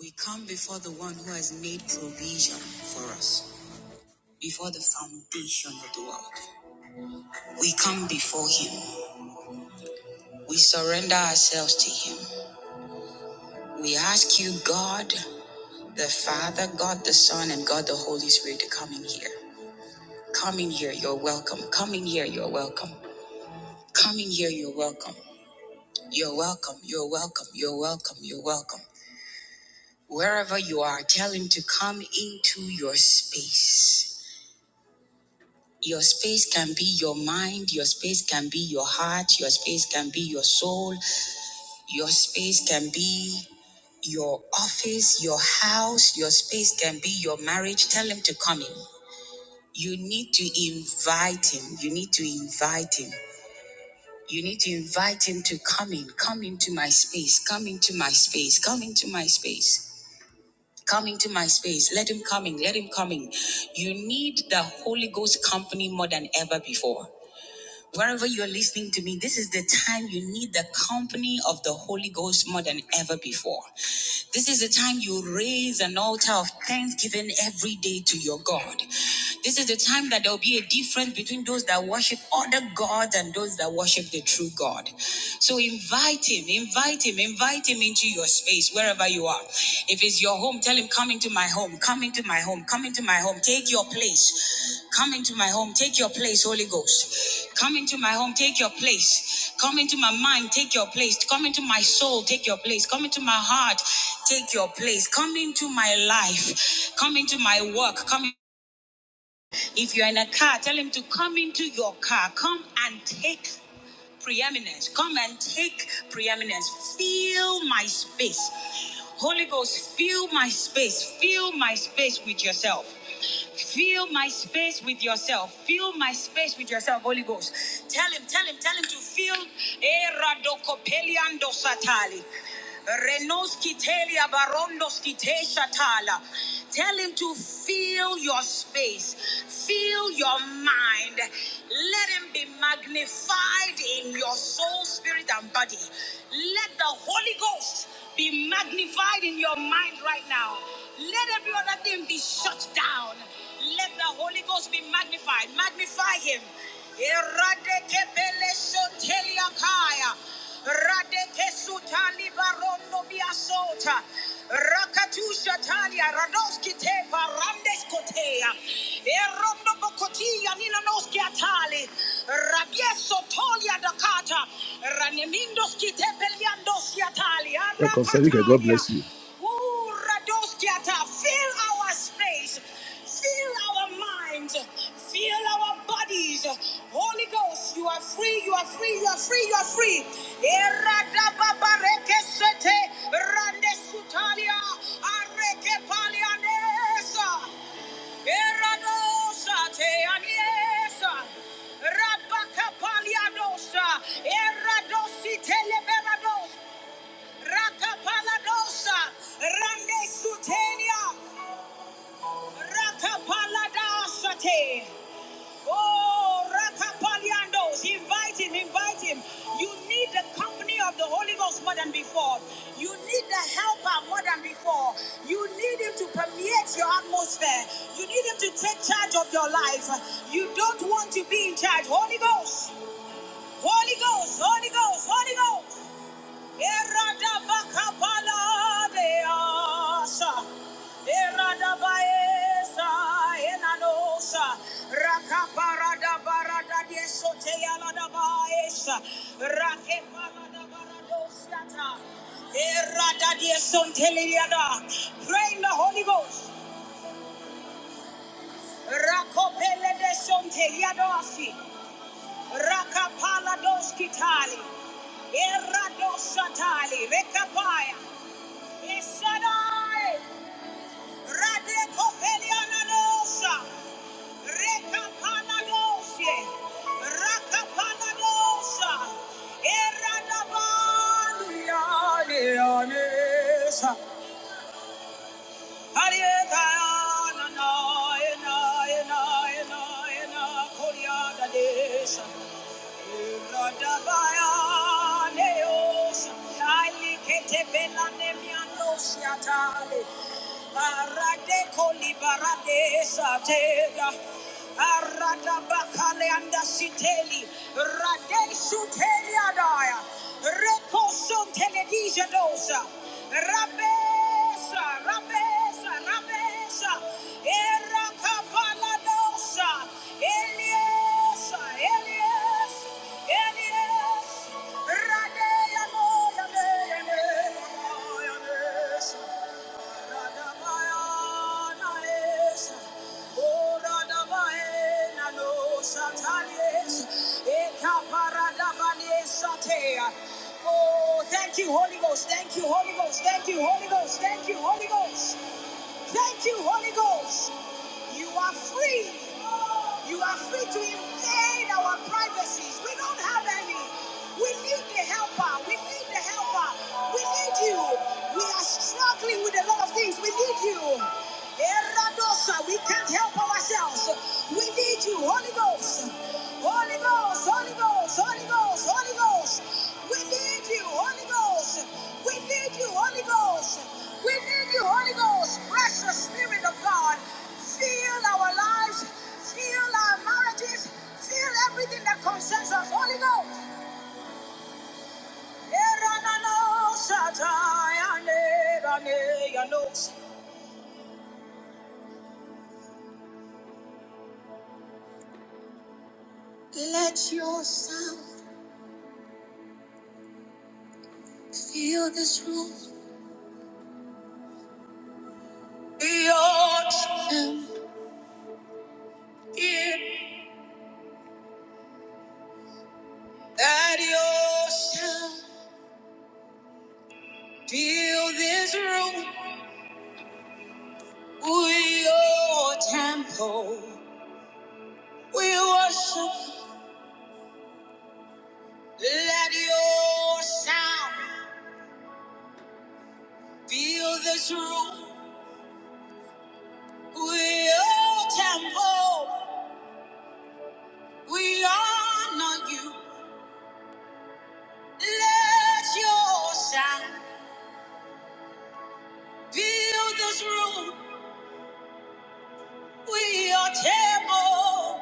We come before the one who has made provision for us, before the foundation of the world. We come before him. We surrender ourselves to him. We ask you, God the Father, God the Son, and God the Holy Spirit to come in here. Come in here, you're welcome. Come in here, you're welcome. Come in here, you're welcome. You're welcome, you're welcome, you're welcome, you're welcome. Wherever you are, tell him to come into your space. Your space can be your mind, your space can be your heart, your space can be your soul, your space can be your office, your house, your space can be your marriage. Tell him to come in. You need to invite him. You need to invite him. You need to invite him to come in. Come into my space. Come into my space. Come into my space. Come into my space. Let him come in. Let him come in. You need the Holy Ghost company more than ever before. Wherever you are listening to me, this is the time you need the company of the Holy Ghost more than ever before. This is the time you raise an altar of thanksgiving every day to your God. This is the time that there will be a difference between those that worship other gods and those that worship the true God. So invite Him, invite Him, invite Him into your space, wherever you are. If it's your home, tell Him, Come into my home, come into my home, come into my home, take your place. Come into my home, take your place, Holy Ghost. Come into my home, take your place. Come into my mind, take your place. Come into my soul, take your place. Come into my heart, take your place. Come into my life. Come into my work. Come if you're in a car, tell him to come into your car. Come and take preeminence. Come and take preeminence. Fill my space. Holy Ghost, fill my space. Fill my space with yourself. Fill my space with yourself. Fill my space with yourself, Holy Ghost. Tell him, tell him, tell him to fill. Eh, radokopeliando satali. Renoskitelia barondoskite shatala. Tell him to fill your space, fill your mind. Let him be magnified in your soul, spirit, and body. Let the Holy Ghost be magnified in your mind right now. Let every other thing be shut down. Let the Holy Ghost be magnified. Magnify Him. Eradekepelesoteliakaya. Radekesutalibaranomiasota. Rakatushatania. Radoskitepa. Randeskotea. Erondobokotia. Ninanoskiatali. Yes, Otolia Welcome, Sarika. God bless you. Fill our space. Fill our minds. Fill our bodies. Holy Ghost, you are free, you are free, you are free, you are free. Eradababarekesete. Randesutalia. Arekepalianesa. Eradosa te aniesa. Rabakapaliadosa. Eradosi teleberados. Rakapaladosa. Rande sutenia. Rakapaladosa te. Oh, Rakapaliandos, invite him, invite him. You need the company of the Holy Ghost more than before. You need the helper more than before. You need him to permeate your atmosphere. You need him to take charge of your life. You don't want to be in charge. Holy Ghost, Holy Ghost, Holy Ghost, Holy Ghost. Pray in the Holy Ghost. Rakopele de Sonteliadosi. Rakapala dos Kitali. Erados Satali. Rekapaya. Shaddai, Radekopelianadosa, Rekapanadosie, Rakapanadosa, Eradabanianeanesa, Arietayananaenaenaenaenakoriadadesa. Rabesa, Rabesa, Rabesa, Oh, Thank you, Holy Ghost. Thank you, Holy Ghost. Thank you, Holy Ghost. Thank you, Holy Ghost. Thank you, Holy Ghost. You are free. You are free to invade our privacies. We don't have any. We need the helper. We need the helper. We need you. We are struggling with a lot of things. We need you. Eradosa, we can't help ourselves. We need you, Holy Ghost. Holy Ghost, Holy Ghost, Holy Ghost, Holy Ghost. We need you. Holy Ghost. We need you, Holy Ghost. We need you, Holy Ghost. Precious Spirit of God. Fill our lives, fill our marriages, fill everything that concerns us, Holy Ghost. Let your sound fill this room. Let your sound fill this room. We are your temple. We worship, let your sound fill this room. We are temple, we honor you. Let your sound fill this room. We are temple,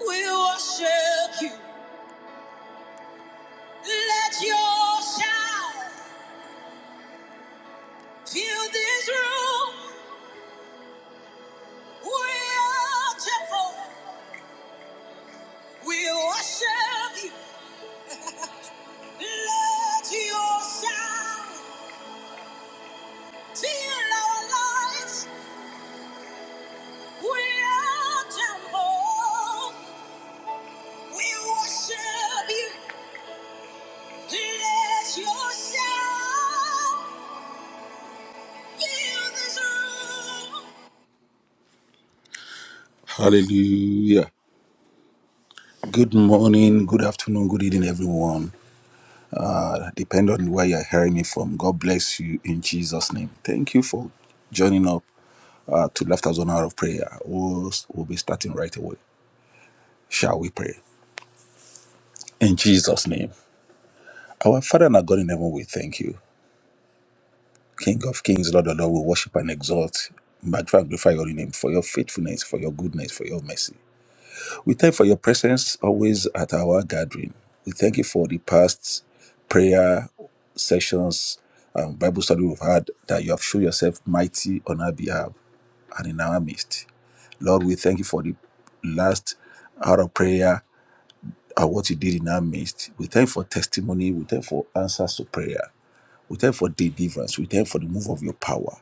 we worship you. Let your sound fill this room. We are temple, we worship you. Let your sound fill our lives. We temple. We worship you. Let your sound fill this room. Hallelujah. Good morning, good afternoon, good evening, everyone. Uh, depend on where you're hearing me from. God bless you in Jesus' name. Thank you for joining up uh, to Laughter Zone Hour of Prayer. We'll, we'll be starting right away. Shall we pray? In Jesus' name. Our Father and our God in heaven, we thank you. King of kings, Lord of lords, we worship and exalt. Magnify and glorify your holy name for your faithfulness, for your goodness, for your mercy. We thank you for your presence always at our gathering. We thank you for the past prayer sessions and Bible study we've had that you have shown yourself mighty on our behalf and in our midst. Lord, we thank you for the last hour of prayer and what you did in our midst. We thank you for testimony. We thank you for answers to prayer. We thank for deliverance. We thank for the move of your power.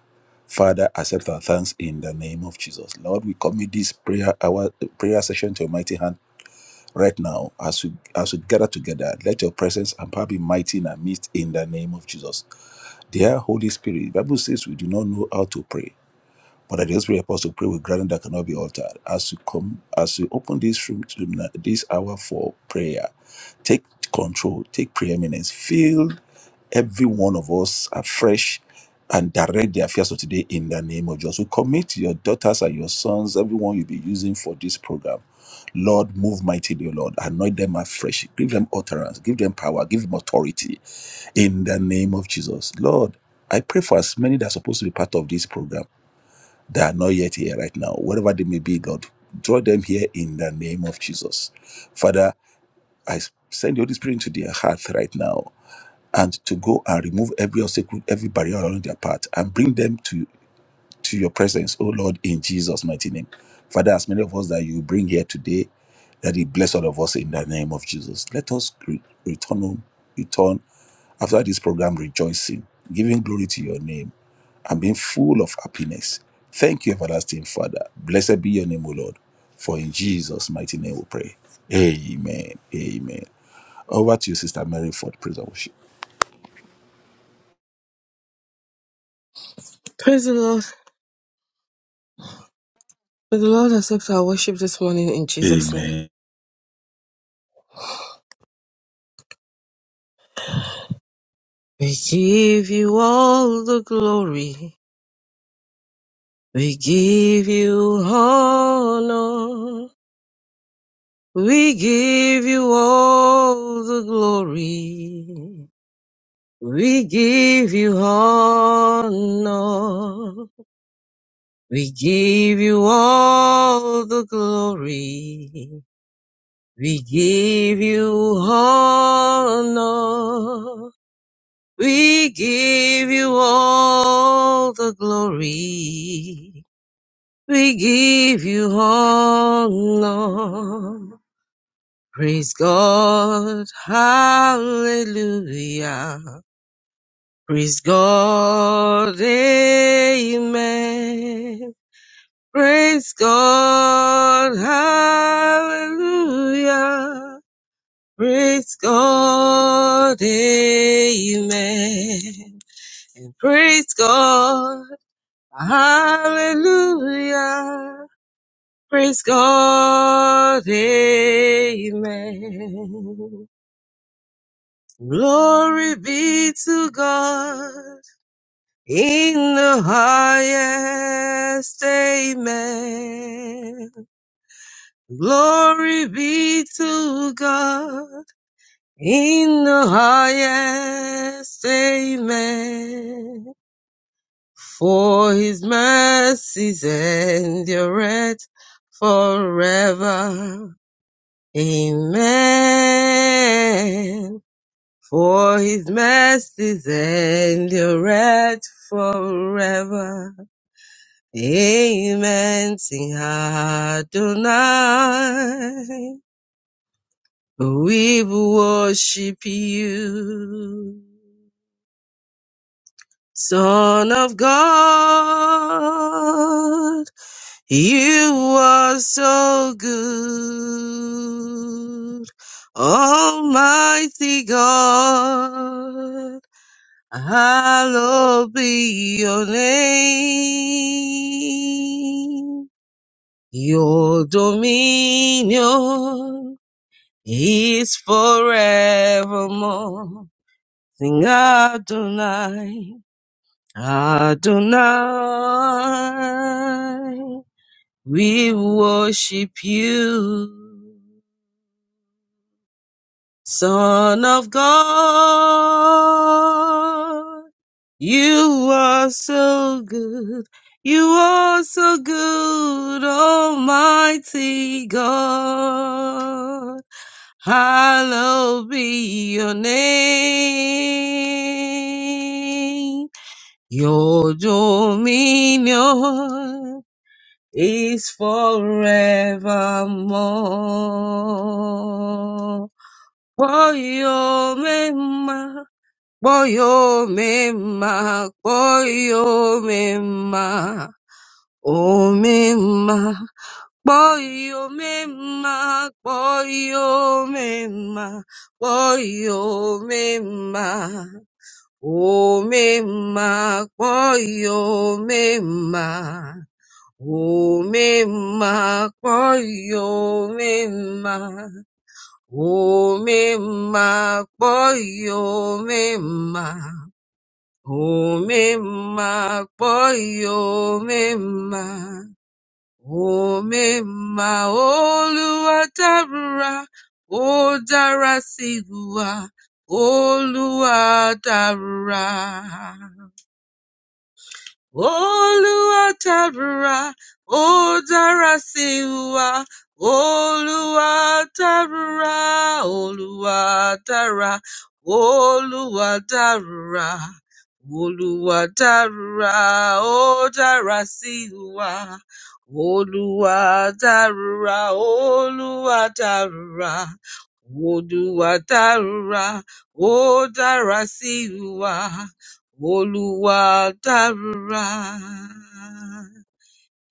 Father, accept our thanks in the name of Jesus. Lord, we commit this prayer, our prayer session to your mighty hand right now. As we as we gather together, let your presence and power be mighty in our midst in the name of Jesus. Dear Holy Spirit, Bible says we do not know how to pray. But I just pray Apostle, pray with grounding that cannot be altered. As you come, as you open this room to na- this hour for prayer, take control, take preeminence, fill every one of us afresh and direct the affairs of today in the name of Jesus. We commit your daughters and your sons, everyone you'll be using for this program. Lord, move mightily, O Lord. Anoint them afresh. Give them utterance. Give them power. Give them authority in the name of Jesus. Lord, I pray for as many that are supposed to be part of this program that are not yet here right now, wherever they may be, Lord, draw them here in the name of Jesus. Father, I send the Holy Spirit into their heart right now and to go and remove every obstacle, every barrier along their path and bring them to to your presence, oh Lord, in Jesus' mighty name. Father, as many of us that you bring here today, that you bless all of us in the name of Jesus. Let us re- return home, return after this program rejoicing, giving glory to your name, and being full of happiness. Thank you, everlasting Father. Blessed be your name, O Lord. For in Jesus' mighty name we pray. Amen. Amen. Over to you, Sister Mary, for the praise and worship. Praise the Lord. May the Lord accept our worship this morning in Jesus' name. Amen. We give you all the glory. We give you honor. We give you all the glory. We give you honor. We give you all the glory. We give you honor. We give you all the glory. We give you honor. Praise God. Hallelujah. Praise God. Amen. Praise God. Hallelujah. Praise God. Amen. And praise God. Hallelujah. Praise God. Amen. Glory be to God in the highest. Amen. Glory be to God in the highest. Amen. For his mercies endureth forever. Amen. For his mercies endureth forever. Amen. Sing Adonai. We will worship you, Son of God. You are so good, Almighty God. Hallowed be your name. Your dominion is forevermore. Sing Adonai, Adonai. We worship you, Son of God. You are so good. You are so good, Almighty God. Hallowed be your name. Your dominion is forevermore. Boyo mema, boyo mema, boyo mema, o mema, boyo mema, boyo mema, boyo mema, o mema, boyo mema. Umema kpoyo, umema, umema kpoyo, umema, umema kpoyo, umema, umema Olúwa dára, ó dára sí wa, Olúwa dára. Olúwa tábúra, ó dára sí wa. Olúwa tábúra, Olúwa dára, Olúwa dárúra. Olúwa dárúra, ó dára sí wa. Olúwa dárúra, Olúwa dárúra. Olúwa dárúra, ó dára sí wa. Oluwa dárúrà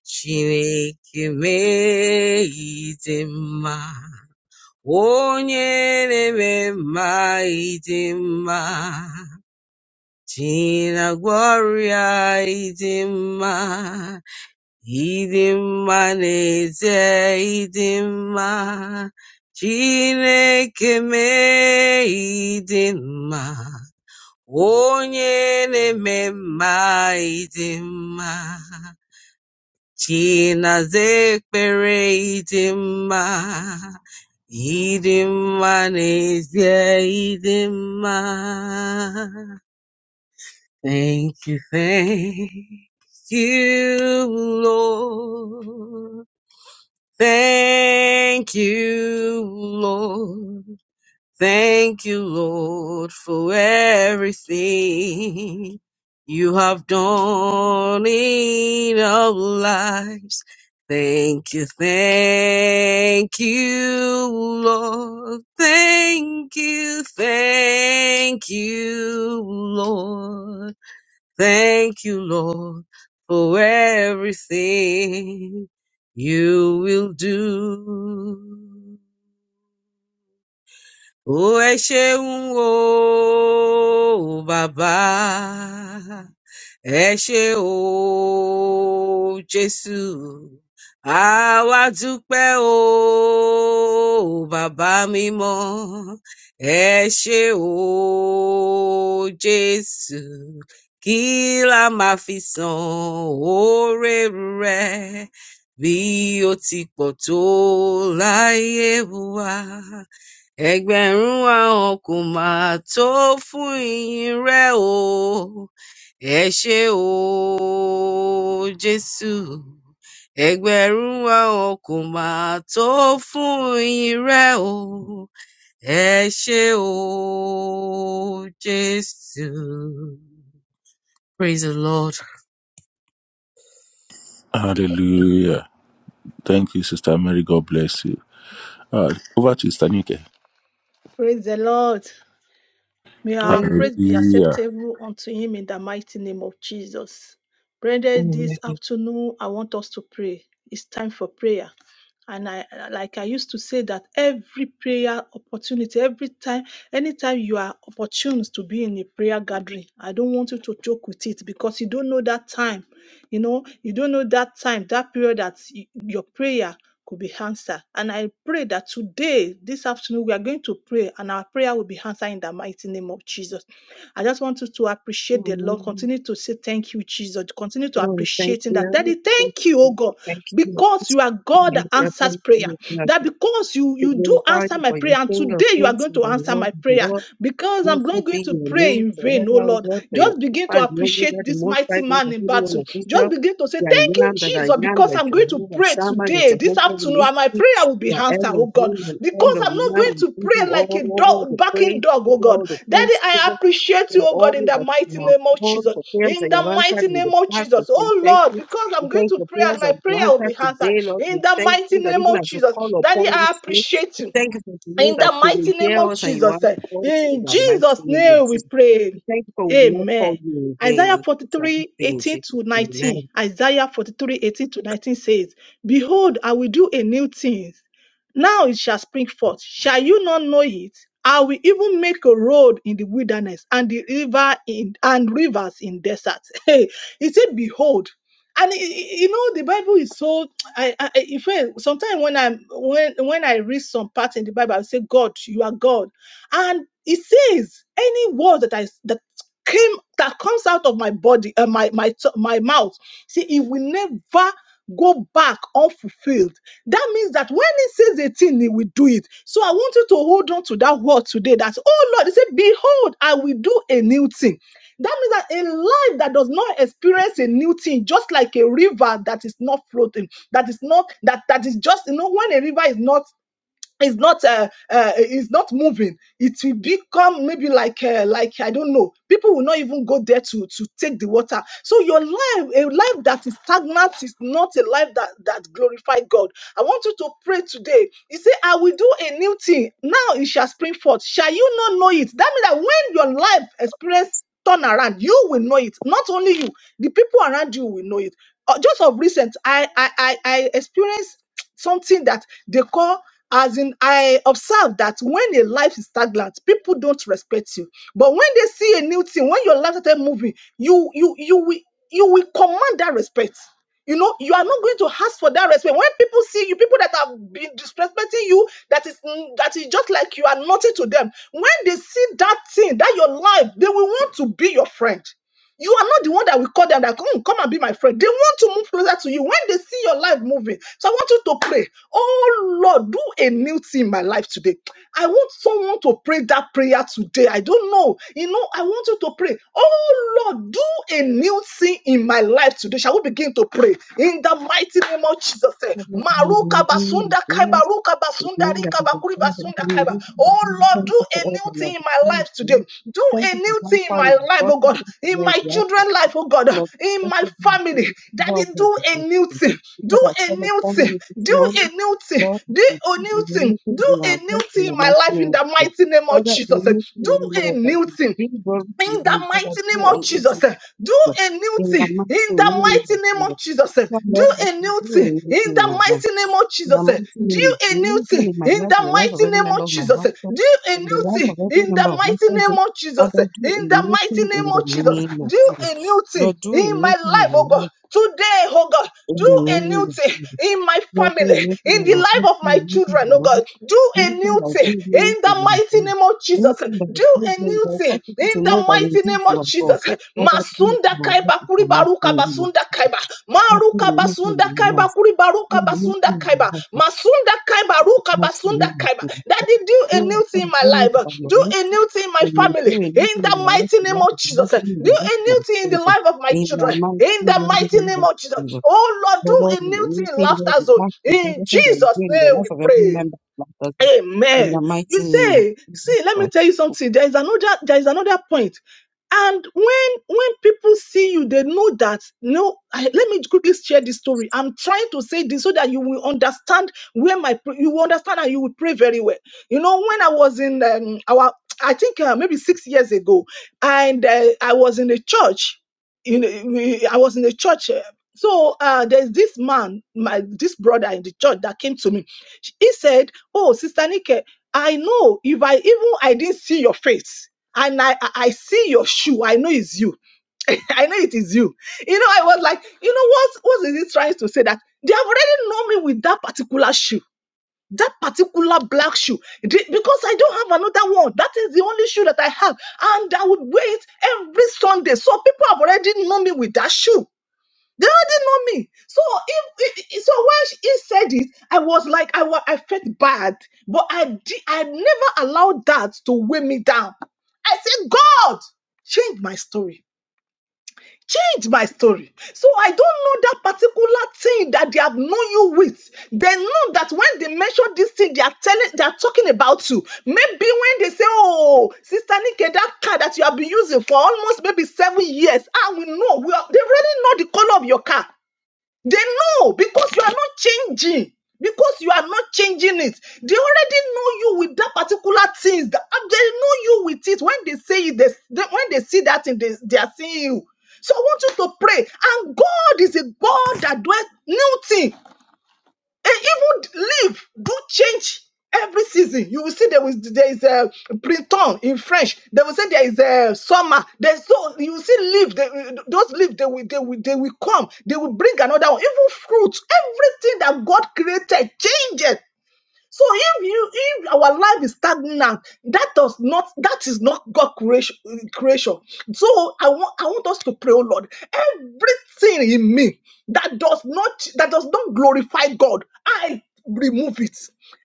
Chineke mee ịdị mma onye na-eme mma ịdị mma Chinagwa ọrịa ịdị mma ịdị mma na-eze ịdị mma Chineke mee ịdị mma Onye na-eme mma ịdị mma, Chinaza ekpere ịdị mma, ịdị mma n'ezie ịdị mma. Thank you, thank you, Lord. Thank you, Lord. Thank you, Lord, for everything you have done in our lives. Thank you, thank you, Lord. Thank you, thank you, Lord. Thank you, Lord, for everything you will do. O ẹ ṣeun o bàbá, ẹ ṣe o Jésù, àwa dúpẹ́ o bàbá mímọ́, ẹ ṣe o Jésù, kí la máa fi san oore rẹ̀ bí ó ti pọ̀ tó láyé wa. Ẹgbẹ̀rún ahọ́n kò mà tó fún ìyìn rẹ o. Ẹ ṣé o, Jésù. Ẹgbẹ̀rún ahọ́n kò mà tó fún ìyìn rẹ o. Ẹ ṣé o, Jésù. Praise the Lord. Hallelujah. Thank you, Sister Mary. God bless you. Uh, over to Istanike. Praise the Lord. May our Amen. praise be Hallelujah. acceptable unto him in the mighty name of Jesus. Brethren, this Amen. afternoon, I want us to pray. It's time for prayer. And I like I used to say that every prayer opportunity, every time, anytime you are opportune to be in a prayer gathering, I don't want you to joke with it because you don't know that time. You know, you don't know that time, that period that y- your prayer could be answered. And I pray that today, this afternoon, we are going to pray and our prayer will be answered in the mighty name of Jesus. I just want you to appreciate the Lord. Continue to say thank you, Jesus. Continue to Lord, thank appreciate Him. That you. Daddy, Thank thank you, oh you. God, Thank you. because you are God that Amen. Thank answers prayer. you. That because you We you do glorify answer you my for your prayer, and King of today you are Kings going and to the answer Lord my of prayer Lords. because I'm not Blessed going be to your pray name in vain, oh forever, O Lord. God, for your Just begin to Alpha and the appreciate Omega, the this Most mighty High God, man the in Holy One battle. of Just Israel. begin to say You are thank you, Yam, that I Jesus, am, because your I'm going to Jehovah pray Shammah, your today, this Jehovah afternoon, and my Nissi, prayer will be your answered, oh God, Elohim and because I'm not going Elohim. to We give you pray like a all dog, the barking praise, dog, give oh you all God. the Daddy, thanks, I appreciate you, for oh all God, in the that you mighty have name of done, Jesus. for prayers In that you the have answered mighty in the name of past. We Jesus, say oh thank Lord, you. because We I'm going thank to you for pray prayers and my that you prayer will be answered answered. today, Lord. In We the thank mighty you that name even of as you Jesus, call Daddy, upon you, I today, appreciate we you. thank you that you know In that the you will mighty name hear of us and you Jesus. answer eh, us in In the mighty Jesus' name of name we Jesus. We pray. thank you for we will not call Amen. you in vain Isaiah and forty things are not three vain, 18 Jesus. to 19. Amen. Isaiah 43 18 to 19 says, Behold, I will do a new thing. Now it shall spring forth. Shall you not know it? I will even make a road in the wilderness and the river in and rivers in desert. he said, Behold. And y- y- you know, the Bible is so I, I I- in fact, sometimes when I'm when when I read some part in the Bible, I say, God, you are God. And it says any word that I s- that came that comes out of my body, uh, my my t- my mouth, see, it will never go back unfulfilled. That means that when he says a thing, he will do it. So I want you to hold on to that word today. That oh Lord, he said, Behold, I will do a new thing. That means that a life that does not experience a new thing, just like a river that is not floating, that is not that that is just you know when a river is not is not uh, uh, is not moving it will become maybe like uh, like i don't know people will not even go there to to take the water so your life a life that is stagnant is not a life that that glorifies god i want you to pray today You say, i will do a new thing now it shall spring forth shall you not know it that means that when your life experience turn around you will know it not only you the people around you will know it Uh, just of recent i i i, I experienced something that they call as in I observe that when a life is stagnant, people don't respect you. But when they see a new thing, when your life started moving, you you you will you will command that respect. You know, you are not going to ask for that respect. When people see you, people that have been disrespecting you, that is mm, that is just like you are nothing to them. When they see that thing, that your life, they will want to be your friend you are not the one that will call them that "Mm, come and be my friend. They want to move closer to you when they see your life moving. So I want you to pray. Oh Lord, do a new thing in my life today. I want someone to pray that prayer today. I don't know. You know, I want you to pray. Oh Lord, do a new thing in my life today. Shall we begin to pray in the mighty name of Jesus? eh? Father, in the Maruka name of basunda kaiba, Jesus, ruka we basunda believe that rika you have bakuri done that basunda kaiba. you Oh will Lord, answer us. We Thank do you for a all that new you thing have in my been life doing. today. Do Thank a you for new how thing in far you my have life, brought oh us God, from in where my we are children's life, oh God, Lord, in just my as you family. did Daddy, well with do the a new faithful. thing. Do Lord, I a call new upon thing. you this Do a morning. new thing. Lord, Do if a we new do thing. anything Do in a our new hearts thing in the in my mighty life name in of the God. mighty name of Father, in Jesus. unity Do in a Lord, that new we thing bring glory to you, in Lord, the Father, mighty go name of on it, Jesus. eh, Do Lord, a new in thing the mighty in the name mighty of name Jesus. of Jesus. eh, Tell Do Lord that a you new do thing in everything the in advance. mighty name of In the Jesus. eh, mighty name of Do a Jesus, new anything thing in my in life, in the the life of mighty every name member of of my Jesus. eh, household, Do a in the new life thing of every in member the of my mighty name family. of Jesus. Father, eh, do a In the new mighty thing name in the of Jesus. name of Do Jesus. a new thing Lord, do a in my new thing in life, my oh God. life, Today, oh God, in do the a new name of thing Jesus. in my Lord, do a family, new thing in in the our life, do life of a my new thing in children, our oh life, God. Do a anything new that will thing give in you in the the mighty name. name of Jesus. Anything that will Do give a you, new that will thing cause people in to know the that mighty indeed name you of are God. Jesus. Father, do it Masunda in our life, kaiba in kuri the mighty baruka name of Jesus. basunda kaiba. Lord, do a Maruka new thing basunda in our kaiba lives. kuri baruka. Yeah, Ruka Basunda Kaiba. Masunda Kaiba Ruka Basunda Kaiba. Daddy, do a new thing in the whole year my life. by your Do a mercy, new thing in my for you are family. doing nothing In in the my life, mighty the name life of of my Jesus. husband, and Do the life a of my new thing in the children. life of my In the children. mighty In the name mighty name of of Jesus. Jesus, Oh Lord, do a Lord, in new thing in anything that laughter you zone. ask, you give In us, and that you Jesus' do in the name life we of every pray. member of my husband. In Amen. the mighty You name of say, Jesus see, let me tell Christ. you something. There is another, there is another point. And when when people see you, they know that. No, I, let me quickly share this story. I'm trying to say this so that you will understand where my pr- you will understand and you will pray very well. You know, when I was in um, our, I think uh, maybe six years ago, and uh, I was in a church. In a- we- I was in a church. uh, so uh, there's this man, my this brother in the church that came to me. He said. Oh, Sister Nike, I know if I even I didn't see your face and I I I see your shoe, I know it's you. I know it is you. You know, I was like, you know what? What is he trying to say? That they have already known me with that particular shoe, that particular black shoe, They- because I don't have another one. That is the only shoe that I have, and I would wear it every Sunday. So people have already known me with that shoe. They already know me. So if, if- so when she- he said it, I was like, I was, I felt bad, but I di- I never allowed that to weigh me down. I said, God, change my story. Change my story. So I don't know that particular thing that they have known you with. They know that when they mention this thing, they are telling, they are talking about you. Maybe when they say, "Oh, Sister Nike, that car that you have been using for almost maybe seven years," ah, we know. We are, they already know the color of your car. They know because you are not changing. Because you are not changing it. They already know you with that particular thing. That They know you with it. When they say it, they, they- when they see that thing, they, they are seeing you. So I want you to pray. And God is a God that does new thing. And even leaf do change every season. You will see there is there is a printemps in French. They will say there is a summer. There's so you will see leaf. They, those leaf they will, they will they will come. They will bring another one. Even fruits. Everything that God created changes. So if you if our life is stagnant, that does not that is not God creation. creation. So I want I want us to pray, oh Lord, everything in me that does not that does not glorify God, I remove it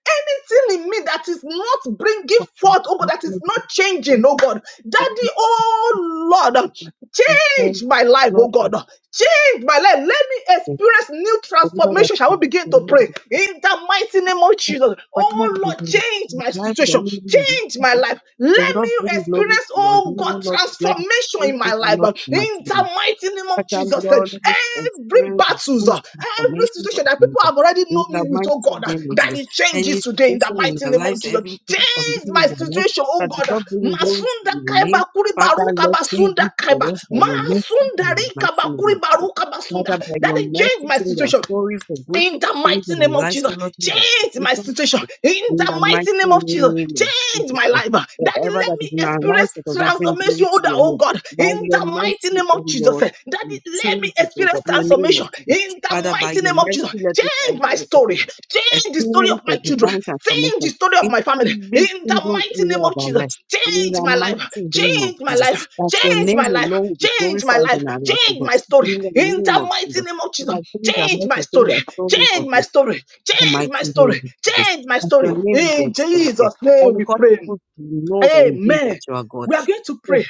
anything in me that is not bringing forth, oh God, Thank that is you, not Jesus. changing, oh God. Thank Daddy, oh Lord, um, you, Jesus. Thank change my life, oh Lord, for God. Change my life. Let me this. experience new Whatever that transformation. Shall we is, begin to whatever it pray? In the mighty name of is, Jesus. whatever Oh it Lord, is, change in my the life of situation. the Change living, my life. Of Let me God, bring glory experience, to your oh name, God, O Lord. transformation Let the transformation in my life. Lord, uh, be my In singing. the mighty name of But I'm Jesus, uh, Lord, let every experience the battles, uh, grace and every formations of situation that people Jesus. have already In known me the with, oh mighty God, uh, name of that Jesus. it Any changes today in the situation in mighty our name of lives, Jesus. every condition Change in my our life situation, oh that does God. uh, not bring glory to Masunda your kaiba name, kuri Father, baruka Lord, change basunda it kaiba. for us by your mercy in Masunda the rika mighty name bakuri of Jesus. baruka basunda. Father, by That your it change mercy, my change our situation. story for good, In the change mighty our name of lives, O Jesus, Lord, through the change my application situation. In in the the mighty mighty name of Jesus, name of change Jesus my Christ. life. Daddy, Whatever let that is me in our experience lives that does not bring transformation, glory oh, to the- your oh name, God. by In your the mighty mercy, name O of Lord. Jesus, eh, We Daddy, let me change it, oh experience God, in the name of transformation. Jesus. In the Father, by mighty your name of Jesus, mercy, let us uh, change my uh, uh, story. Change the story of experience my your children children. divine Change the transformation story of in my family. every In the single mighty name area of of our Jesus. lives. In Change the my mighty life. name of Change my Jesus, life. that your Change name my life. alone will be Change my glorified life. in our lives, O Change God. my story. In the In name the of mighty Jesus, name of you Jesus. have changed our Change my message, change story. our story Change for you. my story. In the Change mighty my name story. of Jesus, Change my that story. your name will be In exalted. Jesus' I name will we cause pray. people to know that indeed that Amen. you are God. We are going to Your pray.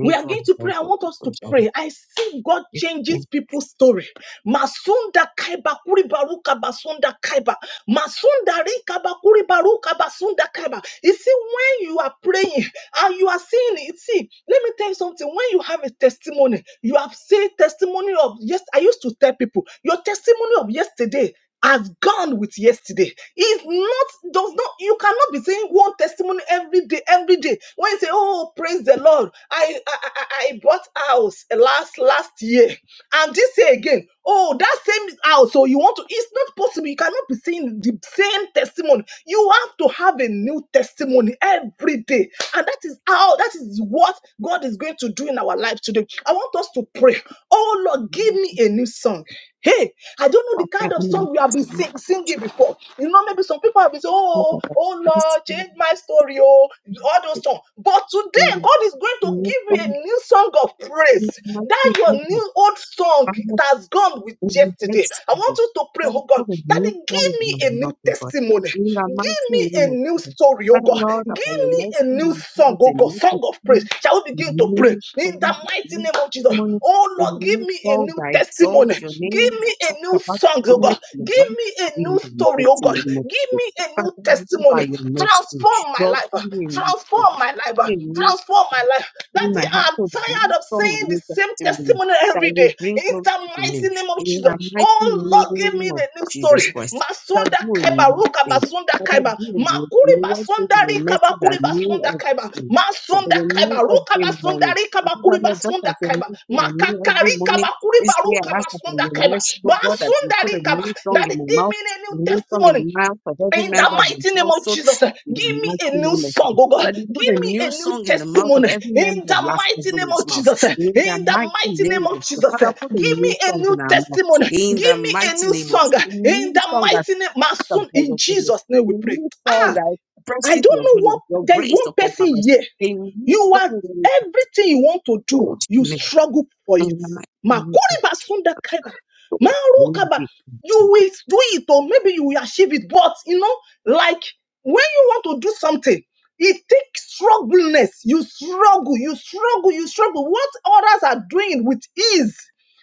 We are for going the to Lord pray. I want us to God. pray. I see God changes people's story. Masunda kaiba kuri baruka basunda kaiba. Masunda rikaba bakuri baruka basunda kaiba. You see, when you are praying and you are seeing it, see, let me tell you something. When you have a testimony, you have said testimony of yes. I used to tell people your testimony of yesterday has gone with yesterday. It's not does not you cannot be saying one testimony every day, every day. When you say, "Oh, praise the Lord, I I, I, I bought house last last year," and this year again, "Oh, that same house." So you want to? It's not possible. You cannot be saying the same testimony. You have to have a new testimony every day, and that is how that is what God is going to do in our life today. I want us to pray. Oh Lord, give me a new song. Hey, I don't know Father, the kind put a of new song we have been sing- singing before. You know, maybe some people have been saying, Oh, oh Lord, change my story, oh, all those songs. But today, God is going to give you a new song of praise. That your new old song it has gone with yesterday. I want you to pray, oh God, that He give. song Give in me my a mouth, new O God. testimony. In the mighty Give me a name of new Jesus. story, oh Father, God. Lord, Give that by your me mercy, a new you give song, us a oh God. new Song of praise. testimony, Shall we a begin to pray? new In story, the a mighty new name of Jesus. testimony, Oh a Lord, give new me a song new that testimony. exalts your name, Give that me a talks new about song, oh goodness God. and your Give love. me a new In the story, oh mighty God. name of Give me Jesus. a Father, new you by testimony. your mercy, Transform my Lord, life. give me a new song. Transform my life. Be new Transform my life. in my Daddy, I'm. household I'm be tired of strong in saying the your same testimony testimony that every will day. bring In glory the to your name mighty name of in the Jesus. mighty Oh Lord, give name me of the new Jesus story. Christ. Father, Masunda do a kaiba, new ruka thing. basunda Father, kaiba. do a new thing. Makuri You want to say basunda your rika message that bakuri new basunda kaiba. every day, That they Masunda are kaiba, new ruka every basunda morning. rika And Father, bakuri Lord, just basunda as your kaiba. message are new every Makakari kaba morning, kuri this day baruka I ask for basunda your kaiba. mercy, oh God, that you Basunda put a rika ba. new song Daddy, in my give me mouth, a a new new song in testimony. the mouth of every In the member of my mighty name of household. Jesus, uh, In the give me a mighty new name of Jesus song, oh God. that you put Give a me a new new song in the mouth of testimony. every In member the of Last mighty name Resolute's of mouth. Jesus, uh, In the in the mighty mighty name name of of the Jesus, uh, Father, put a give new me a song new in our mouth. testimony. In Give the me a mighty new name of song. uh, a In new the song that mighty name, my speaks son, about in your goodness, Jesus' name a we pray. new song Ah, that I don't expresses your know goodness, what, your there's grace one upon our person lives, here. a new You are song that is everything you want to do, so to you me. struggle for it. In the mighty name of the Makuriba sunda kaiba. Lord, Marukaba. You will do it or maybe you will achieve it. But you know, like when you want to do something, it takes struggleness. You struggle, you struggle, you struggle. What others are doing with ease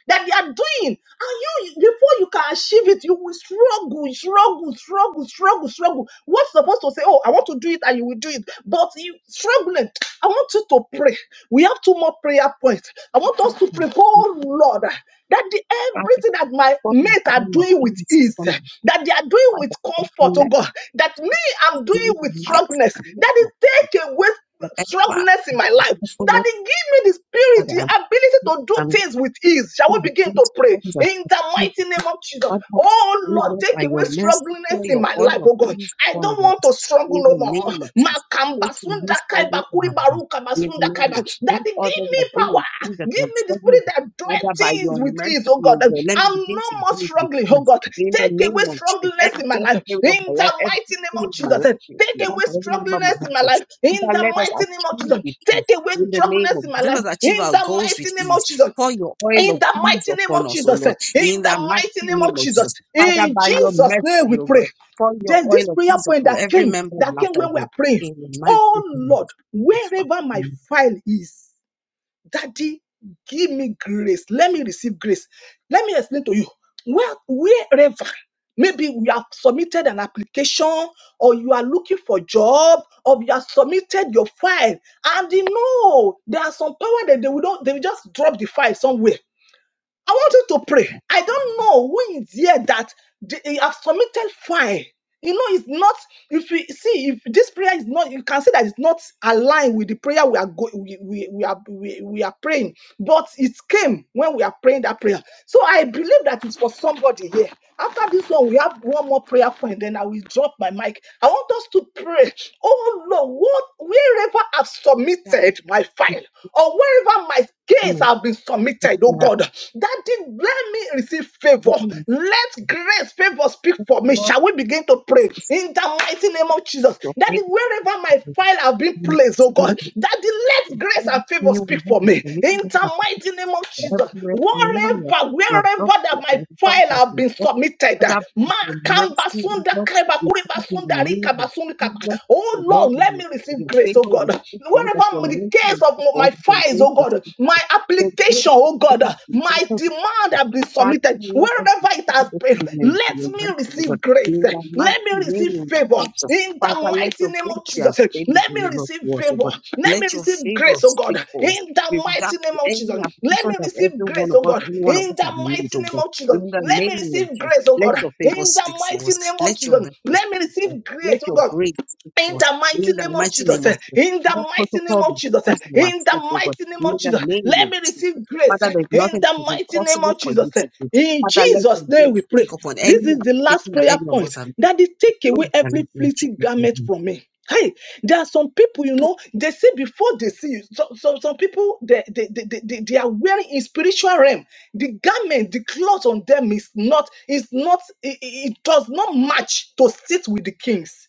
that they are doing, and you before you can achieve it, you will struggle, struggle, struggle, struggle, struggle. What's supposed to say, Oh, I want to do it, and you will do it, but you struggling. I want you to pray. We have two more prayer points. I want us to pray, oh Lord, that the, everything that my for the mates are oil of doing with ease ease, from the that they are doing life with of every comfort, oh man. God, that me I'm In doing with the mighty strongness, name that of is take away the Father, strongness in my life. I follow Daddy, give me the spirit, the the ability to do Father. things with ease. Shall we Ooh, the begin to gates pray of in the mighty name of Jesus? God, that Oh we Lord, live take by away your mercy, strugglingness for in your my oil life, of oh God. peace I upon us. don't want to struggle In no the name of more. Jesus, Makamba take your sunda this trouble kaiba from kuri us. baruka In the basunda name kaiba. of Jesus, what Daddy, give others me are doing is power. things that Give I'm me the struggling spirit with. that doeth Father, by your things with mercy, ease, oh God. your God, let me I'm begin no to more do it with struggling, oh peace. God. In the Take away name of Jesus, strugglingness in my every life. period of In my life, the mighty name everything of in my Jesus. life, in Take my life, away every member of my strugglingness in my household, life. In Father, the let us mighty name of achieve Jesus. with peace. Take away In the name strugglingness of in my Jesus, life. let us achieve In our the goals with mighty name of ease. Jesus. Pour your oil In of the ease mighty name upon of us, O Lord. Jesus. In In the the mighty mighty name of name of Jesus. Jesus. Father, In by your Jesus' name mercy, we O God, pray. pour your There's this oil of prayer peace point upon that every came, member of that came Laughter when we Zone. are praying. In the mighty Oh name Lord, of Jesus. Father, wherever my file is. Daddy, give me grace. Let me receive grace. Let me explain to you. Well, wherever, maybe you have submitted an application or you are looking for job or you have submitted your file and you know there are some power that they will not, they will just drop the file somewhere. I want you to pray. I don't know who is here that they have submitted file you know, it's not. If we see if this prayer is not, you can see that it's not aligned with the prayer we are going, we, we, we are we, we are praying. But it came when we are praying that prayer. So I believe that it's for somebody here. After this one, we have one more prayer point. Then I will drop my mic. I want us to pray. Oh Lord, what wherever I've that is submitted my my file or wherever my case comment. have been submitted, oh May I God, that didn't me receive favor. pray, may the Let grace, favor speak for me. Lord Shall we begin to pray in the mighty name of Jesus? your Daddy, faith wherever my with file have been the mighty placed, oh name God, of Jesus. Daddy, let grace all and the favor new we speak have for me for in making every the mighty application name of Jesus. everywhere, wherever we are. Wherever, We are wherever blocked that by my the file have Father. been submitted, Father, for ma your kamba mercy, sunda Lord, kaiba we kuriba thank you in sunda the rika name of basunda kaba. Jesus. The oh Lord, Lord let will, me receive your grace, oh favor God. will speak for us, that Wherever your the mercy case will speak of for my us, that your files, grace oh will God, speak for my us. The application, grace to oh keep God, us in my open demand conflict. have been Father, submitted. let us be Wherever it has suitable been, instruments in let your me mercy, receive Lord. grace. In the Let me mighty receive name of favor Jesus. in Father, the let mighty your name grace of be Jesus. Let available, me Lord, receive to us, O favor. God. Let me Let your receive favor grace, oh God, speak for us. in the With regard mighty to name of any Jesus. Let application me that receive every grace, one of oh us, God, any one of in us have the made, mighty O name God. of Jesus. In the Let me name of receive Jesus. grace, oh Let God, your favor in the speak for mighty us. name of Let your Jesus. mercy Let me speak for us. receive Let grace, oh your God grace speak for in us. the mighty In the name of mighty Jesus, name of eh, Jesus. in the Let mighty name protocol be of Jesus, eh, focused on our in the sake, oh God. mighty name In of the Jesus, name let of me receive Jesus. grace Father, eh, there's in nothing that the is mighty name impossible of for Jesus. you eh. to do. In Father, let Jesus' your name grace we pray. speak upon This any is the last application that prayer any of point. us have That is, take away done. every In Jesus' fleeting garment name. from me. Hey, there are some people, you know, they see before they see you. So, so some people, they, they, they, they, they they are wearing in spiritual realm. The garment, the cloth on them is not, is not, it, it it does not match to sit with the kings.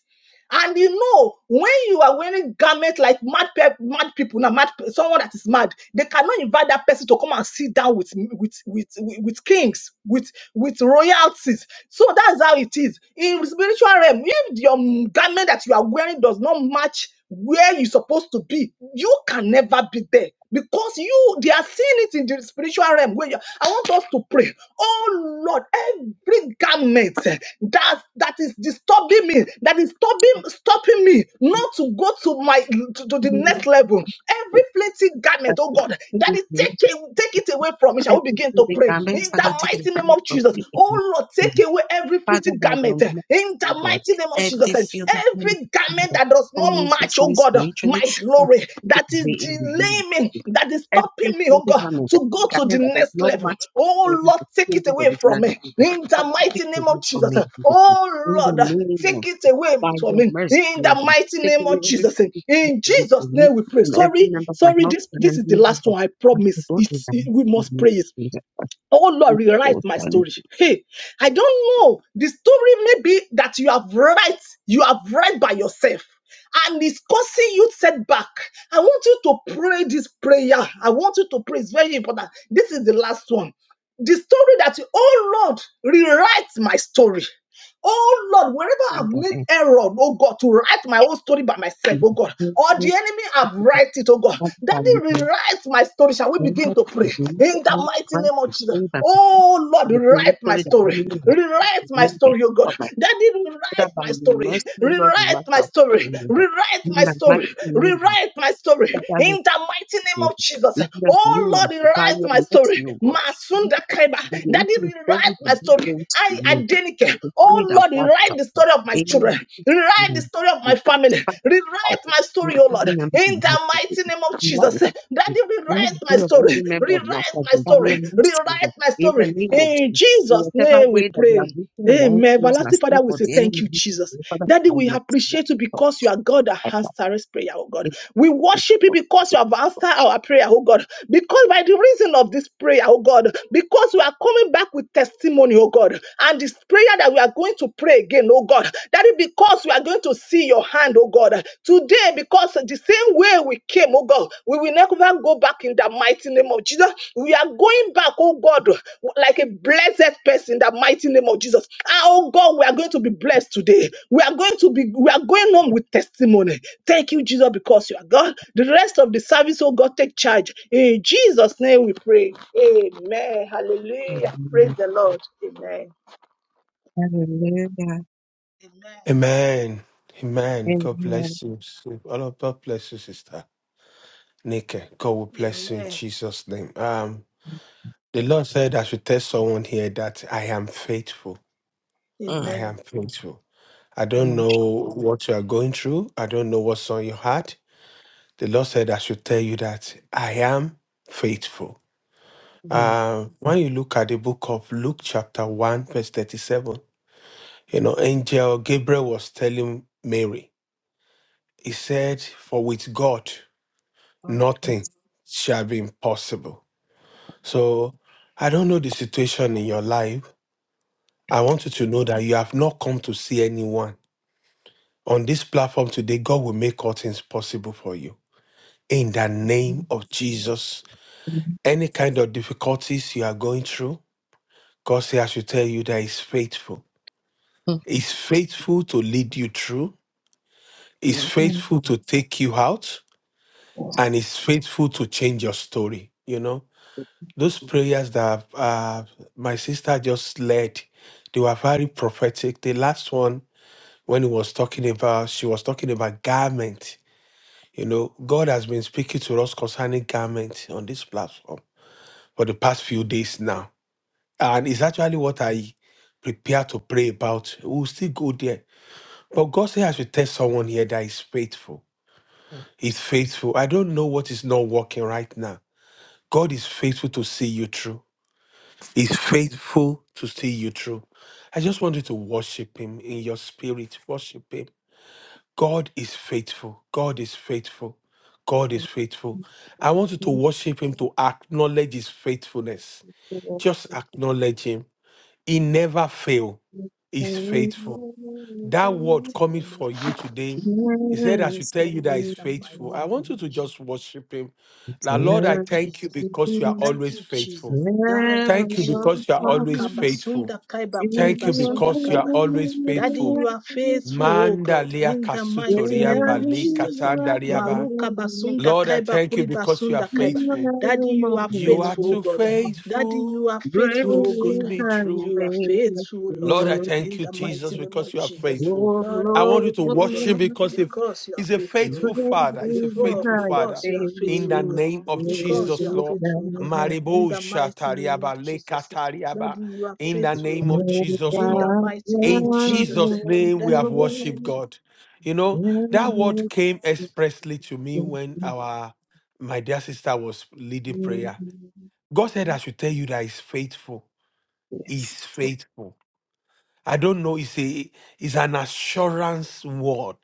And you know, when you are wearing garments like mad, pe- mad people, now mad pe- someone that is mad, they cannot invite that person to come and sit down with with with with, with kings, with with royalties. So that's how it is in spiritual realm. If your garment that you are wearing does not match where you're supposed to be, you can never be there because you they are seeing it in the spiritual realm where you, i want us to pray oh lord every garment eh, that that is disturbing me that is stopping stopping me not to go to my to, to the next In level every flimsy garment oh god that Jesus' is name. take away- take it away from me shall we Every begin to single pray garment, in the Father, take it mighty name away of from jesus me. oh lord take away every Father, flimsy by garment your eh, mercy, in O the God, mighty name name of Jesus, every eh, filthy garment every garment that that does form not me match, oh physically, God, uh, spiritually, my I glory, take it that is away in the name. delaying me, that is Every stopping me, oh filthy God, garment, to every go to the garment that does next not level. match with Oh Lord, the take it silver away from originality, me. Jesus. In the Father, mighty take it name of away from Jesus. me, eh, Jesus. Oh In the Lord, uh, name take of, it away by from your me. mercy, In O the God, mighty take name away of every Jesus. eh, filthy garment In away Jesus' from me, name we pray. from every Sorry, member of my sorry, house, this, and this every is the member last of one. I my promise. household, in It's, it, we the must name pray it. of Jesus. Oh Lord, rewrite my story. Hey, I don't know. The story maybe that you have write, you have write by yourself. And it's causing you setback. I want you to pray this prayer. I want you to pray. It's very important. This is the last one. The story that you, oh Lord, rewrite my story. Oh Lord, wherever I've Father, made and error, oh God, to write my own story by myself, in oh God, the or the name enemy have of write it, oh God, That's Daddy, why you can rewrite my story. Shall we very begin much to pray reduce the in energy the mighty right name of to Jesus? save and protect Oh Lord, and to make rewrite my sure that story, you is rewrite with my me when story, oh for God, my Daddy, father rewrite by my your story, mercy, O Lord, the rewrite right my out story, of rewrite in my the mighty story, name of rewrite my story that I will in the mighty name forgive. of Jesus. In the Oh name Lord, of the rewrite value of my story. mercy, O God. In Masunda Kaiba. the name Daddy, of the story rewrite the my big story. things to I me. Adenike. In the spirit Oh of Lord, God is rewrite the upon. story of my In the children. mighty Rewrite name. the of story of the my family. Right. I Rewrite just my story, oh Lord. remember In my the husband. mighty name of Lord, Jesus. Daddy, Lord, rewrite my full of story. every member of my Rewrite my husband, by your story. mercy, Rewrite Lord, my in the story. name of In Jesus. In Jesus' whatever name we way that we are pray. written our own Amen. things, Everlasting Father, ourselves, we or say the thank enemy is you, written Jesus. to the Father, for Daddy, your we mercy, Lord. appreciate you So, because you are God that I has pray Sarah's prayer, oh God. in the We worship name you of because you Jesus. have answered our prayer, oh God. Because by the reason of this prayer, oh God, because we are coming back with testimony, oh God, and this prayer that we are going to pray again, oh God. Daddy, because we are going to see your hand, oh God. Today, because the same where we came, oh God, we will never go back in the mighty name of Jesus. We are going back, oh God, like a blessed person in the mighty name of Jesus. Ah, Oh God, we are going to be blessed today. We are going to be, we are going home with testimony. Thank you, Jesus, because you are God. The rest of the service, oh God, take charge. In Jesus' name we pray. Amen. Hallelujah. Praise Amen. the Lord. Amen. Hallelujah. Amen. Amen. Amen. God Amen. bless you. All of God bless you, sister. Nike. God will bless you in Amen. Jesus' name. Um, the Lord said I should tell someone here that I am faithful. Mm. I Amen. am faithful. I don't Mm. know what you are going through. I don't know what's on your heart. The Lord said I should tell you that I am faithful. Mm. Um, when you look at the book of Luke, chapter 1, verse 37, you know, angel Gabriel was telling Mary, he said, For with God. Oh, that's nothing shall be impossible. So I don't know the situation in your life. I want you to know that you have not come to see anyone. On this platform today, God will make all things possible for you. In the name of Jesus, good. any kind of difficulties you are going through, God says, I should tell you that He's faithful. Mm. He's faithful to lead you through, He's Mm. Mm. faithful to take you out, and He's faithful to change your story. You know, those prayers that uh, my sister just led, they were very prophetic. The last one, when he was talking about, she was talking about garment. You know, God has been speaking to us concerning garment on this platform for the past few days now, and it's actually what I prepare to pray about. We'll still go there, but God said I should tell someone here that is faithful. He's faithful. I don't know what is not working right now. God is faithful to see you through. He's faithful to see you through. I just want you to worship Him in your spirit. Worship Him. God is faithful. God is faithful. God is faithful. I want you to Thank worship Him to acknowledge His faithfulness. you, Just acknowledge Him. He never fail. He's Lord. faithful. That Amen. word In the coming name for of- you today, He said, I Yes, should everything's tell you that in He's the mighty never faithful. I come name to an want of you end. to Jesus. just worship Him. Now, Lord, Thank I you, thank you Jesus. because you are Thank always you, faithful. Jesus. Thank you, Thank you because Jesus. you are always Makaba faithful. sunda kaiba Thank kuriba you sunda because you are kaiba. always Daddy, faithful. you are faithful, oh God, Mandalia in the Yeah, mighty kasutoria name of you Jesus. are the balikatandariaba. Maruka moment. basunda Lord, I kaiba thank you kuriba because you are sunda kaiba. you faithful. are Daddy, the you are You are faithful, oh too moment. God. Daddy, you faithful are Great faithful, to oh see God. is me thy through. You are faithfulness, faithful, oh Lord, Lord, I Lord. thank in you, the mighty Jesus, name of because you are Jesus. faithful. Lord, Lord, I I Lord, want you to thank you, oh God, worship him Lord. because if because you are he's a faithful, oh faithful Great God. father, he's a is Before, faithful thy father. because you are In faithful, the oh God name of because you Jesus, are Lord. faithful, God. faithfulness. In Maribo the mighty name of shatariaba Jesus. lekatariaba. Daddy, you are In the faithful, name God. of Really, Jesus, In the Lord. please, you mighty name In of Jesus. Jesus' name, we Daddy, have you are worshiped faithful. God. You know, that word came expressly to me when our my dear sister was leading prayer. God said, I should tell you that he's faithful. He's faithful. I don't know, it's a it's an assurance word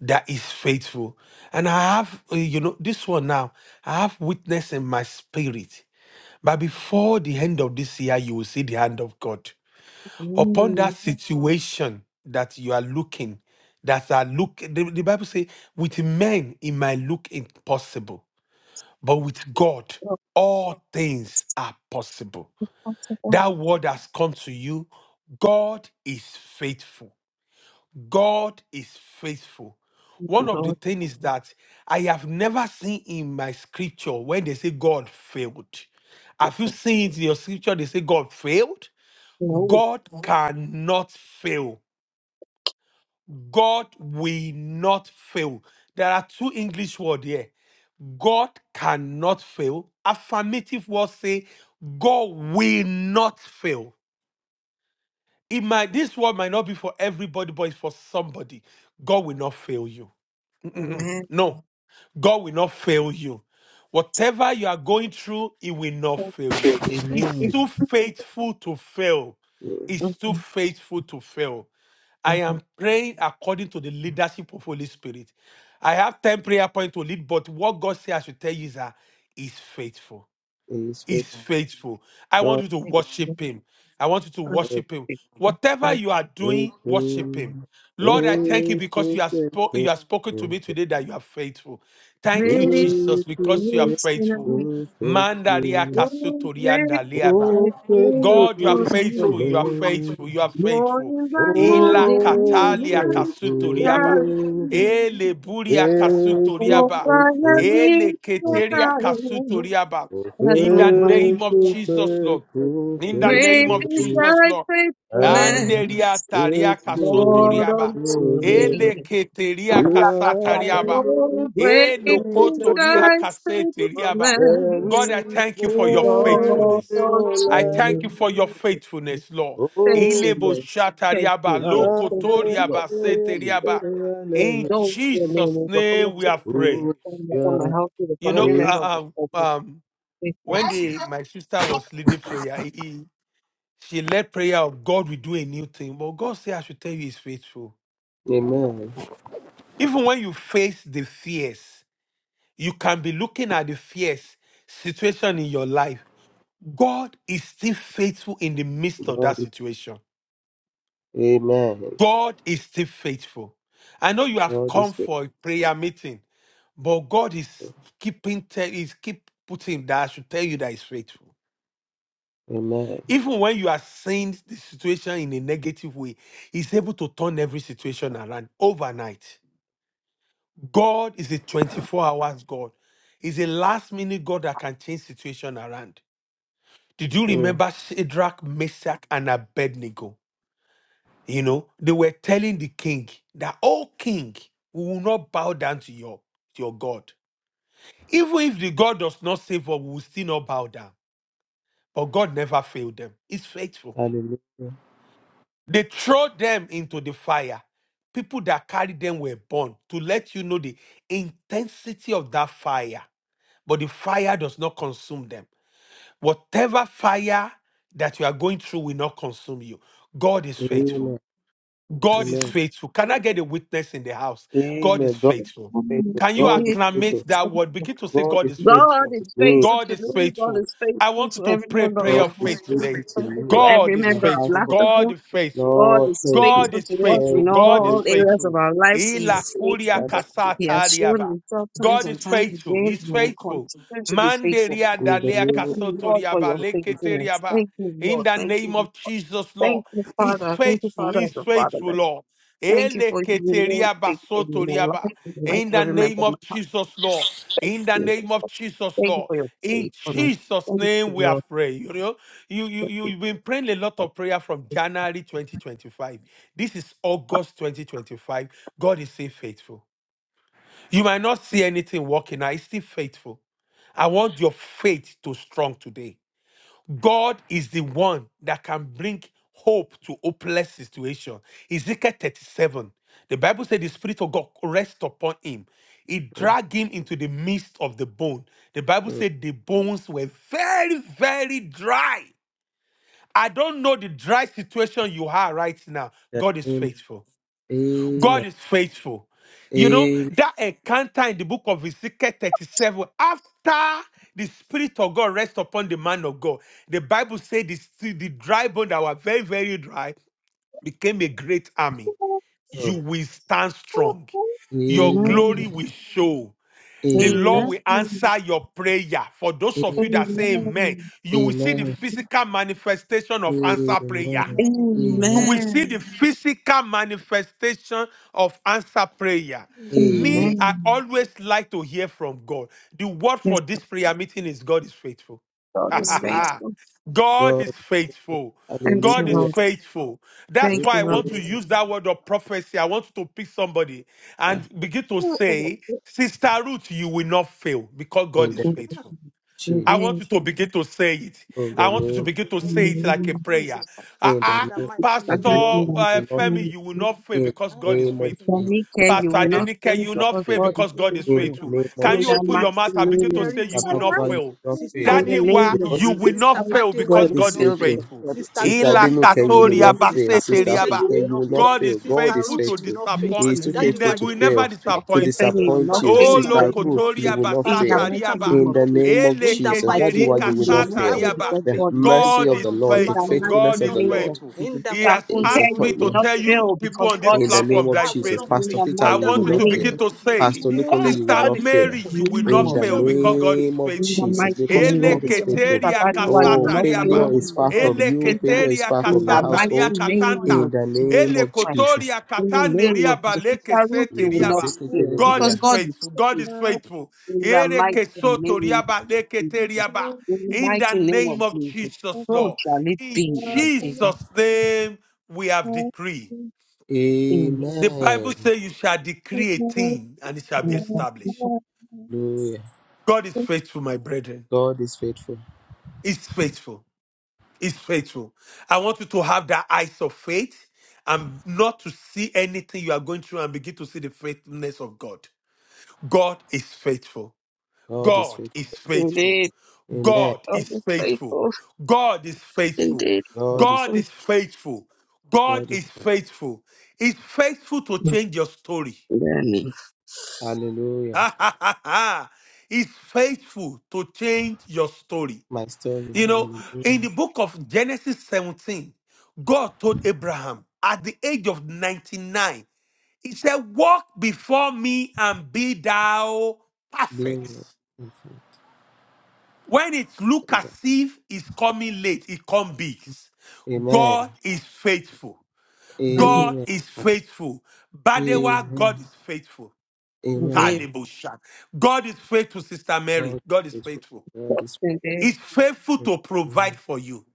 that is faithful. And I have, uh, you know, this one now, I have witness in my spirit. But before the end of this year, you will see the hand of God upon that Mhm. situation that you are looking. That are look, the, the Bible says, with men it might look impossible, but with God, all things are possible. That word has come to you. God is faithful. God is faithful. One of the things is that I have never seen in my scripture when they say God failed. Have you seen it in your scripture they say God failed? God cannot fail. God will not fail. There are two English words here. God cannot fail. Affirmative words say God will not fail. It might this word might not be for everybody, but it's for somebody. God will not fail you. Mm-mm-mm. No, God will not fail you. Whatever you are going through, He will not fail you. He's Amen. too faithful to fail. He's too faithful to fail. I am praying according to the leadership of Holy Spirit. I have 10 prayer points to lead, but what God says I should tell you is that He's faithful He's is faithful. faithful. I want God you to worship him. I want you to is worship him. Whatever you are doing, worship him. faithful. Lord, I thank you because Faithful, you have spo- you faithful, have spoken to me today that you are faithful. Thank you, Jesus, faithful, because you are faithful, faithful. know, Mandaria faithful. oh, great, kasutorianda liaba. Oh, I feel faithful you God, you are for is the me. faithful, you are faithful, man. you are faithful. Morning by Ila Oh, katalia morning, you rise faithful, to Ele buria God. faithful, Oh, kasutoriaba. I have Ele been faithful. keteria kasutoriaba. that In the name of Faithful, provides. Jesus, Lord. faithful, In the Great name of is faithful, Jesus, thy Lord. faithfulness, and Anderia taria faithful, is Lord, kasotoriaba. the unto Lord. Ele me. There keteria is no kasatariaba. Oh, great Eno is kotoria thy kaseteriaba. faithfulness, God, I thank you for your one Lord, faithfulness. unto I like thank you me. for your you. faithfulness, Lord. Thank Oh, you, Ilebo Lord. Thank shatariaba, you, Lord. Thank you, Lord. lokotoriaba, Thank hallelujah, you, Lord. seteriaba. Thank hallelujah. In those your name, Jesus' Lord, for your name, we have faithfulness, prayed. Oh, upon my yeah. household, You upon know, every member of uh, um, the um, family. when the my sister was leading prayer, he, she led prayer of God will do a new thing. But God said, I should tell you, He's faithful. Amen. Even when you face the fears, you can be looking at the fears situation in your life. God is still faithful in the midst of that God is situation. Amen. God is still faithful. I know you have God is come faith. for a prayer meeting, but God is keeping tell is keep putting that I should tell you that He's faithful. Amen. Even when you are seeing the situation in a negative way, He's able to turn every situation around overnight. God is a 24 hours God. He's a last minute God that can change situation around. Did you Mm. remember Shadrach, Meshach, and Abednego? You know, they were telling the king that, oh king, we will not bow down to your, to your God. Even if the God does not save us, we will still not bow down. But God never failed them. He's faithful. Hallelujah. They throw them into the fire. People that carried them were burned to let you know the intensity of that fire. But the fire does not consume them. Whatever fire that you are going through will not consume you. God is faithful. Amen. God is Amen. faithful. Can I get a witness in the house? God is Amen. God faithful. is faithful. Can you God is Indeed, God acclimate faithful. is that word? faithful. Begin to say, God God is is God faithful faithful. is to me. faithful God to is me. God faithful. is I faithful want you to to every pray member of prayer my God of is faith household. faithful Is today. to faithful to me. God every is My member of faithful. household. God Laughterville. is faithful. God Lord, is thank you. God faithful is to us faithful. in Thank you. God is all Thank you. areas of faithful. our lives. He Ila Thank is you, faithful. kuria Father. He kasata has shown riaba. himself times God is and times faithful. again. He's He will faithful. continue to be faithful. Manderia In the dalea Thank name you, Lord, kasotoria for ba your of Jesus. leketeria faithfulness. ba. Thank you, In Lord. the Thank name you. of Jesus, Lord. Thank you, He's Father. Thank you, faithful. Father of He's the faithful, Fatherless. Lord. Thank you for your Eleketeria ba faithfulness in my sotoria ba. life, and the life In of the every member name of my of Jesus, Lord. In the household. name of Jesus, Thank you Lord. for your In faithfulness. Jesus' Thank name you, we are Lord. praying. You know, you, you, for you- this you've been praying a lot of prayer from January 2025. This is August 2025. God is still faithful. You might not see anything working now. It's still faithful. I want your faith to strong today. God is the one that can bring hope to hopeless situation. Ezekiel 37. The Bible said the Spirit of God rest upon him. It dragged him into the midst of the bone. The Bible In said the bones were very, very dry. I don't know the dry situation you are right now. the God is name faithful. day. God of is faithful. You know, that encounter in the book of Ezekiel 37, after the Spirit of God rests upon the man of God, the Bible said the, the dry bone that were very, very dry became a great army. You will stand strong. Your Amen. Amen. glory will show. The Lord Amen. Amen. will answer your prayer. For those Amen. Amen. of you that say amen, Amen. you will see the Amen. physical manifestation of answer prayer Amen. you Amen. Amen. will see the Amen. physical manifestation of answer prayer. Amen. Me, Amen. I Amen. always like to hear from God. The word Yes, for this prayer meeting is God is faithful. God is Amen. faithful. God is God. faithful. Thank you, God is Hallelujah. Amen. Lord. faithful. That's Thank why you, I Lord. want to Hallelujah. Grateful. use that word of prophecy. I want to pick somebody Ah, and begin to say, Sister Ruth, you will not fail because God In the is name of Ah, faithful. Jesus. I want Indeed. you to begin to say it. I In I will the want not you to name. fail in begin the to mighty say it name like of a Amen. prayer. Jesus. Ah, In the In ah, the name. mighty The name Father, of glory in the Pastor Jesus. name uh, belongs of Femi, you Jesus. will not fail In because I, the God is name of Adeleke, will faithful. For Jesus, not me, fail. care the you Pastor will man not Adenike, fail you will will not not because fail God fail. is because Amen. God is In In faithful. the the faithful. name mighty of Can In name you Jesus, of the open mighty your Jesus. mouth and Sister begin to name of Mary, say you you will will that's not not why fail. Jesus. you fail? will not Sister In fail. the Daddy, Mary, you will why name of not you Because fail. will Jesus, Sister not I fail too Badewa, because God will you not will is God not is fail fail. faithful. because faithful. God is Sister Sister faithful. Glory, Ila you will not Denuke, you In the fail. will katoria not name of Sister fail. Sister Funke, baseteria Jesus. you ba. will Fuke, you not will not fail. God In fail. is Sister God is faithful Ruth, to you will faithful. not the fail. mighty He disappoint. is too name He of faithful ne- Dadiwa, to you will will never not fail, fail. to Jesus, disappoint Uh, you. Fanny, uh, you uh, will disappoint not you. Pastor fail Oh, because Olukunle, God Sister you is will Ruth, not you fail. lokotoria will faithful. not In Pastor fail. the Peter, basataria mighty name you of ba. will In the not Jesus. fail. name of In the If Jesus, I that's mighty Eleketeri why name glory, you of will you will not not Jesus, kasata I fail. fail will not riaba. because The fail. God is faithful. mercy God of Everyone is the on this Lord, In the the faithful. platform, we mighty faithfulness will God of is not the fail. name Lord of faithful. In Jesus. the If He I has mighty full is care, name asked of me you upon will to you. not tell Jesus, fail you we people because on will this God not In is the fail. name platform of that I is faithful. will Jesus, not faithful. In Pastor fail. the Peter, I In mighty the you will want you mighty to not name begin name fail. of to of Jesus. say, Pastor Jesus. Lukunle, Because you will Sister God not is in fail. Mary, faithful, the you will my name In not of the fail children will Jesus, because not God fail. is name of in the faithful. Jesus, mighty David because name of God is Adeyemo, Jesus. you will faithful. not Eleketeria fail. Sabadoa, you Oh, will kasata not Daniel failure riaba. fail Adeyemo, is you because will far not God is fail. from you. faithful. Dan, Failure is Eleketeria Dan, far Dan- In from your the kasata Daniel. mighty ria household. name In of the name Ele Jesus of Christ, Jesus. kotoria in the No, you katane have name to of riaba Jesus. post. Sister Ruth, you will Okay, not lekeseteriaba. Zeke fail God because Telemuria. is God is faithful. God is faithful. faithful. In the Ere mighty ke soto name of Jesus. riaba, leke te In riaba. the In mighty the name of name of Jesus. Jesus, So Lord. shall it In be in Jesus. Jesus' name, we have decree. Amen. The Amen. Bible says you shall decree a thing and it shall be established. Amen. Hallelujah. God is faithful, my brethren. God is faithful. He's faithful. He's faithful. I want you to have the eyes of faith and not to see anything you are going through and begin to see the faithfulness of God. God is faithful. God is God faithful. is faithful. Indeed, Amen. God God is is faithful. faithful. God is faithful. Indeed, God is God is faithful. faithful. God God is is faithful. He's faithful to change your story. Amen. Hallelujah. Ha ha ha ha. He's faithful to change your story. My story. You know, Hallelujah. in the book of Genesis 17, God told Abraham at the age of 99, He said, Walk before me and be thou Blame. perfect. When it look as you. if it's coming late, it comes big. Amen. God is faithful. Mhm. God Amen. is faithful. Badewa, Amen. God is faithful. Indeed. Amen. Kalebosha. God is faithful, Sister Mary. God God is is faithful. faithful. God is Indeed. He's faithful to provide faithful. for you.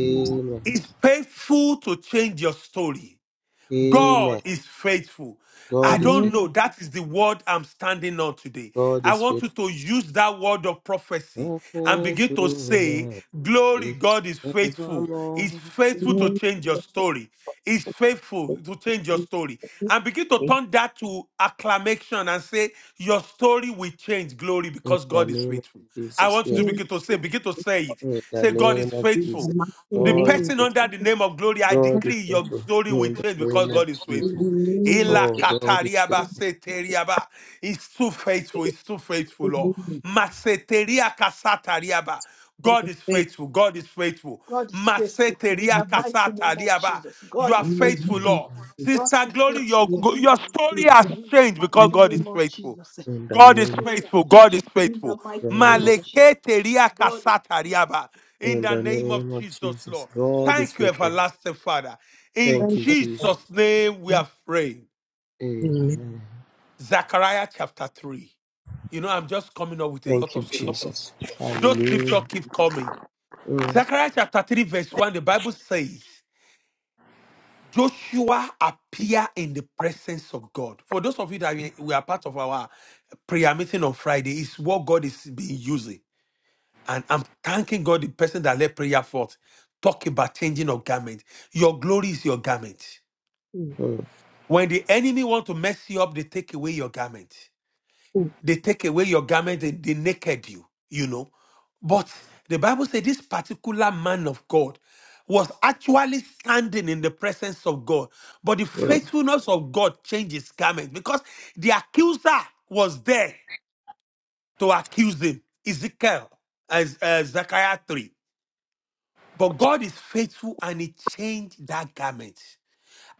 Mhm. He's faithful to change your story. Amen. God is faithful. I God is don't faithful. know. Amen. That is the word I'm standing on today. God I is want you faithful. to use that word of prophecy Your and begin to say, faithfulness is Glory, God is faithful. evermore. He's faithful to Amen. change your story. He's faithful to change your Thank story. you. And begin to Thank turn that to acclamation and say, Your story will change, glory, In because the God is name of faithful. I Jesus. want you to Yes. you. begin to say, begin to say it. In the Say, God name is of In the faithful Jesus. mighty the God name is of person faithful. under the name of glory, I God Jesus, is decree your faithful. story will In the change because name God of is in the faithful. Jesus. name of Ela Oh, Jesus. God is katariaba faithful. seteriaba. He's too faithful. He's too faithful, In the Lord. name Maseteria kasatariaba. of the God is faith. faithful. God is faithful. God is faithful in Maseteria In the mighty name of kasatariaba. Jesus. You God are the is name of faithful, faithful. Jesus. Lord. God is Sister Glory, faithful your, In the in the, your story has in the changed because mighty mighty God is name name of faithful. Jesus. In the My God is name of story has faithful. God changed is in the faithful. mighty name God is of faithful. Maleke Jesus. teria God kasata riaba. In In the the name of name of Jesus, Jesus. Lord. God is Thank you, faithful. everlasting Father. In Thank you, of God. Jesus. Jesus' name, we are praying. Amen. Amen. Zechariah chapter 3. You know, I'm just coming up with a Thank lot you, of scripture. Jesus. Those scripture Hallelujah. keep coming. Mm, Zechariah chapter 3, verse 1, the Bible says, Joshua appear in the presence of God. For those of you that we we are part of our prayer meeting on Friday, is what God is being using. And I'm thanking God, the person that led prayer forth, talk about changing of garment. Your glory is your garment. mm, When the enemy want to mess you up, they take away your garment. They take away your garment, they, they naked you, you know. But the Bible said this particular man of God was actually standing in the presence of God. But the mm. faithfulness of God changed his garment because the accuser was there to accuse him. Ezekiel, as uh, Zechariah 3. But God is faithful and He changed that garment.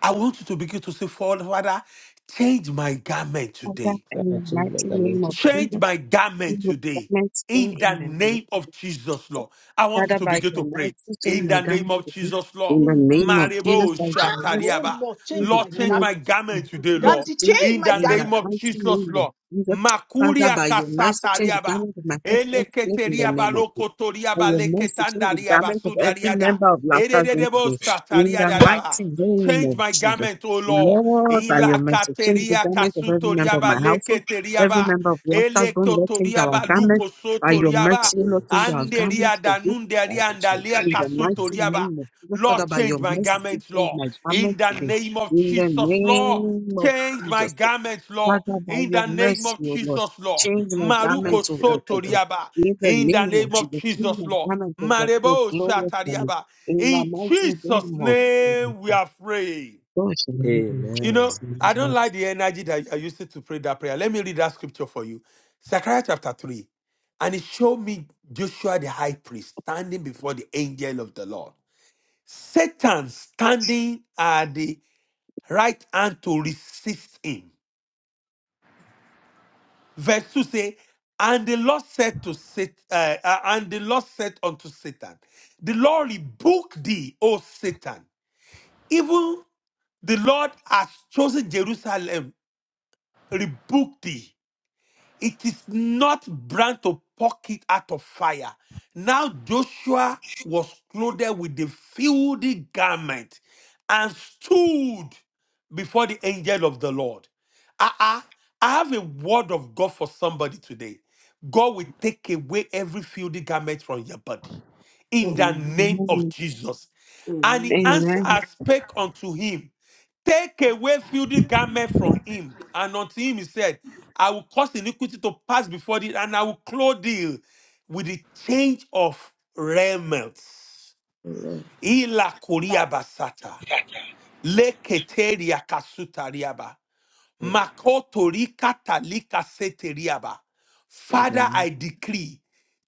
I want you to begin to say, Father, change my garment Father, today. God, in I the change my mighty garment name of today. Change Jesus, my we garment will today. commence there In the in the name. name of Jesus, Lord. I want you Father, to by begin your to pray. mercy, change In my the name garment of today. Jesus, Lord. In the change my name of garment. Jesus, Marebo by your Ah, Oh mercy, Shatariaba. Lord, change change the my Lord, change garment my garment. of my garment today, victory Lord. Daddy, today. change In my the In the name garment. of mighty Jesus, name of Lord. Jesus, Father, Makuria by your mercy, change the Kasatariaba. garment of my husband today. In the Eleketeria name of Jesus. balokotoria By your mercy, change the baleketandaria garment of every basudariada. member of Laughter's Zone Edededebo today. In the satariada daba. mighty name Change of my Jesus. garment, O Lord. Lord, by your mercy, change the Ilakateria garment of every member kasutoria of my household, baleketeria every ba. member of Laughter's Zone. Lord, change Elektotoria our garments. By your balukosotoria In ba. mercy, the name Lord, of change our Jesus. Anderia garments for good God, danunderia I change andalia my in the garment today. mighty kasutoria ba. name of Jesus, Lord, Father, by your change my mercy, garments, change Lord. my In garment the today. name of In the Jesus, Lord. name of Change my Jesus, garments, Lord, Father, by in your the name of mercy, O Lord, Jesus, Lord. change my God, Maruko garment, O I change God, for my garment. good. Sotoriaba, In the in the name of name of Jesus, change Jesus, my Lord. garment, O God, for your Marebo glorious coming. Shatariaba. In the In mighty Jesus' name of name Jesus, we are praying. Lord, in the name of You Amen. Jesus, know, I don't amen. like the energy that you are using to pray that prayer. Let me read that scripture for you. Zechariah chapter 3. And it showed me Joshua the high priest standing before the angel of the Lord. Satan standing at the right hand to resist him. Verse 2 say, And the Lord said to Satan, uh, uh, and the Lord said unto Satan, The Lord rebuke thee, O Satan. Even the Lord has chosen Jerusalem, rebuke thee. It is not brand to pocket out of fire. Now Joshua was clothed with the filthy garment and stood before the angel of the Lord. Uh-uh. I have a word of God for somebody today. God will take away every filthy garment from your body in the Amen. name of Amen. Jesus. And he Amen. answered Amen. and spake unto him. Take away filthy garment from him, and unto him he said, I will cause iniquity to pass before thee, and I will clothe thee with the change of raiments. Amen. Ila koria basata. Leketeria kasuta riaba. Mm, Makotorika talika seteriaba. In the Father, name of Jesus. I decree,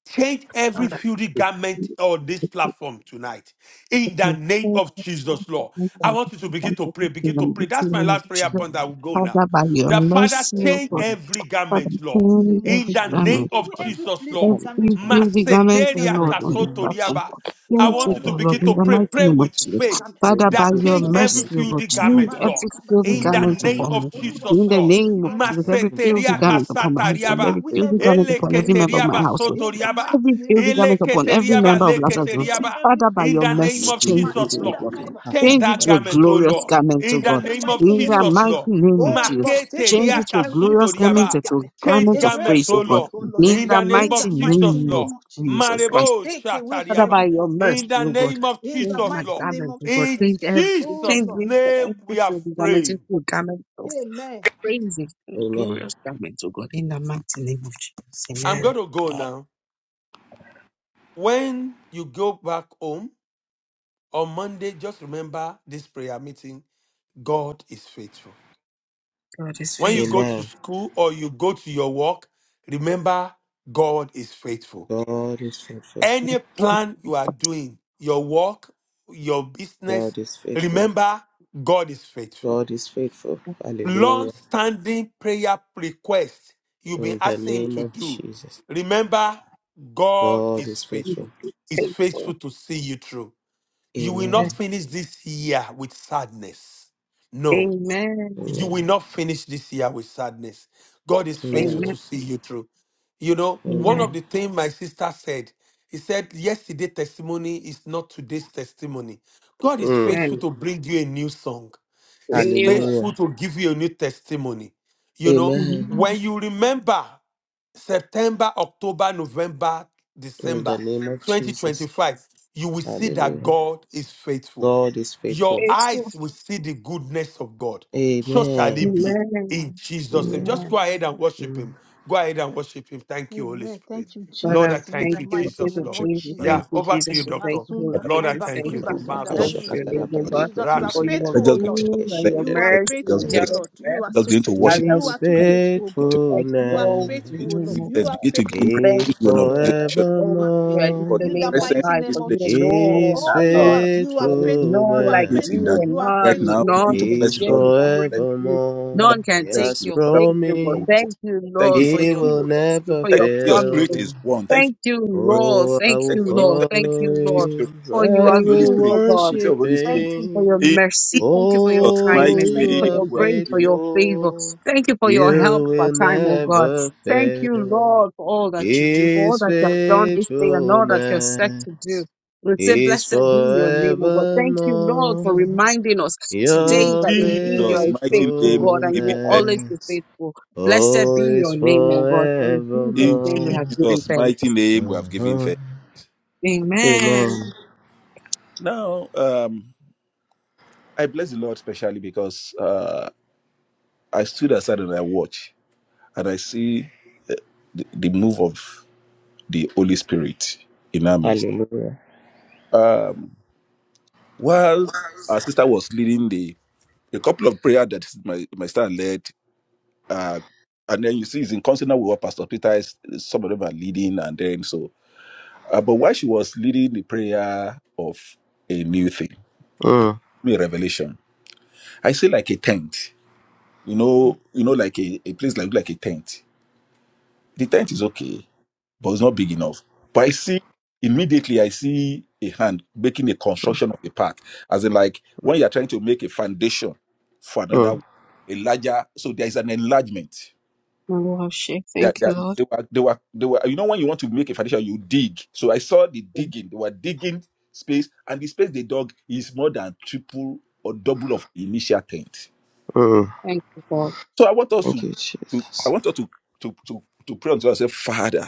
change every Father, filthy garment on this platform tonight. In the we name thank of Jesus, Lord. I you want you to for begin the to pray, begin to pray. mighty That's my name of last prayer Jesus. point. I will God, go now. Father, by your The Father, mercy, O change God. I every Father, garment, Lord. In the change name of In every the Jesus. come name Take garment, O of away every God. Jesus, my, fleeting Lord. come Every garment to me. from me. filthy garment, In O the Maseteria In Lord, mighty on the this name name of of Jesus. platform, kasotoriaba. Jesus. God. I Change Oh want God, it, you O I to Lord, Lord, begin change in my to the take pray. away garment. mighty Pray name every of with Jesus. fleeting faith garment. Lord, Father, we by that thank your change you for Masunda the every name mercy, O of kaiba. God, filthy my change God. garment, Lord. every Maruka filthy In In basunda the the garment kaiba. name name of upon me. of Jesus. Oluwa Jesus, In the Lord. gbashu eri name of God, lorun Jesus, I mi. every change filthy Daddy, my Maseteria garment. garment ta- upon my husband, take kasatariaba. every away filthy every garment fleeting today. upon every garment member from of my Eleketeriaba household. me. In the sotoriaba. mighty Every name of filthy garment Jesus. upon every Eleketeriaba member of Daddy, Lazarus. take away leketeriaba. every Father, by In fleeting your the garment. name mercy, of change Jesus, it, O Masunda Lord. God. kaiba. Change Change it that to a garment, oh glorious Lord. garment, O In In the God. the name mighty of In name the of Jesus, mighty Jesus. Lord. name of Oh Jesus. Lord, take Change away Maketeria it to every glorious garment physical kasutoriaba. into a garment Change garment of away garments, praise, oh O from me, God, Lord. oh Lord. in In the the name In the mighty of mighty Jesus, name of name Lord. of Jesus. Jesus Christ. Marebo Take away Father, every by Shatariaba. your physical In garment mercy, the O from God, name of me. In the change Jesus, my mighty Lord. name garment, of O God, In Jesus. change every, Oh Jesus' change Lord. me from name, every we are single garment praying. into a garment of Amen. praise, a Amen. glorious garment, O God, in the mighty name of Jesus. I'm Amen. going to go now. When you go back home on Monday, just remember this prayer meeting God is faithful. God is When you go faithful. to Amen. school or you go to your work, remember God is faithful. God is faithful. Any plan you are doing, your work, your business, God is faithful. remember God is faithful. God is faithful. Hallelujah. long-standing prayer request you've been In the asking him name to of do. Jesus. Remember, God God is is He's faithful. faithful. He's faithful. faithful to see you through. You will Yes. not Amen. finish this year with sadness. No you Amen. Amen. will not finish this year with sadness. God is faithful Amen. Amen. to see you through. You know, one Amen. of Amen. the things my sister said, he said, yesterday testimony is not today's testimony. God is Mm. faithful Amen. to bring you a new song. A He's new faithful Hallelujah. to give you a new testimony. You one. know, Amen. Amen. when you remember September, October, November, In the December name of Jesus. 2025, you will see that Hallelujah. God is faithful. God is Your faithful. Faithful. eyes will see the goodness of God. So shall Amen. it be in Amen. Jesus' name. Amen. Amen. Just go ahead and worship Amen. him. Go ahead and worship him. Thank you, Holy Amen. Spirit. Thank you, Lord, Father, I Jesus. In thank thank the you, you, Father, mighty we Saint Jesus, of name Lord. of worship Days, you, we Jesus. Father, we- thank Yeah, you, over to you, Jesus, we thank Doctor. you, Holy Masunda Father, Lord, Spirit, I we Kaiba thank thank Kuri you, His Lord. you, we we faithfulness Basunda. exalt Daddy, thank we you, Marabasha. your say Father, name, thank you, O we God, magnify Jesus. You are you. for your Let's faithful, O just Lord. begin to just good and bless, your You let's are just, mercy and just faithful, O bless, endurance Lord. You are forever. just so begin to faithful. worship, Father, You we are too bless, thank you. faithful, O begin God. to Like You are go, to begin faithful, to O give you, Lord. him O You God. thanks, are begin to give faithful, him praise, Thank is begin to you, honor, begin to Lord. I faithful. appreciate You Thank are you. I faithful lift for forevermore. his the in the name of presence mighty Christ in this name for of you place, for Jesus. alone, His our Oh God. our Lord, you are There is faithful. You none are like faithfulness spirit in faithful. you, that and You are right none, now. faithful, O Lord. Begin none to can is bless the share Lord, In the begin to the glory bless with you. forevermore. Father, None He can we bless take has you, your Father, place. oh we God. bless promised you. Thank you, Thank Lord, you for for he your the move will of God. mercy, never for Thank you your for your spirit promises. fail. is one. Thank you Thank you, for your spirit. Lord. Oh, I Thank thank will you you, for the Lord. thank you Thank for follow the you, Holy Lord, Spirit. him. for you Pray I are for the Holy will good, Spirit. oh God. Pray for the ministry of worship the Holy Thank Spirit. you for him. your In mercy. Thank you for your Jesus' Oh, mighty kindness. Thank you you for name, are your we are grace, for giving. your favor. faithful. Thank you for your help You for will time, oh God. never Thank you, fail. Lord, for all that you do, for all His that you have done this day and all that you're set faithfulness to do. We say, is blessed be your name, oh God. Thank you, Lord, for forevermore. reminding us today In Your that indeed you Jesus' are a mighty faithful name, God we are and you giving will thanks. always be faithfulness, faithful. Blessed oh, be is your name, oh God. In Jesus' In name we forevermore. have given Jesus' thanks. mighty name, we have given Uh-huh. thanks. Amen. Amen. Now, um, I bless the Lord specially because uh, I stood aside and I watch and I see the, the move of the Holy Spirit in our midst. Hallelujah. Um, while our sister was leading the a couple of prayer that my my sister led uh, and then you see it's in consonant with what Pastor Peter is. Some of them are leading, and then so. Uh, but while she was leading the prayer of a new thing, Mm, new revelation, I say like a tent. You know, you know, like a, a place like like a tent. The tent is okay, but it's not big enough. But I see immediately, I see a hand making a construction of a path, as in like when you are trying to make a foundation for another, mm, a larger. So there is an enlargement Worship. they, are- Thank they, you, are- Lord. they were they were they were you know when you want to make a foundation you dig so i saw the digging they were digging space and the space they dug is more than triple or double of the initial tent mm. Thank you, God. so i want us Thank to you, to i Jesus. want us to to to, to pray unto ourselves father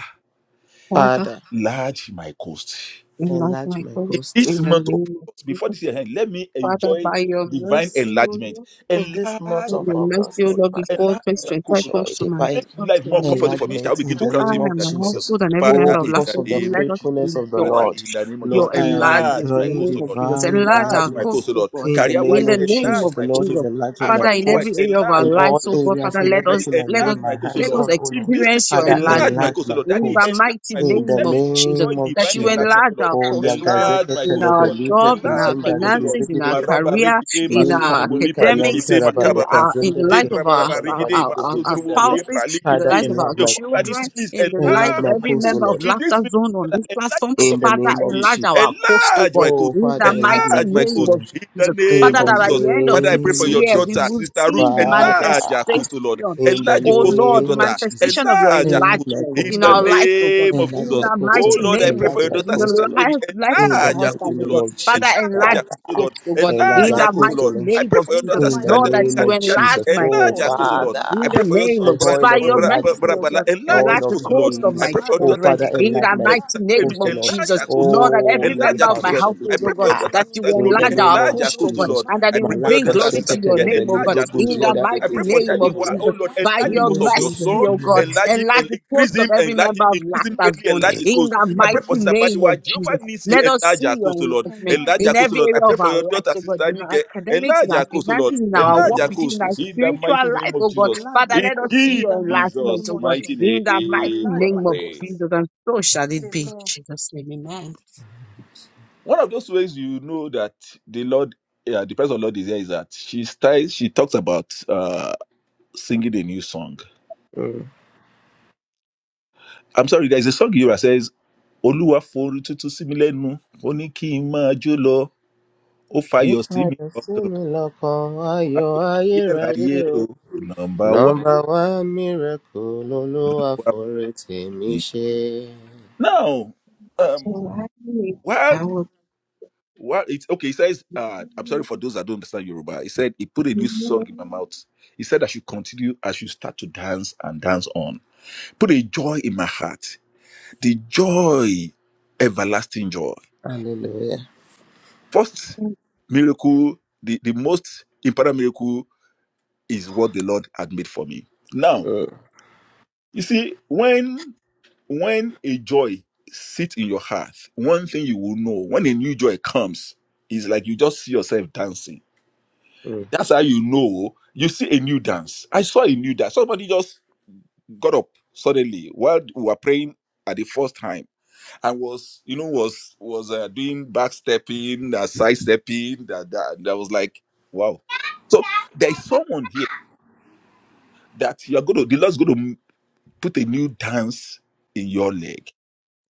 Father, Father, enlarge my coast enlighten enlarge my my in course coast. this in the month of name of August, Jesus. before this year end let me Father, enjoy by your divine mercy, O enlargement Lord, In this month enlarge by of your mercy, O August, Lord. Lord, before Enlarge my coat, 2025 O show Lord. comes a to my Make divine comes life to more an end, comfortable O for me. Lord, Shall enlargement we in begin to let the cry I to name him in of and the my name of Jesus. Jesus? household and every Father, Oh, member of in because the Laughter of the Zone, name of let us Jesus. faithfulness of the enjoy Father, Lord, in the name of Jesus, your Lord, I am enlargement enlarge in my the enjoying coast, name O of Lord. Jesus. divine Enlarge Enlarge our my course, enlargement coast, O O Lord. God, in the Career in name wise, the of name enlarge Jesus. of The my coast, Lord O Lord. is Jesus. Ah, enlarging my Father, family in wise, every coast area of our enlarge in my all coast, lives, O O Lord. God, areas, Father, in let us Physically, everything I let lay us enlarge my my coast, O let hands Lord. us on, oh In Lord. business, experience your Father, enlarge my enlargement enlarge coast, O my Lord. in Daddy, the coast enlarge mighty my in coast. name the Let of me Jesus. name enjoy of That divine you Jesus. enlargement, enlarge O Lord. our Oh, course, O God, Enlarge Yagazeke my in coast, O our Lord. Telebelibro job, in our Enlarge my coast, O Lord. finances, in Kuzinda our Maraba career regide, in our masodrobo, Nimpalika lipra, academics, likite, yantaraba in makababa. our in the lekezendere life of our Jendrabaraba, our, kesikatalaba Rigide, our, libro our our Masodrobo, gozindaria. spouses, Lepra, in the Father, life Likete. of our enlarge my Jehovah coast. Nisi, children, please in the life Enlarge of my enlarge my every coast, O cause. member of Lord. In this Laughter ministry, Zone on Father, this enlarge platform. the cause In of this the Father, name of ministry. enlarge Jesus. our coast, oh Enlarge my God, cause. Oh, in Father, the enlarge mighty my Enlarge my coast, O name cause. of Lord. In the Jesus. In name Father, the of that at Jesus. the end of Father, I this pray name for your of year we daughter, Jesus. will Sister Ruth. see the Father, Enlarge her cause, O Lord. manifestation. in the Enlarge the Oh cause of your Lord, the name of daughter. Jesus. manifestation of your Enlarge her cause. Enlarge my enlargement In in coast, O the our Lord. life, oh God. name of Enlarge In my Jesus. the coast, Oh mighty Lord. Lord, I name pray of for Enlarge your my Jesus, daughter, in the coast, Sister Mary. Lord. life, life of In my the Enlarge her mighty course, husband, oh oh name God. Lord. of Father, Jesus, Enlarge enlarge her Father. course, oh Lord. hopes, oh God, Enlarge Enlarge in my her the Enlarge course, my oh coast, mighty Lord. coast Lord. I name pray of for your in the Jesus. daughter, In the Sister mighty Lord, that name name you of of Jesus. Candy. enlarge Jesus, my oh Oh Enlarge her course, Lord, oh course, oh God, Lord. Father. enlarge I in my the pray for your coast name son, of The Jesus. Brad, oil By in of Bra- the your Bra- mighty Bra- mercy, oh enlargement, name Brabala. God, of the Jesus. Enlarge enlarge his oil of the course, oh Oh Lord. course of Lord, I my His. pray for enlarge Oh your my daughter, children, Father, coast, Sister in enlarge Mary. the eh, my enlarge mighty Sister my Mary. name coast, coast, of Lord. Enlarge Jesus. her course, oh enlarge Lord, Lord. my that Oh, coast every let the Enlarge member her of course, oh my in the Lord. foundation be I household, oh mighty pray for God, your deeper. daughter, that name of you Sister Jesus. In Glory. the enlarge our name Enlarge of Oh her course, course, oh oh Lord, God, Jesus. Lord. and enlarge that I it my pray will for your coast, bring Malaka daughter, glory Sister to your Funke, sheketele enlarge name, my oh enlarge God, coast, belibro her coast, oh in the Lord. guzinda I enlarge mighty pray my for rekizikete name coast, Daddy, of Wa- leburia. oh Jesus. Lord, enlarge my coast, enlarge By my enlarge the your Imo coast of your mercy, son, oh God, enlarge coast, him, enlarge and the course increase of him, every enlarge him, member of increase him enlarge Laughter greatly, Zone, enlarge his in coast. the in I the mighty pray for Sister mighty shengadu. name of Badiwa, Jesus. Jehovah Nisi, Let us enlarge her see your coast, oh Lord, enlightenment enlarge enlarge her in coast, oh every Lord. I area pray of for our your life, daughter, oh God, Sister in our Nike, academics, in enlarge our her coast, oh Lord, finances, in In our the enlarge work her name with of you, in coast, our Jesus in the Christ. mighty spiritual life, name of oh God. Jesus. enlarge Father, my In let us coast see in the your mighty enlightenment, name Jesus' oh of God, mighty Jesus. in the mighty name, we Enlarge are my name of praying. coast. Jesus. And so shall it be. In Amen. Jesus' name, amen. One of those ways you know that the Lord, yeah, the presence of the Lord is here is that she styles, she talks about. uh, singing a new song. Mm. I'm sorry, there's a song here that says, Oluwa fori tutu sí mi lẹ́nu, ó ní kí n máa jó lọ, ó fayọ̀ If sí I mi don't see lọ́kàn, me look on, why you ayọ̀ are here, are ayérayé you? o, number one Number one miracle, Olúwa lolúwa fún f'oore tèmi mi. ṣe. Now, um, while, while it's okay, he says, uh, I'm sorry for those that don't understand Yoruba. He said, he put a new song in my mouth. He said, I should continue, I should start to dance and dance on. Put a joy in my heart, the joy, everlasting joy. Hallelujah. First miracle, the, the most important miracle is what the Lord had made for me. Now, Mm. you see, when when a joy sits in your heart, one thing you will know when a new joy comes is like you just see yourself dancing. Mm. That's how you know you see a new dance. I saw a new dance. Somebody just got up suddenly while we were praying at the first time I was, you know, was was uh, doing backstepping, uh, sidestepping. That that that was like, wow. So there is someone here that you are going to. The Lord's going to put a new dance in your leg,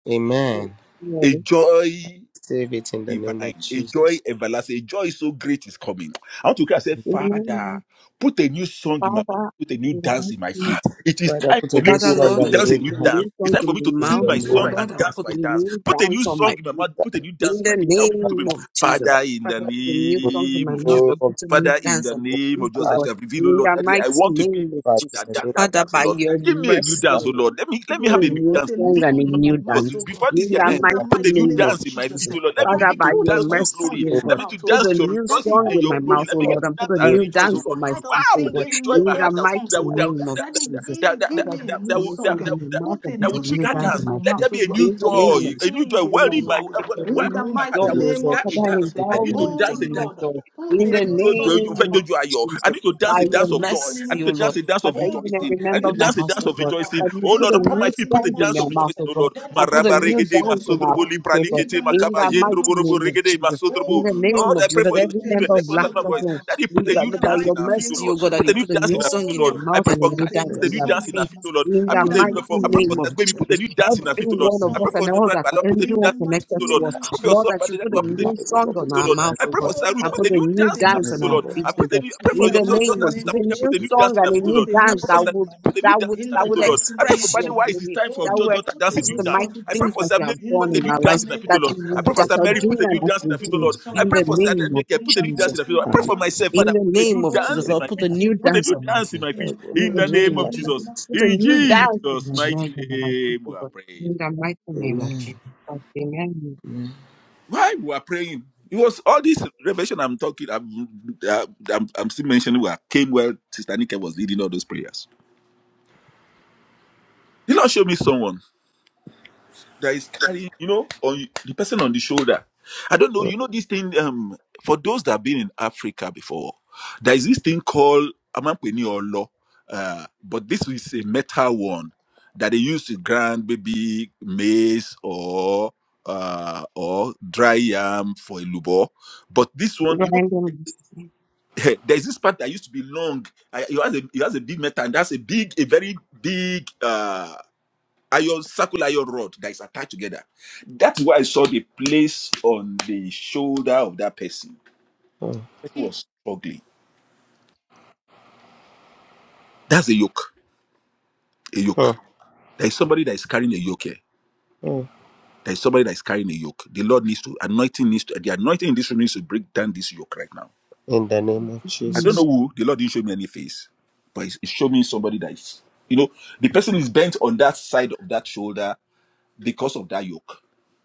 Amen. a joy Save it in the name of divine, a joy Jesus. everlasting, a joy so great is coming. I want to cry. I said, Father, put a new song in my mouth, Father, put a new in the dance mighty in my feet. name- It is Father, time put for a me good Father, to, song Lord, to on that the dance you a new put new a dance. guys new It's tongue time for me to in in my sing the mouth, my name of oh the song Lord, name and and dance put a my dance. new Put a down new from song my in my mouth, put a new dance In in my the feet. i want people to name be of Jesus. Father in the Father, put a new song in name my of Jesus. mouth and of put a new Father, in dance the on my name of feet, O Jesus, I God, God. shall reveal, oh In Lord, the Daddy, I mighty want to be the name one of Father, Jesus. that in the dance name that Father, dance, oh by Lord. your Give me a new mercy, of God, dance, O oh Lord, Lord. Let me let give me have me a a Daddy, new new put dance a new song and a song in new my mouth, us. dance. oh Before God, In this year the end, in the put mighty a mighty new name name of of dance in my feet, Jesus. Jesus. O eh. Lord. Let Father, me put Father, Daddy, begin by to put your dance a to new your mercy, song glory. in O a good my song Let God. me mouth, to oh Put dance God. a to your new Daddy, rejoicing song and in put your a my new glory. mouth, O Let me begin song, on to Lord, oh and put dance a the God. new and guys new rejoice, O I'm dance on Lord. my tired of feet, Wow, O put a God. new singing joy in new my In the heart old that would songs, that mighty oh would that God. would name that of that Daddy, Jesus. that give, give that Father, me a that put a that new new would song. song that eh. that in would- my that mouth Put and a put that will a new new trigger song dance in dance. on my my Let feet. there mouth, oh be a God. new In the May I joy, name of Jesus a new sing joy. a in Well new my in my life song eh, and to well in the in renew my joy, heart mighty that would O name Lord. trigger of a Father, Jesus. dance. eh. I endow need in to me with a Oh dance a dance new Lord, joy. mo put In a fẹ́ the new jojo song in mo my fẹ́ name of jojo mouth. ayọ̀ i Jesus, need to dance by In a the your dance of mighty joy name i mercy, need of O to Lord. dance Jesus. a dance of Father, Oh even I Lord, rejoicing put i need remember a to my new dance a house, dance song O of in my God, mouth. rejoicing that you oh In put lord a the upon my new mighty feet put a song name of in dance of their Jesus. mouth, eh, rejoicing O oh God, lord Daddy, and put put a maraba a new new regede song dance in in my our masodrobo mouth. feet, O God, In lipralikete the in makaba mighty the name of mighty yendroborobo name Jesus. of eh, regede Jesus. In masodrobo Oh the Lord, name lord i of pray Jesus, that for your put every a children new member of everyone that's song my in Laughter my voice Zone, mouth. That you put we a In new gather the by dance in your mighty our feet oh name mercy, of lord O God, that Jesus. put a you new put a dance in new our feet song Oh oh in lord their Lord, i mouth pray and a for new put a candy dance put new a on new their song dance in in our feet my feet mouth. oh lord in i the In put the mighty a for mighty i pray the name for name of of that name baby Jesus. put a Jesus. new dance in Put our a feet Every oh new lord one of of i Jesus. song us pray in for and my the all mouth. bride that Lord. put a new In the everyone dance in his mighty connected feet oh lord to name us, i of pray for your Jesus. Lord, son that you brother put a My put a new life new dance in will his feet, song not be on feet, oh our taken Lord. mouth, out I oh pray for God, of Oh Sister Ruth, and Lord, put put a a new new put dance a in my her new dance feet, on oh family, our song Lord. in Lord. my feet, I pray mouth. oh a God. new, I pray In for In the your the your mighty name daughter, of name Sister Jesus, a of Funke, put new a Jesus. new dance song in her and a feet, oh Put new Lord. a I new dance pray for that Sister song in would Glory, my put mouth. a new that dance would in In her that the feet, oh would Lord. mighty I pray name for of express Bunny your Jesus. Wise, it's glory, time for Oh that your would Lord, daughter put dance a a express new new Lord. the dance. song mighty in I my pray things mouth. for that Sister you have Mary, In the done put a in new our mighty dance lives, in her name feet, of oh that Our Lord. you Jesus. I will, Father, pray for that Sister protect are Mary, Oh put doing a new and Lord, that dance in put her will feet, a oh do new Lord. our song I in in pray the my for Lord, mouth. Sister name of Ademeke, In put a the new dance mighty in Jesus. her feet, oh Lord. I pray name for of myself, protect Jesus. Father, In the put a new name of Oh Jesus, dance in Lord, Lord, my our put a put feet. a new new Put a dance new on song my dance in protect my in our feet. my life, O mouth. in In the the Lord. name name The of of In the Jesus. life Jesus. mighty with a In new name of dance in Jesus. Jesus' is my mighty life and my name, we people, are God. prayed. In the mighty name of Amen. Jesus. Christ. Amen. Amen. Why we are praying? It was all this revelation I'm talking. I'm, I'm, I'm still mentioning where I came where Sister Nika was leading all those prayers. The Lord showed me someone that is carrying, you know, on the person on the shoulder. I don't know. Oh, You know this thing. Um, for those that have been in Africa before, there is this thing called amampeni or law. Uh, but this is a metal one that they use to grind maybe maize or uh or dry yam for a lubo. But this one, you know Grind them, there's this part that used to be long. I, it, has a, it has a big metal, and that's a big, a very big uh, iron circular iron rod that is attached together. That's why I saw the place on the shoulder of that person. oh, The person was struggling. That's a yoke. A yoke. oh, There is somebody that is carrying a yoke here. oh. There is somebody that is carrying a yoke. The Lord needs to anointing needs to the anointing in this room needs to break down this yoke right now. In the name of I don't Jesus. know Lord. who the Lord didn't show me any face, but it showed me somebody that is, you know, the person is bent on that side of that shoulder because of that yoke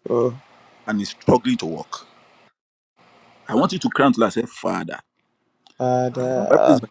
Oh, and is struggling to walk. I want you to cry unto the Lord I say, Father, Father. Father, Bible uh, says,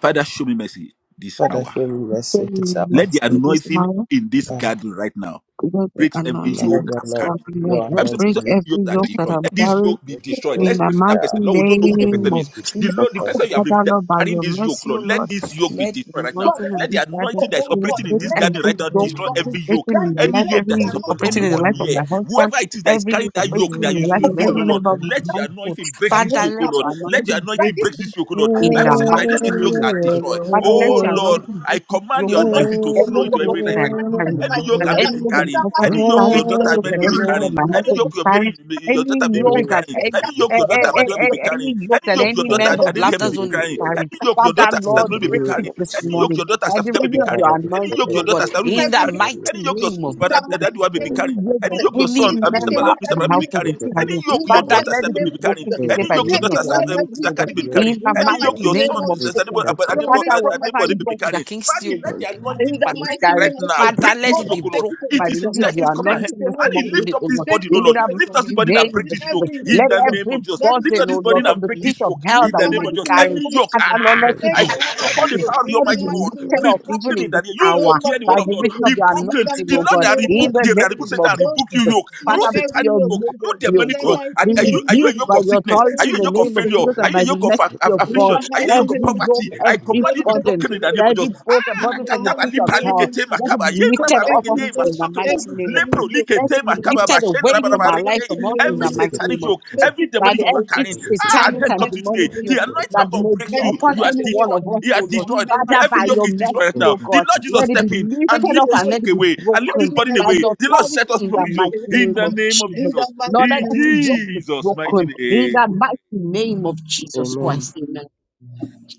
Father, show me mercy this Father, hour. show me Fill mercy this me hour. Let with the spirit, anointing Father. in this Uh, garden right now Let the breaks every my anointing Lord, yoke and your I'm love, carrying. striving right your now Bible says, "By anointing break his in this every yokes are hour, yoke that your destroyed. I'm Let power. this carrying yoke be Let me destroyed. know in Let's the pray for that mighty person. that Lord, we don't know who the let name me person of is. The Jesus. Lord, the person you have revealed Father, that Lord, is by carrying your this yoke, mercy, Lord, O let Lord, this yoke be let the destroyed right now. Father, anointing let and Let the this garden your anointing that is operating in break this let me know garden have every right now yoke a good destroy talk to every yoke, operating That in is the it, any let life, yoke every that me is have evil upon operating in the anyone be life of here. my husband, Whoever it is that is every carrying evil Father, destroy every little in that yoke operating that in the you life you talk of reveal, oh every Lord, member of my the let your household. anointing break I this Father, believe yoke, oh let God. Lord. your Let your anointing I break anointing give break it. through this yoke, oh Lord. I in believe Bible the God says, by might be your mighty this. anointing, name yokes of are Jesus. destroyed. Father, let Oh your Lord, anointing I break through command yoke your Oh, me. God. anointing to Oh, flow oh, Any oh. into yoke every that life I right am now. And he's carrying, Any like, oh, yoke that I God. name may God, any be yoke use that carrying, that my might. husband is any yoke your carrying, any Oh, daughter yoke Mary that may be every member of carrying, my any God. household yoke is I your carrying, Mary, your any daughter Mary may be yoke mean, that carrying, yeah, any, any eh, yoke your that's the daughter eh, eh, most. Abadua may eh, be Oh, carrying, any yoke any that yoke your any daughter member of God. we- we- Adenike may Laughter be Zone is carrying, carrying. any yoke your daughter Father, Sister Lord, Glory may be break it carrying, of this any Jesus. yoke morning your daughter by the Safika may Oh, be reason Oh, oh, of carrying, God. your Father, any anointing, break yoke your Lord every God. daughter yoke, Saru may I In be the mean, break carrying, Use mighty every yoke any yoke your name son, of but that that, Jesus. that might. in the one may name be Any carrying. way of Any that Jesus. yoke your any And he son, uh, member said Mr. they Bala, would of Mr. have Bala my may you. be household carrying. is Any carrying, yoke Use in your that my Father, life daughter might in let the it Sakwe may be name be of carrying. broken in Jesus. today Any the by yoke your name reason Take of daughter of Jesus. your away Sakwe uh, anointing, every O God. Sakadi may enemy be Every yoke carrying. In in the the Any I mighty yoke mighty have your name son name of of carried Jesus. in Jesus. cattle From me, Father, from my whatever Adebo may be children, yoke carrying. that King Father, Steel let the in the In anointing name of the and is operating mighty right carrying, name of now Jesus. Father, break Jesus. Oh let this it yoke, be Lord, O take Lord. it broken It by away the is from reason me. of that is your coming Take ahead. it anointing this away And he from morning, me. lift up O this Lord. Take body, O it In Lord. the away mighty Lift from up me. this body and That break name is of this yoke Jesus. every yoke in Let oh the God. name of every Jesus. That is Lift up burden, take this O it body Lord, away from and the from break me. pit this of yoke In hell in that the the we name may of be mighty Jesus. carrying, name Every of yoke, ah, Jesus. Father, Lord, ah, let Amen. ah, it Take I be call away upon the every broken. Mm, yoke. power of the In Let the it Almighty be God. mighty lifted Be off name of even broken in in Jesus. that this name. You hour Oh yoke, Lord, hear the word by take of the it God. reason away. of Be your In broken. the anointing, The oh mighty Lord God, that name in rebuke, of the the Jesus. that rebuke name Satan, of Oh rebuke you Lord, Jesus. take yoke. Father, away You by every satanic your yoke yoke? oh Know God. the mercy, In oh many the God, yoke. mighty Are, be are you name are of you a rebuked yoke Jesus. by of your sickness? Are Lord, authority you in a the take yoke of it name of failure? away. Jesus mm, Are and you a by the yoke of aff- mercy aff- of In God. affliction? the Are mighty you a yoke of name Every of yoke, poverty? Jesus, I every let mm. command you it be just be burden, broken in the delivered name of from every Jesus. that. burden, Ah, In burden the from the rakata ba mighty pit of lipa name hell, of likete Jesus, let makaba it be yendra take ba lifted off of every regede us yoke, in the masotrobo mighty every name of every lepro Jesus. yoke Let likete it be from makaba me. ba lifted shendra away ba In from ba the our life, regede. mighty from us in Every name the of mighty Jesus, name satanic of yoke, Jesus. take every it That demonic away. yoke you are Lord. every carrying, ah, In and the satanic then and come to you mighty today. demonic name of yoke The anointing Jesus, that of God may be breaks you. and take upon You are any it away one destroyed. of from me. He us, are oh Lord, In destroyed. the The Father, mighty every by name yoke your is of mercy, destroyed Jesus, right now. O The God. Lord Jesus Let it be step in take and lifted up lift it this and away let yoke it from be me. away and lift this broken Every burden by every away. the yoke, The Lord Lord. authority set us free in from the take this it yoke mighty away in name from the me. of name of In Jesus. the Jesus. Lord, mighty that In name every of yoke Jesus. is Jesus' mighty broken name. in the we pray. mighty name of Jesus Christ. Amen.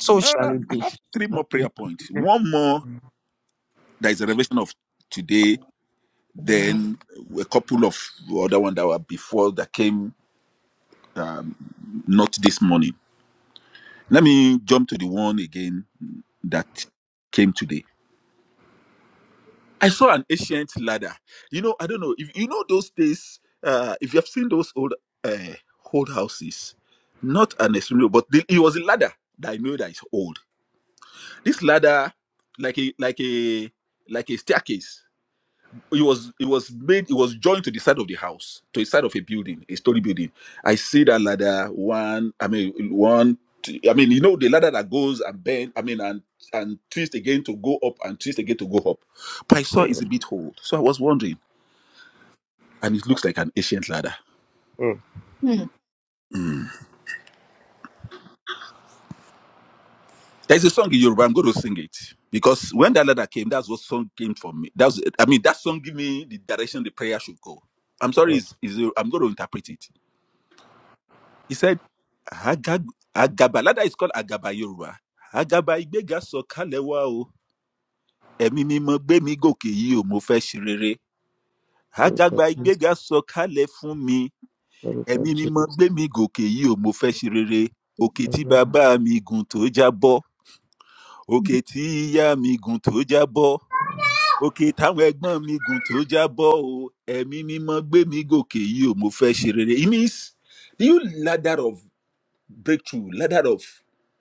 So shall Uh, it I be. have Jesus' three more prayer name, points. amen. One more that is a revelation of today. Then a couple of other one that were before that came um, not this morning. Let me jump to the one again that came today. I saw an ancient ladder. You know, I don't know if you know those days. Uh, if you have seen those old uh, old houses, not an extremely, old, but the, it was a ladder that I know that is old. This ladder, like a like a like a staircase, it was it was made it was joined to the side of the house to the side of a building a story building i see that ladder one i mean one t- i mean you know the ladder that goes and bend i mean and and twist again to go up and twist again to go up but i saw it's a bit old so i was wondering and it looks like an ancient ladder Mm. there's a song in yoruba i'm going to sing it because when that ladder came that's what song came for me that's i mean that song gave me the direction the prayer should go i'm sorry is i'm going to interpret it He said, Agag- Agabalada is called Agaba Yoruba. Agaba Igbega sọ̀kalẹ̀ wá o. Ẹ̀mí mímọ́ gbé mi gòkè yìí o, mo fẹ́ ṣe rere. Agaba Thank you, Igbega sọ̀kalẹ̀ fún mi. Lord Ẹ̀mí God, mímọ́ Jesus. gbé mi gòkè yìí o, mo fẹ́ ṣe rere. Òkè tí Amen. bàbá mi gùn tó já Hmm. Òkè tí ìyá mi gùn tó já Òkè táwọn ẹ̀gbọ́n mi gùn tó já o. Ẹ̀mí mímọ́ gbé mi gòkè yìí o, mo fẹ́ ṣe rere. It means, do you ladder of?" breakthrough, ladder of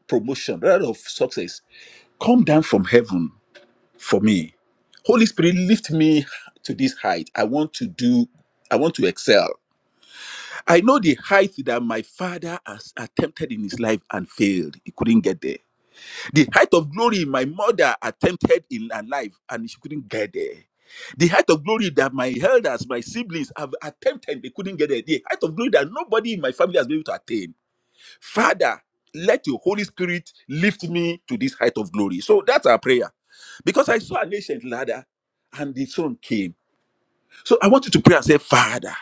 promotion, ladder of success, come down from heaven for me. Holy Spirit, lift me to this height. I want to do, I want to excel. I know the height that my father has attempted in his life and failed. He couldn't get there. The height of glory my mother attempted in her life and she couldn't get there. The height of glory that my elders, my siblings have attempted, they couldn't get there. The height of glory that nobody in my family has been able to attain Father, let your Holy Spirit lift me to this height of glory. So that's our prayer. Because I saw an ancient ladder and the sun came. So I want you to pray and say, Father,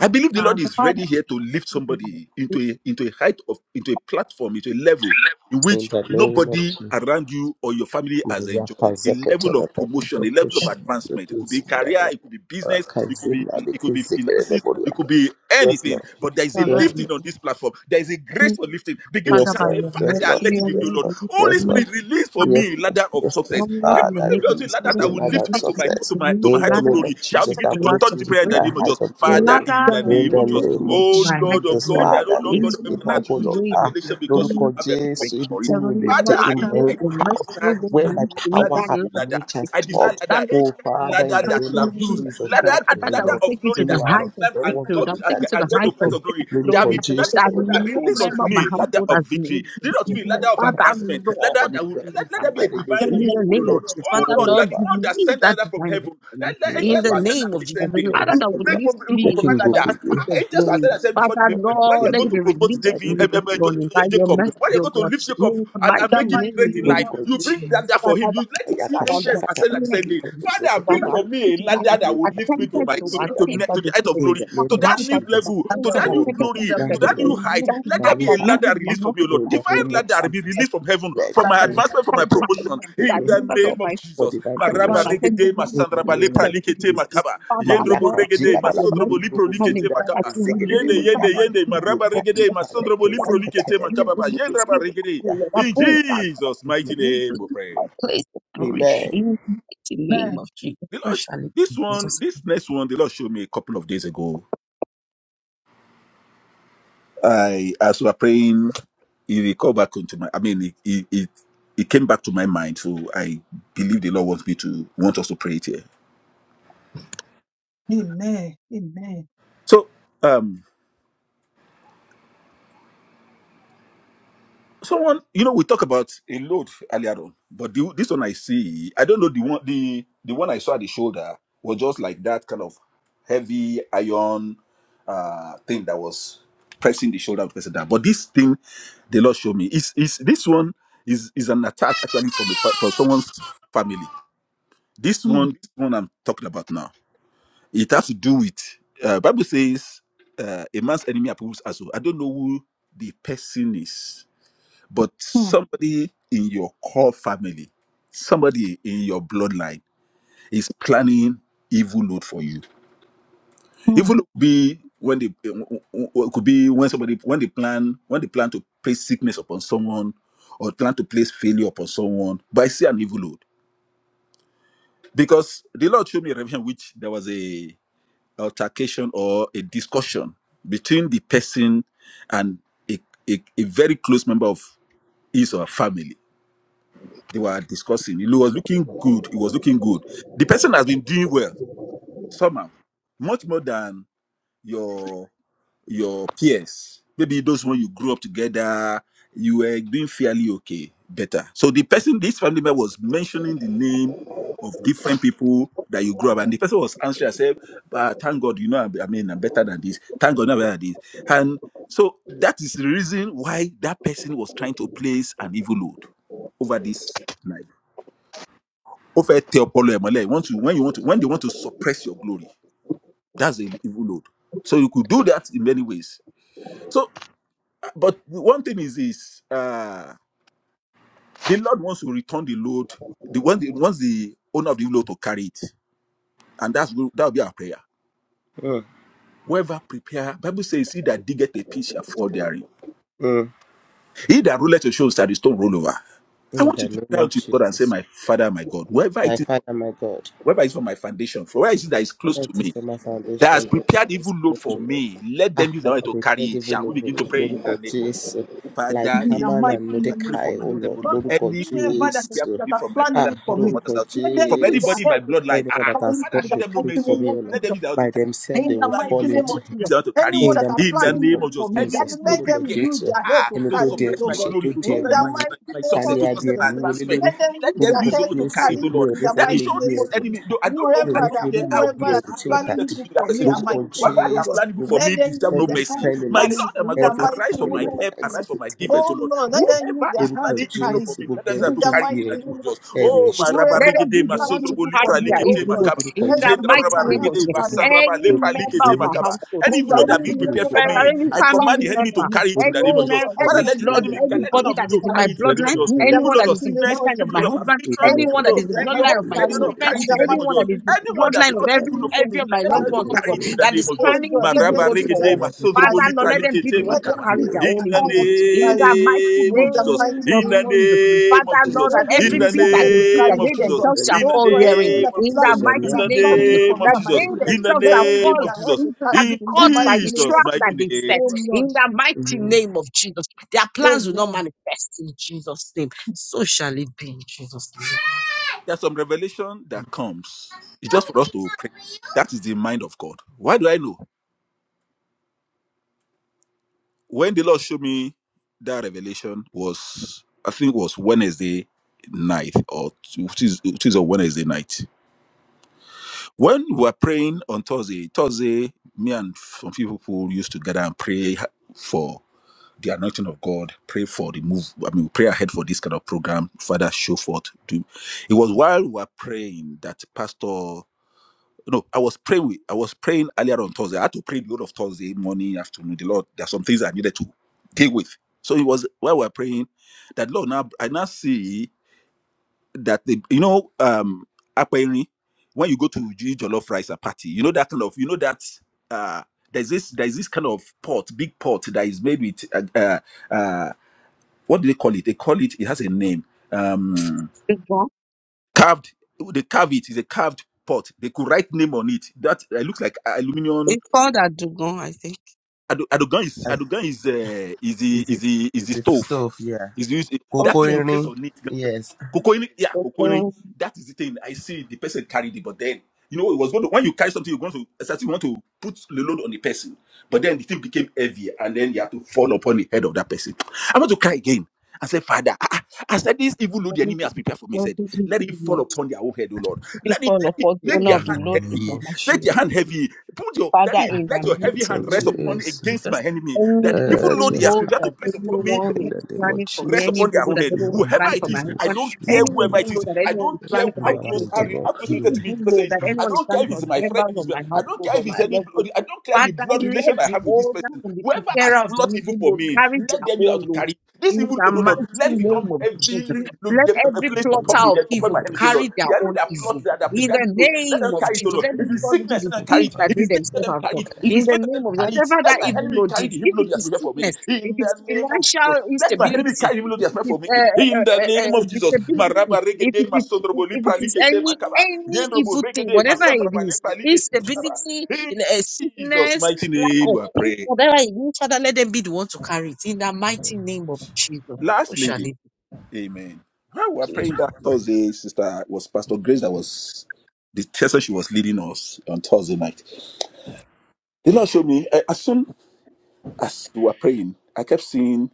I believe the Lord Father, is ready Father, here to lift somebody into a into a height of into a platform, into a level in In which the name of nobody Jesus, around you or your family has Maria enjoyed. A level Pazakatana, of the promotion, a level of proportion, the advancement. It could be Kizina, career, it could be or business, it could be Kazina, the it could be Kizikere, the finances, it Boria. could be Yes, anything. Lord. But there is a Father, Yes, Lord. and lifting on this platform. There is a grace please, for lifting. Begin to Father, Yes, cry, by Lord. and say, your Yes, Father, Lord. let mercy, O let it be me, Yes, O Lord, Lord. Lord. we Holy Yes, Lord. please, Spirit, release for I- Yes, me Lord. ladder of Yes, Lord. success. Lord, Give Ah, in the that give name me of unto you release ladder will Jesus, be that will in the another lift me have to my mercy, we to success. my believe to my the In height the of ladder, name glory. of Shall I Jesus, begin accept to that the will turn lead ladder turn of to me prayer reach in the my name of mercy, height Jesus, of the Father, glory. in ladder the of the In name the of the mercy. Jesus. faith name leads of to Oh my height Lord of of Jesus, God, glory. there are no Father, Lord God Father, In of lift me the heaven, up, and oh earth, mighty you show Lord. Ah, revelation because way, you Lórúkọ have a Jésù, purpose ibi for it. tí mi ò lè Heavenly I'm Father, dé like, in my and I, Father, then own I, the I power, merciful desire will this. I where my lend I me desire power that this has new love. ladder. reached and It I is desire stopped. ladder, done. Oh, ancient Father, in ladder the I that you'll name have of can used, Jesus, I ladder, help me, thought oh that ladder will Lord. of take me glory to that the Olúwa you'll have lọ, height of climbed and lọ́wọ́ breakthrough, that bèrè got will and take me jáde get, to and the ní get to height sókè. place of of glory. There Lórúkọ have glory. been have denied a Jésù, before, That ticket Olúwa Father, for the no bèrè release member sókè. unto of my me ladder household has of been able victory. to Release Yes, unto achieve. Lord, me name I ladder of will of the- catch Father, the advancement. fuck up Ladder Lord, and you that would got give to let, me let see that, there be a that Father. it is the divine a name good in relief of the people, for you, name yeah. Lord. of the- Jesus, Oh Father, Lord, Oh, you are Lord, the Father, one that release sent the that ladder from divine heaven life for me. the you are In angels the the were one that ascending name and said of Jesus, that I the descending. don't ladder have You to that could would do make it. pro- lift you The could me provide king into go like my that. kill Ah, place you. of Angels were glory. sent and sent before, Father, Lord, before I when you don't Lord, are know let going it what to be to promote released do. I to David need to me um, this um, uh, do Jo- it. morning by Jo- your Jacob, Olúwa, mercy, when you're O going to God. lift Jacob In the and, mighty and the make him name great mighty in of name life, of lórúkọ you the- bring Jesus. Jésù, that for him. Father, that- You let him that- àyà see that- ká angels ṣàkátà ascending rà and ní descending. that- ìgbòkó Father, sẹ́kẹ̀ that- tó bring lè that- for gbòdì me the a that- lander name ní of that will ìka lift me to attempted my ìgbòkó to to, sí to, the- ìdarí. achieve that to the they height of couldn't. In glory, the That name to of that heart new that the Jesus, level, and to things that that the- oh, new attempted Father, to in glory, the now achieve to that they you that mighty couldn't. level, name height. of- That Let now there heart you be that a have, ladder members of my released for me, O household Lord. in that the Divine name of attempted to ladder be achieve Jesus, that. released from heaven let for that my Father, be, in the advancement, for That my mighty let it heart name promotion. of- make that In me the members of Lord, name my of for Jesus. divine the family Maraba have mighty promotion. name attempted regede, to of In the masandraba the- achieve name lepra that of they couldn't. likete Jesus. achieve. makaba. Father, Yendrobo Lord, Mayaka I pray regede, jika by da la your masondrobo mercy balibu lipro this morning likete kuzinda that that the makaba. you rizigere prophet Yende, remove in the yende, lebodia. that mighty yende, name. maraba Yika body regede, yika structure. masondrobo leke lipro That, zeke that likete tele you makaba. will ba. belibu lift Yendraba me kuzigere up, regede. lebodia. Lord. In In the Above name that, Lord. Jesus' that mighty of- you name, will we pray. place of glory Amen. in the mighty name Amen. of Jesus. The So Lord, sh- shall it this be. one, this next one, the Lord showed me a couple of days ago I, as we were praying, he recalled back into my. I mean, it it, it it came back to my mind. So I believe the Lord wants me to want us to pray it here. Amen. Amen. So, um, someone, you know, we talk about a load earlier on, but the, this one I see, I don't know the one the the one I saw at the shoulder was just like that kind of heavy iron uh thing that was pressing the shoulder of the person down. But this thing, the Lord showed me, is is this one is is an attack actually from a, fa- from someone's family This Mm. one, this one I'm talking about now. It has to do with uh, Bible says uh, a man's enemy approves as well. I don't know who the person is, but somebody in your core family, somebody in your bloodline is planning evil load for you. Evil load could be when they it could be when somebody when they plan when they plan to place sickness upon someone or plan to place failure upon someone, but I see an evil load because the Lord showed me a revelation which there was a altercation or a discussion between the person and a, a, a very close member of his or her family. They were discussing. He was looking good. He was looking good. The person has been doing well somehow, much more than your your peers, maybe those when you grew up together, you were doing fairly okay, better. So the person, this family member was mentioning the name of different people that you grew up, and the person was answering, I said, but thank God, you know, I I mean, I'm better than this. Thank God, I'm better than this. And so that is the reason why that person was trying to place an evil load over this life. Over Theopolo Emole, want to when you want to when they want to suppress your glory, that's the evil load. So you could do that in many ways. So but one thing is this uh the lord wants to return the load the one the wants the owner of the load to carry it and that's that'll be our prayer Mm, whoever prepare bible says he that diggeth a pitch shall fall therein mm. he that ruleth your shows that the stone roll over i In want you the to name cry out of to god and say Jesus. my father my god wherever My it is Father, my God, wherever it is for my foundation for where it is that is and close I to me teach my that has foundation and prepared is evil load close for to me. me let them Ah, use their that way I to carry prepared it shall even we over begin to me. pray in Lord the God, name of Jesus. Like Father, In in the Haman the mighty name and of Jesus, I name pray of for Mordecai, oh Jesus. myself, Lord, oh Oh, Lord. Lord Lord, God, Any evil Whoever load that is- prepare Jesus. for that me has from my planned Ah, father's you house for or me, Lórúkọ mother's house, let from them use anybody their Jésù. in my head. bloodline. Anyone to Ah, that has find Father, in show dug the a them no pit mighty mercy. for oh. name me, of O Lord, Let them Jesus. be the how to by carry. it. themselves In they Who the will plan evil mighty fall for name of into me? Use it. Jesus. the how to carry Anyone it. In that the are In mighty the name planning name of evil of for Jesus, me, any that Jesus, evil is load let Lórúkọ them prepare. use Jésù. their head Ah, to Ẹni to tó carry di me, suppress ẹrù oh my God. ìṣẹ́ tó glory, to di In ẹrù suppress my, the wúwo, my, mighty my name ta success, of ni to a suppress di Jesus. ẹrù my wúwo lé advancement. lórí? Let them Let use them their Lórúkọ use the head own to to carry it, Jésù, O carry me mi Lord. ò in ní the That forí you mighty mi show gbé name this of ẹrù Jesus. enemy. ọ̀tá. Though I don't know, Mi ò I ní Whoever don't fi that orí care mi how whoever gbé close, that ẹrù is how tí close ọ̀tá planning related to dì. evil me that for me person is. and O Lórúkọ Lord. my Whatever children, I oh can Jésù, God. plan evil for gbogbo Let me, them deserve use no their every mercy. hand friend to in My carry this, Lord it and my in God, the every mighty arise for family name my member of help, that is arise Jesus. for my pretending defense, O Oh to be Lord. Lord, let family. them use Whoever their is Lórúkọ hand to planning evil carry for it Jésù, me, let gbogbo them ẹni have in to tó the carry it di in mighty the ẹrù name of name of Jesus. Jesus. ẹrù Oh, my ẹ̀ṣẹ̀ rabba Let ẹrù Whoever that them ìfẹ́ regede, is be the ẹrù one planning to evil for carry my ẹrù me, their likete oh evil ìbànújẹ́ God, load. makaba. lórúkọ In let the jésù them use jẹ́ kó mighty Jendrabraba their fi name orí hand of ara regede to Jesus, wọn mí carry it. vasandraba any lepra lórúkọ member likete of my jésù makaba. household, And And mi even I ò though they ní any are want to being forí mi prepared know gbé for friend, about ẹ̀wọ̀ me, any I ẹ̀mí. family command the planning enemy for to member, me. carry it in the lórúkọ any name of Oh jésù Jesus. man, God, mi ò let ní Father, any let them the use forí blood, mi their enemy gbé let ẹ̀wọ̀ none hand anybody of to you ọ̀tá. that is know in carry. my carry it it. in the name of lórúkọ bloodline, Jesus. In the Even anyone jésù though that of is mighty in name sickness, of bloodline of even my though Jesus, of husband, ìlú affliction, let even anyone lọ́dọ̀ them though that is use of in síbi their hand failure, bloodline to of ìlú my let you carry. it. not ọ̀dọ̀ children, carry In it in the the síbi name of anyone Jesus. mighty that is name in of Jesus, Anyone that bloodline of síbi plot evil every báyìí look for anyone every me, who's of let my them try loved planning lórúkọ to ones, out oh carry for God, it in me, the that jésù name is of oh Jesus. planning God, let evil Maraba them lórúkọ load use jésù their regede for lórúkọ us. hand to masodrobo carry Father, it, oh Lord, lipra let God. them be the likete one Let to them makaba. use carry their jésù In own their the evil load. hand to In carry. the it. mighty name of In the Jesus. name mighty of In the name of Jesus. Jesus. name of Father, Lord, Jesus. lórúkọ that Let In them every the use jésù pit their that voice màdà they to dig, carry name that àti it, of they ẹ̀kọ́ oh Jesus. God. themselves lọ́bẹ̀rẹ̀ shall In Oh the fall God, therein. mi anyone ò name that is of ní In the Jesus. planning evil, that In mighty are the name forí of planning Jesus, evil for name me of that and my they mi Jesus. gbé children, In the themselves let shall them use name fall of their head Jesus. to into, carry shall it In be in the caught mighty by the name Jesus' trap of mighty that Jesus. they name. set. Oh Lord. In the mighty name of Jesus, their plans will not Amen. manifest in Jesus' name. So shall it be in Jesus' name. Amen. There's some revelation that comes. It's just for us to pray. That is the mind of God. Why do I know? When the Lord showed me that revelation was, I think it was Wednesday night or Tuesday, Tuesday or Wednesday night When we were praying on Thursday, Thursday, me and some few people used to gather and pray ha- for the anointing of God, pray for the move. I mean, we pray ahead for this kind of program. Father, show forth. Do. It was while we were praying that Pastor. No, I was praying. With, I was praying earlier on Thursday. I had to pray the whole of Thursday morning, afternoon. The Lord, there are some things I needed to deal with. So it was while we were praying that Lord. Now I now see that they you know um apparently when you go to G Jollof rice and party, you know that kind of you know that uh there's this there's this kind of pot, big pot that is made with uh uh, uh what do they call it? They call it it has a name. Um Dugon? carved they carve it, it's a carved pot. They could write name on it. That uh, looks like aluminium It's called a Dugon, I think. Ado Erdogan is ẹ̀wọ̀ Erdogan is uh, is the Is is it? the is the Is it stove. stuff? Yeah. Is the, is the- that thing Okay. you place Kokoini. on it? Yes. Cocoini, yeah, cocoini. Okay. That is the thing. I see the person carried it, but then you know it was going to, when you carry something, you're going to it's as I you want to put the load on the person. But then the thing became heavy, and then you had to fall upon the head of that person. I want to cry again. I said, Father, ah, ah." I, said, this evil load the enemy has Everything prepared for me. He Said, everything is in let it the fall Lord. upon their own head, O Lord. Every Let it, fall let it- upon the make owner their of In the the hand Lord in name the heavy. of mighty Jesus. name. Make their hand heavy. Put your let Father, it, in the let your heavy mighty hand Lord rest name of upon Jesus. against my Jesus, enemy. any That the evil Uh, to load evil he your has law prepared to that place upon me anyone in will is the name of planning for me, rest any Jesus. upon evil their law own that head. anyone is Olúwa Whoever gbé planning it for my is, ẹrù I husband, don't òfin care any orú whoever evil it law is. òfin. that I anyone is don't care planning for how my Olúwa bá mi close how, dì children, re- how wọ́n close any related to lólè. me evil the person law is. that Bá mi I anyone is dì don't care planning if wọ́n for he's my friend, if members of he's my I don't household care or if he's my any loved ones, blood, I don't care the Father, blood let relation I the have with this owner person. and the Whoever has preparer of the plot evil evil for load me, carry let their them be out to own load. carry this In evil the load, O Lord. lólè. mighty Let it Kí á name become of lọ sí Jesus, heavily let loaded, a every place ẹrù upon the plotter of head, ọ̀fun upon evil ẹrù my head, O Lord. carry ìṣẹ́ their The enemy own that evil. plots that have ìbàdàn In prepared the the road. Let them name of carry it, àti O Jesus, Lord. let If them it's ìbàdàn. fall into sickness, let the them Olúwa carry pit it. bá that mi If they it's death, let themselves them have carry done. it. If In it's the faith, let name them bá of Jesus, mi carry it. tì. whatever Let that my evil enemy load carry is, the evil if load it he has is prepared for me. sickness, if In it's the name of Jesus. financial Let my enemy carry instability, the evil load he if has it prepared for is me. uh, uh, In the uh, uh, name uh, of Jesus. disability, Maraba if regede it is masondrobo if it lipra is likete any makaba. any Yendrobo evil thing, regede whatever it masantraba is, lipra likete makaba. instability, In in, uh, Jesus' sickness, mighty lack name of we are peace, praying. whatever it is, Father, let them be the one to carry it. In the mighty name of Jesus, who shall it Lastly, be? amen. While we are Jesus. praying that Thursday, sister, was Pastor Grace that was the session she was leading us on Thursday night. Did not show me. I, as soon as you were praying, I kept seeing.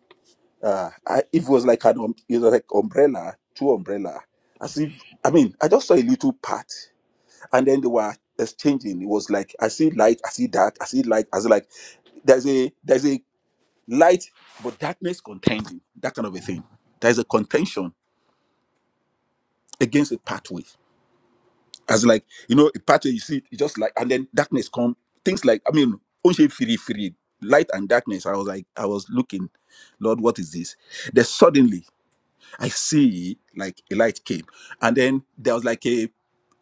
Uh, I, it was like an um, it was like umbrella, two umbrella. As if I mean, I just saw a little part, and then they were exchanging. It was like I see light, I see dark, I see light, I see like there's a there's a light, but darkness contending, that kind of a thing. There's a contention against a pathway. as like you know a pathway you see it's just like and then darkness come things like i mean only free free light and darkness i was like i was looking lord what is this then suddenly i see like a light came and then there was like a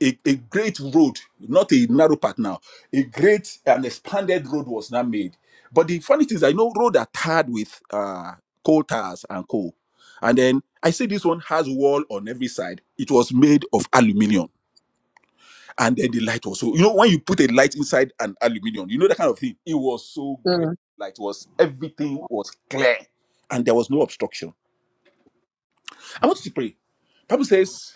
a, a great road not a narrow path now a great and expanded road was now made but the funny thing is i know road are tarred with uh coal tars and coal and then i see this one has wall on every side it was made of aluminum and then the light was so you know when you put a light inside an aluminium you know that kind of thing it was so great light was everything was clear and there was no obstruction i want you to pray bible says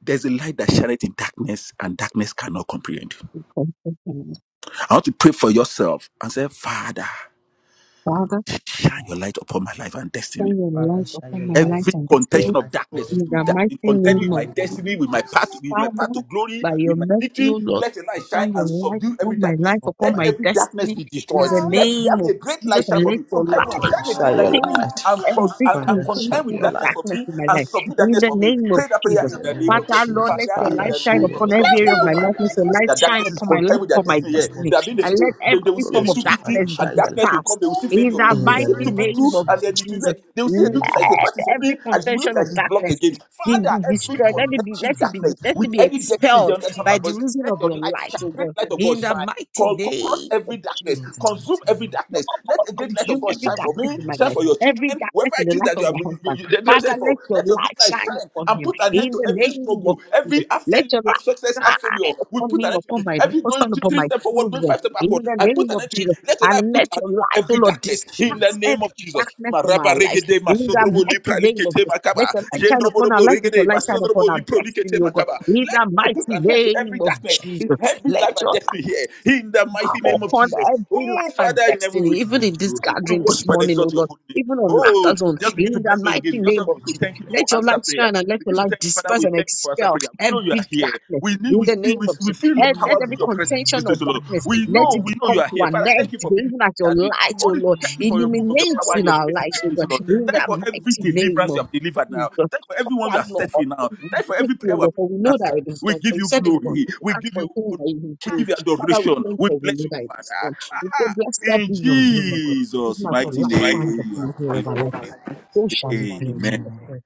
there's a light that shineth in darkness and darkness cannot comprehend i want to pray for yourself and say father Mm. shine your light upon my life and destiny Turn your Father, light shine upon your my life light every and destiny contention on of life of my darkness in destiny to the that mighty in in contending with name the my of name of destiny, Jesus, with my path, Jesus. with my path Father, to glory, by your with my mercy, victory. O Lord. Let a light shine Turn your and light subdue upon every my darkness. life, up upon Let by the my every darkness destiny be in destroyed. the destiny. Let there name be a of great Jesus, light shine and for me let from your Light light heaven. on, Shine a great shine light your for me change light. and cross every and, and Father, contention shine contend with your of light. darkness for darkness me in my and life. subdue In darkness the for me. name of Pray that prayer In Jesus. in the the name name of of Father, Jesus. Lord, let Jesus, Father, your in Father, light the shine shine name your of upon Jesus, every I light area don't of know my who upon life. my the Let life. person your is. light That shine darkness is upon my content life, with their upon my In the destiny here. name of destiny. There have been a- And Jesus, the let they, they God will every see a will form us of little to victory Father, darkness be and shine your darkness will light. will come, dispersed. they will see In failure. the They In will the see a mighty little name of breakthrough name of and then Jesus, it will work. Jesus. They will see a oh little like a Father, Let path is opening every and it will look contention like of it's blocked darkness again. be, Father, be every destroyed. Let it be, let shine contending it darkness be, let it with be any destiny here expelled under the sound of by my the voice, reason let of your your light light, shine. your oh light. Great God. light of God In the shine. mighty Call, co- crush name every of In darkness, Jesus. the consume mighty every name darkness. Let the great light of Consume God every shine for darkness me, in my of shine life, for your Jesus, children, every whoever darkness in it the is life that you of are my you, you, husband. you- the Father, direction for. let your Let your great light light shine shine upon and him put an end in to the every name of struggle, Jesus. every half Let failure, your half success, light half failure. shine We upon put me, an end to upon it. my Every going husband, th- upon three my steps forward, going children five steps in backward. the I put name an of end to it. Jesus. Let your light And put let an your end light, oh every Lord, darkness in Jesus, the disperse name every of Jesus. darkness from Maraba our lives regede in let the your masodrobo lipra mighty name of likete Jesus. Let makaba. your light shine upon our Jendroborobo lives, let your regede light shine upon masodrobo our lipro likete destiny, oh God, makaba. in Let the I put mighty an end to name every of darkness in Jesus. every Let life and your destiny here in the mighty name of upon Jesus. every Oh life and Father in heaven we destiny, pray even in this you. We gathering this worship and morning, oh exalt your Lord, holy name. even on Oh, laughter zone, just begin to in the bless God we mighty gave you. Just name of begin to Jesus. thank Him for Let your answer light prayer. shine and let your Begin to light thank Him, Father. disperse We and thank you for answer expel prayer. We know you every are here. darkness We need, in we the see, name we, of we Jesus. feel your Let, let power, We feel every your presence in this contention of place, O Lord. darkness, We let know, it we know you become are to here, an Father. end, Thank you for being even as your gathering. light, oh Holy Spirit, Lord, thank you for your move of your illuminates power and in your our grace in this lives, oh place, O God, Lord. in Thank you the for every mighty name deliverance you of have delivered now. Jesus. Thank you for everyone you Father, have Lord, set free now. Thank you for thank every prayer you, we have Lord, for we know that answered. it is We done, for give you you said it is done. glory. You want to We ask give for a you thing that honor. you will We do it. give you Father, we adoration. thank you We for the bless way you, that it is Father. done. We say, Ah, blessed in be your name, O God. Jesus' Even as the mighty last trying to name, we play have here given of our life, thanks. and so shall it be in Amen. Jesus' name.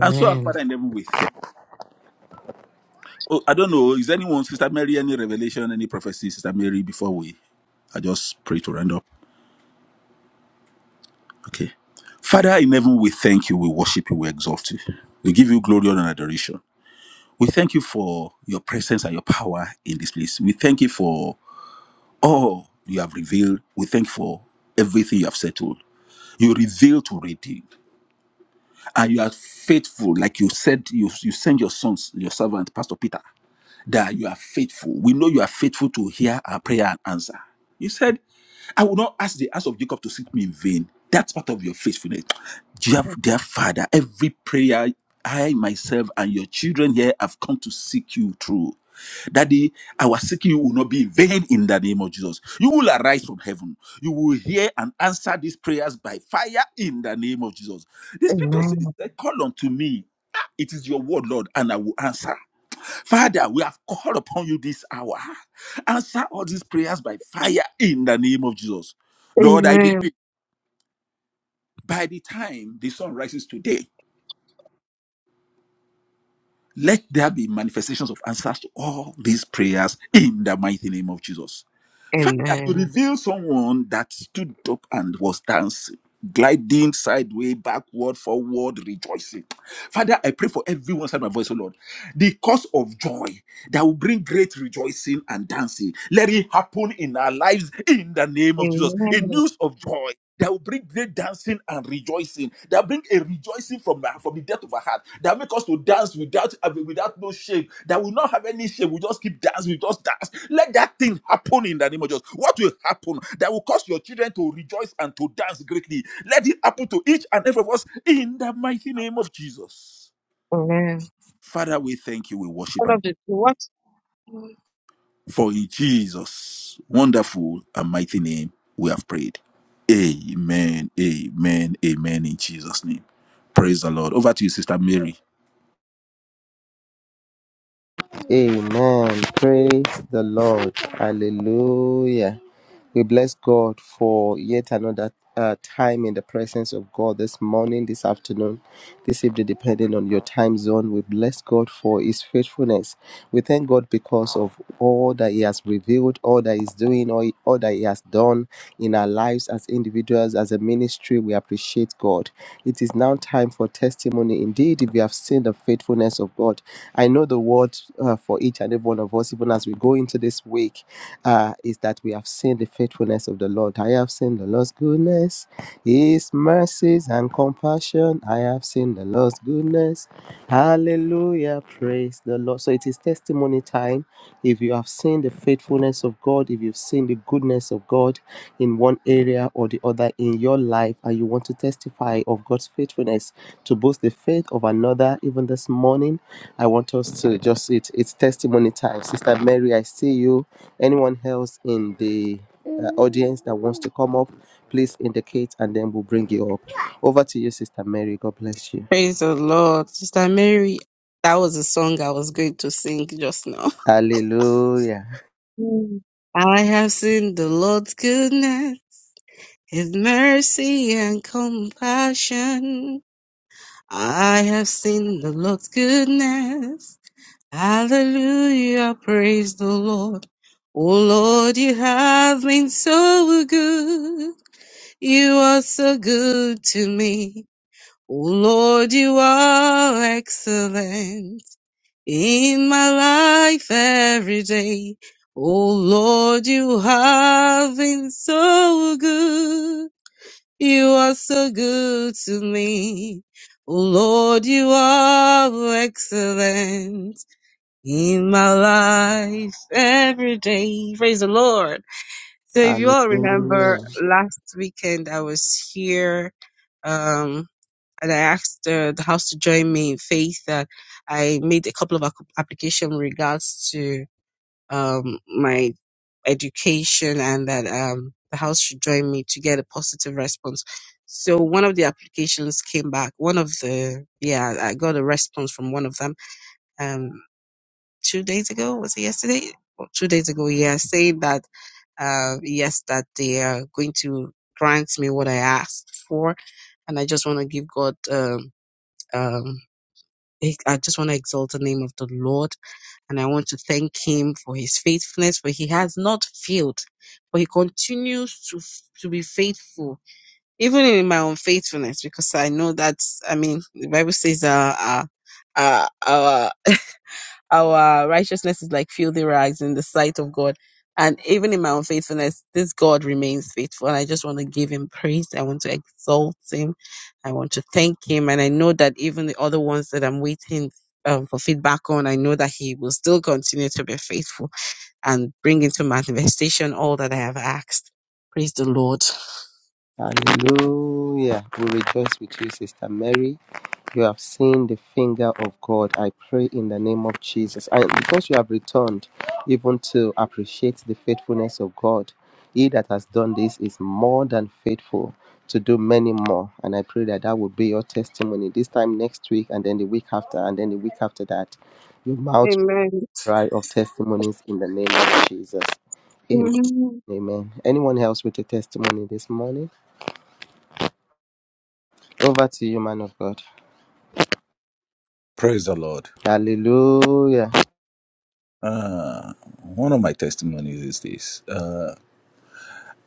And so, our Father in heaven, we thank. Oh, I don't know. Is anyone, Sister Mary, any revelation, any prophecy, Sister Mary, before we I just pray to round up. Okay. Father in heaven, we thank you, we worship you, we exalt you. We give you glory honor, and adoration. We thank you for your presence and your power in this place. We thank you for all you have revealed. We thank you for everything you have settled. You reveal to redeem. And you are faithful, like you said, you, you send your sons, your servant, Pastor Peter that you are faithful. We know you are faithful to hear our prayer and answer. You said, I will not ask the house of Jacob to seek me in vain. That's part of your faithfulness. Dear, dear Father, every prayer I myself and your children here have come to seek you through. Daddy, our seeking you will not be in vain in the name of Jesus. You will arise from heaven. You will hear and answer these prayers by fire in the name of Jesus. The scripture says, Amen. Call unto me. Ah, It is your word, Lord, and I will answer. Father, we have called upon you this hour. Answer all these prayers by fire in the name of Jesus. Lord, I Amen. decree by the time the sun rises today, let there be manifestations of answers to all these prayers in the mighty name of Jesus. Father, you Amen. reveal someone that stood up and was dancing, gliding sideways, backward, forward, rejoicing. Father, I pray for everyone inside my voice, O Lord. The cause of joy that will bring great rejoicing and dancing. Let it happen in our lives in the name of Jesus. A Amen. news of joy, that will bring great dancing and rejoicing. That will bring a rejoicing from the, from the depth of our heart. That will make us to dance without uh, without no shame. That will not have any shame. We just keep dancing. We just dance. Let that thing happen in the name of Jesus. What will happen that will cause your children to rejoice and to dance greatly? Let it happen to each and every of us in the mighty name of Jesus. Amen. Father, we thank you. We worship One and of the what? For in Jesus' wonderful and mighty name, we have prayed. Amen, amen, amen, in Jesus' name. Praise the Lord. Over to you, Sister Mary. Amen. Praise the Lord. Hallelujah. We bless God for yet another uh, time in the presence of God this morning, this afternoon, this evening, depending on your time zone. We bless God for His faithfulness. We thank God because of all that He has revealed, all that He's doing, all, all that He has done in our lives as individuals, as a ministry. We appreciate God. It is now time for testimony. Indeed, if you have seen the faithfulness of God, I know the word uh, for each and every one of us, even as we go into this week, uh, is that we have seen the faithfulness of the Lord. I have seen the Lord's goodness, His mercies and compassion. I have seen the Lord's goodness. Hallelujah. Praise the Lord. So it is testimony time. If you have seen the faithfulness of God, if you've seen the goodness of God in one area or the other in your life, and you want to testify of God's faithfulness to boost the faith of another, even this morning, I want us to just it. It's testimony time. Sister Mary, I see you. Anyone else in the uh, audience that wants to come up, please indicate, and then we'll bring you up. Over to you, Sister Mary. God bless you. Praise the Lord. Sister Mary, that was a song I was going to sing just now. Hallelujah. Mm. I have seen the Lord's goodness, his mercy and compassion. I have seen the Lord's goodness. Hallelujah. Praise the Lord. Oh Lord, you have been so good. You are so good to me. Oh Lord, you are excellent in my life every day. Oh Lord, you have been so good. You are so good to me. Oh Lord, you are excellent in my life every day. Praise the Lord. So if you all remember Hallelujah. last weekend I was here, um, and I asked uh, the house to join me in faith that I made a couple of ac- application regards to um my education and that um, the house should join me to get a positive response. So one of the applications came back. One of the yeah, I got a response from one of them um, two days ago. Was it yesterday? Or Two days ago, yeah, saying that uh, yes, that they are going to grant me what I asked for, and I just want to give God um, um, I I just want to exalt the name of the Lord and I want to thank him for his faithfulness, for he has not failed, for he continues to, to be faithful, even in my unfaithfulness, because I know that, I mean, the Bible says uh, uh, uh, our, our righteousness is like filthy rags in the sight of God. And even in my unfaithfulness, this God remains faithful. And I just want to give him praise. I want to exalt him. I want to thank him. And I know that even the other ones that I'm waiting um, for feedback on, I know that he will still continue to be faithful and bring into manifestation all that I have asked. Praise the Lord. Hallelujah. We rejoice with you, Sister Mary. You have seen the finger of God. I pray in the name of Jesus. And because you have returned, even to appreciate the faithfulness of God, He that has done this is more than faithful to do many more. And I pray that that will be your testimony this time next week, and then the week after, and then the week after that. Your mouth Amen. will dry of testimonies in the name of Jesus. Amen. Mhm. Amen. Anyone else with a testimony this morning? Over to you, man of God. Praise the Lord. Hallelujah. Uh, one of my testimonies is this. Uh,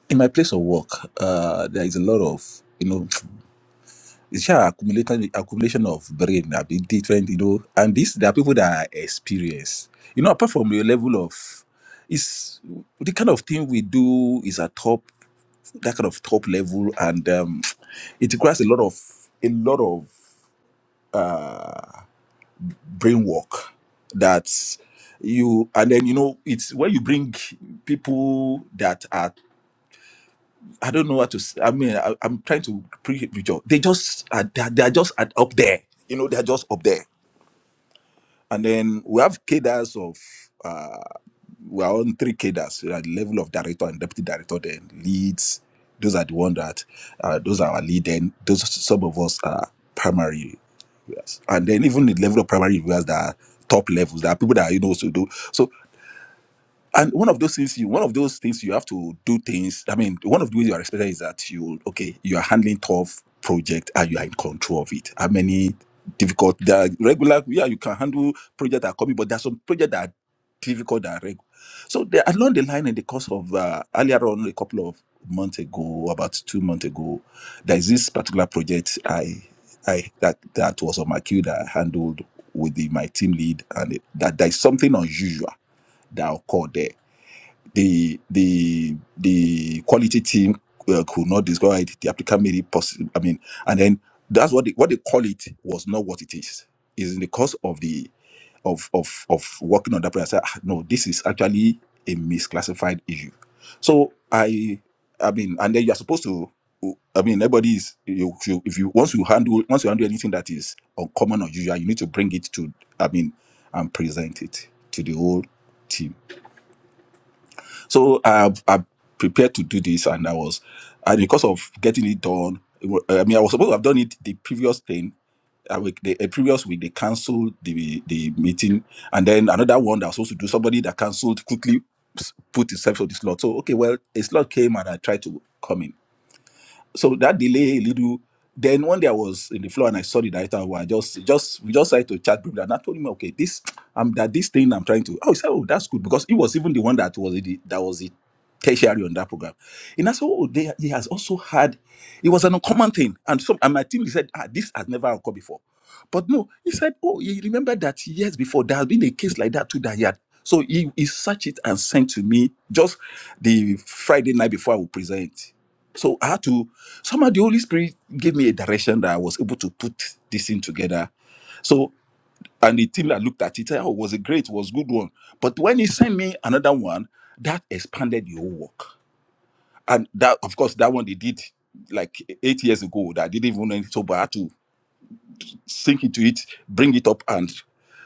in my place of work, uh, there is a lot of, you know, it's just accumulation, accumulation of brain, a bit different, you know, and this, there are people that are experienced. You know, apart from your level of, it's the kind of thing we do is a top. that kind of top level and um, it requires a lot of a lot of brain work that you and then you know it's when you bring people that are i don't know what to s- i mean I, i'm trying to pre picture they just are they're, they're just at, up there you know they're just up there and then we have cadres of uh, we are on three cadres. We are at the level of director and deputy director, then leads. Those are the one that uh, those are our lead. Then those some of us are primary viewers, and then even the level of primary viewers that are top levels. There are people that are, you know also do so and one of those things you one of those things you have to do things i mean one of the ways you are expected is that you okay you are handling tough project and you are in control of it how many difficult there are regular yeah you can handle project that are coming but there's some project that are difficult that are regular so there along the line in the course of uh, earlier on a couple of months ago about two months ago there's this particular project i i that that was on my queue that i handled with the, my team lead and it, that there's something unusual that occurred there the the the quality team uh, could not discover it. The applicant made it possible. I mean, and then that's what they, what they call it was not what it is. Is in the course of the of of of working on that project. I said, "Ah, no, this is actually a misclassified issue. So I I mean, and then you're supposed to. I mean, everybody is you, you if you once you handle once you handle anything that is uncommon or usual, you need to bring it to. I mean, and present it to the whole team so I I prepared to do this, and I was, and because of getting it done, it wa- I mean, I was supposed to have done it the previous thing. I week, the a previous week they canceled the the meeting, and then another one that was supposed to do somebody that canceled quickly s- put himself on the slot. So okay, well, a slot came and I tried to come in so that delay a little then one day i was in the floor and i saw the director who i just just we just started to chat briefly and i told him okay this i'm that this thing i'm trying to oh he said oh that's good because he was even the one that was the that was the tertiary on that program and i said oh they, he has also had it was an uncommon thing and so and my team he said ah this has never occurred before but no he said oh he remembered that years before there has been a case like that too that he had so he, he searched it and sent to me just the friday night before i would present so I had to somehow the Holy Spirit gave me a direction that I was able to put this thing together. So and the team that looked at it, oh, it was a great, it was good one. But when he sent me another one, that expanded the whole work. And that, of course, that one they did like eight years ago. That I didn't even know anything. So bad sink into it, bring it up, and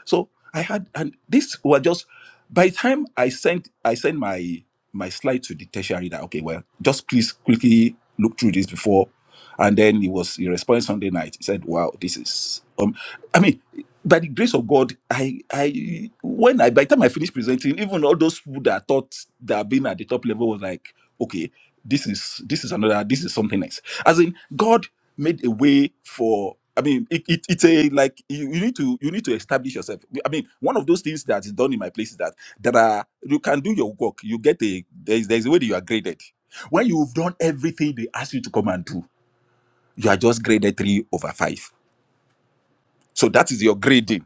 so I had, and this were just by the time I sent I sent my my slide to the tertiary that okay, well, just please quickly look through this before, and then he was he responded Sunday night. He said, "Wow, this is um, I mean." By the grace of God, I I when I by the time I finished presenting, even all those people that I thought that had been at the top level was like okay this is this is another this is something else as in god made a way for i mean it, it, it's a like you, you need to you need to establish yourself i mean one of those things that is done in my place is that there are you can do your work you get a there's, there's a way that you are graded when you've done everything they ask you to come and do you are just graded three over five so that is your grading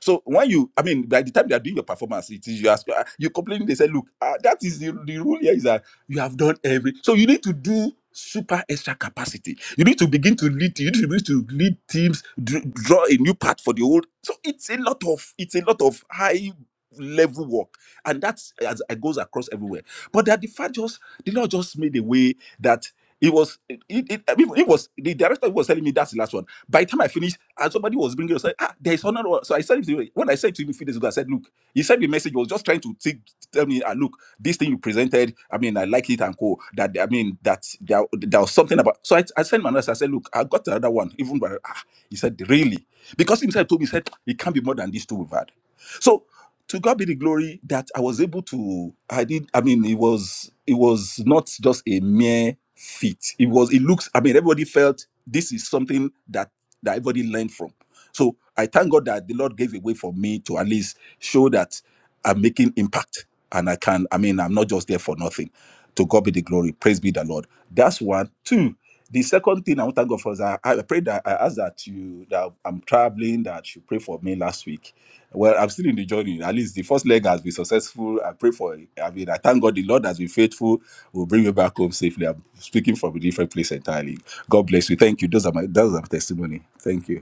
so when you, I mean, by the time they are doing your performance, it is you ask, ah, you complain. They say, look, ah, that is the, the rule here is that you have done every. So you need to do super extra capacity. You need to begin to lead. You need to begin to lead teams, dr- draw a new path for the old. So it's a lot of it's a lot of high level work, and that's as it goes across everywhere but that the fact just the Lord just made a way that it was it, it, it it was the director was telling me that's the last one. By the time I finished, and somebody was bringing it, I said, ah, there is another one. So I said to him- when I said to him a few days ago, I said, look, he sent me a message. He was just trying to think, tell me, ah, look, this thing you presented, I mean, I like it and cool. That I mean, that there, there was something about. So I, I sent my message. I said, look, I got another one. Even by ah, he said, really, because himself told me, he said it can't be more than these two we've had. So to God be the glory that I was able to I did I mean it was it was not just a mere feat. It was it looks I mean everybody felt this is something that that everybody learned from. So I thank God that the Lord gave a way for me to at least show that I'm making impact and I can, I mean, I'm not just there for nothing. To God be the glory. Praise be the Lord. That's one. Two, the second thing I want to thank God for is I, I pray that I asked that you that I'm traveling, that you pray for me last week. Well, I'm still in the journey. At least the first leg has been successful. I pray for it. I mean, I thank God the Lord has been faithful. Will bring me back home safely. I'm speaking from a different place entirely. God bless you. Thank you. Those are my those are my testimony. Thank you.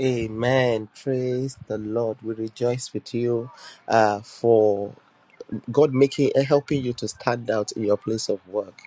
Amen. Praise the Lord. We rejoice with you uh, for God making and helping you to stand out in your place of work.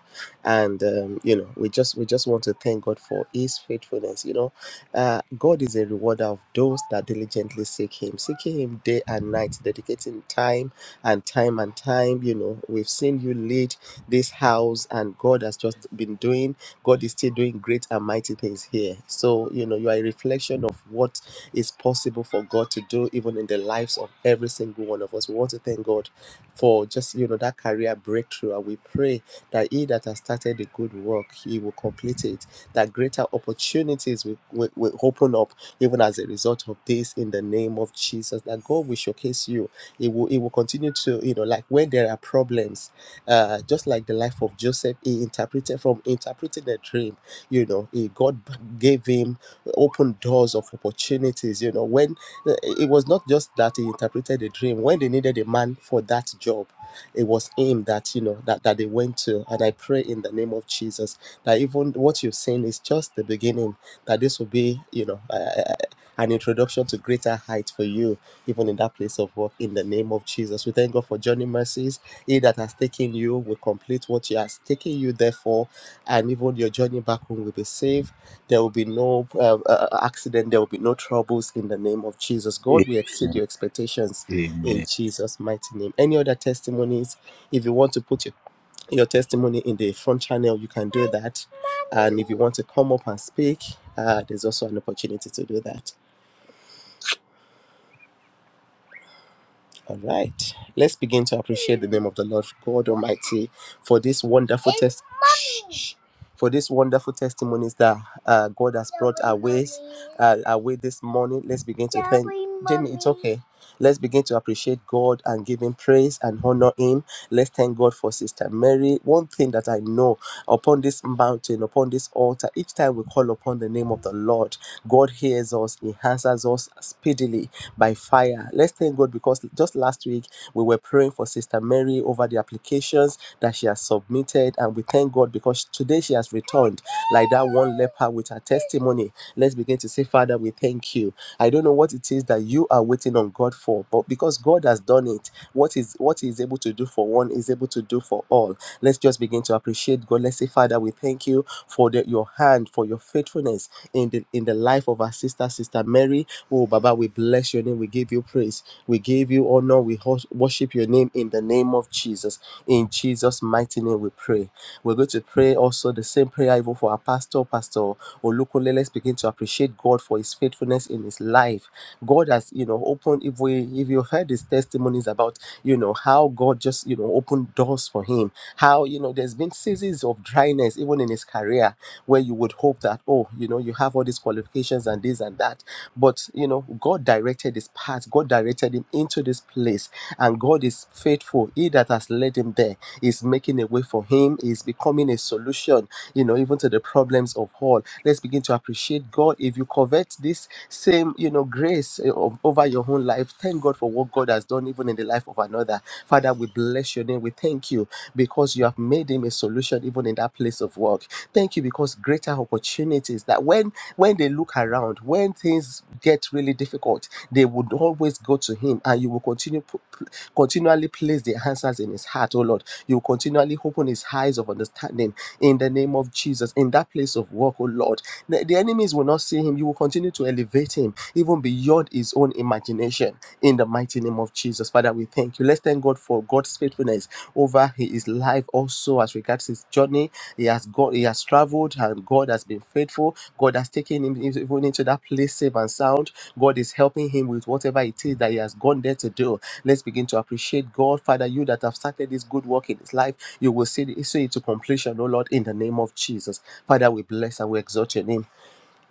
And um, you know, we just we just want to thank God for His faithfulness. You know, uh, God is a rewarder of those that diligently seek Him, seeking Him day and night, dedicating time and time and time. You know, we've seen you lead this house, and God has just been doing. God is still doing great and mighty things here. So you know, you are a reflection of what is possible for God to do, even in the lives of every single one of us. We want to thank God for just you know that career breakthrough and we pray that he that has started the good work he will complete it that greater opportunities will, will, will open up even as a result of this in the name of jesus that god will showcase you it will it will continue to you know like when there are problems uh just like the life of joseph he interpreted from interpreting a dream you know he god gave him open doors of opportunities you know when uh, It was not just that he interpreted a dream. When they needed a man for that job, it was him that you know that, that they went to. And I pray in the name of Jesus that even what you've seen is just the beginning. That this will be you know uh, an introduction to greater heights for you, even in that place of work. In the name of Jesus, we thank God for Johnny mercies. He that has taken you will complete what He has taken you there for, and even your journey back home will be safe there will be no uh, uh, uh, accident. There will be no troubles in the name of Jesus. God will exceed Amen. your expectations in Amen. Jesus' mighty name. Any other testimonies? If you want to put your, your testimony in the front channel, you can do that. And if you want to come up and speak, uh, there's also an opportunity to do that. All right. Let's begin to appreciate the name of the Lord God Almighty for this wonderful testimony. for these wonderful testimonies that uh, God has brought our ways, uh, our way this morning. Let's begin to thank Jamie. It's okay. Let's begin to appreciate God and give Him praise and honor Him. Let's thank God for Sister Mary. One thing that I know upon this mountain, upon this altar, each time we call upon the name of the Lord, God hears us, He answers us speedily by fire. Let's thank God because just last week we were praying for Sister Mary over the applications that she has submitted. And we thank God because today she has returned like that one leper with her testimony. Let's begin to say, Father, we thank you. I don't know what it is that you are waiting on God for, but because God has done it, what is what He is able to do for one is able to do for all. Let's just begin to appreciate God. Let's say, Father, we thank you for the, your hand, for your faithfulness in the in the life of our sister, Sister Mary. Oh, Baba, we bless your name. We give you praise. We give you honor. We hos- worship your name in the name of Jesus. In Jesus' mighty name, we pray. We're going to pray also the same prayer even for our pastor, Pastor Olukole. Let's begin to appreciate God for his faithfulness in his life. God has, you know, opened, if we, if you've heard his testimonies about, you know, how God just, you know, opened doors for him, how, you know, there's been seasons of dryness, even in his career, where you would hope that, oh, you know, you have all these qualifications and this and that. But, you know, God directed his path, God directed him into this place, and God is faithful. He that has led him there. He's making a way for him. He's becoming a solution you know, even to the problems of all. Let's begin to appreciate God. If you covet this same, you know, grace eh, of- over your own life, thank God for what God has done, even in the life of another. Father, we bless your name. We thank you because you have made him a solution, even in that place of work. Thank you because greater opportunities that when when they look around, when things get really difficult, they would always go to him, and you will continue pu- pu- continually place the answers in his heart, oh Lord. You will continually open his eyes of understanding in the name of Jesus, in that place of work, oh Lord. The, the enemies will not see him. You will continue to elevate him even beyond his own imagination in the mighty name of Jesus. Father, we thank you. Let's thank God for God's faithfulness over his life also as regards his journey. He has gone, he has traveled and God has been faithful. God has taken him even into that place safe and sound. God is helping him with whatever it is that he has gone there to do. Let's begin to appreciate God, Father, you that have started this good work in his life. You will see it, see it to completion, oh Lord, in the name of Jesus. Father, we bless and we exalt your name.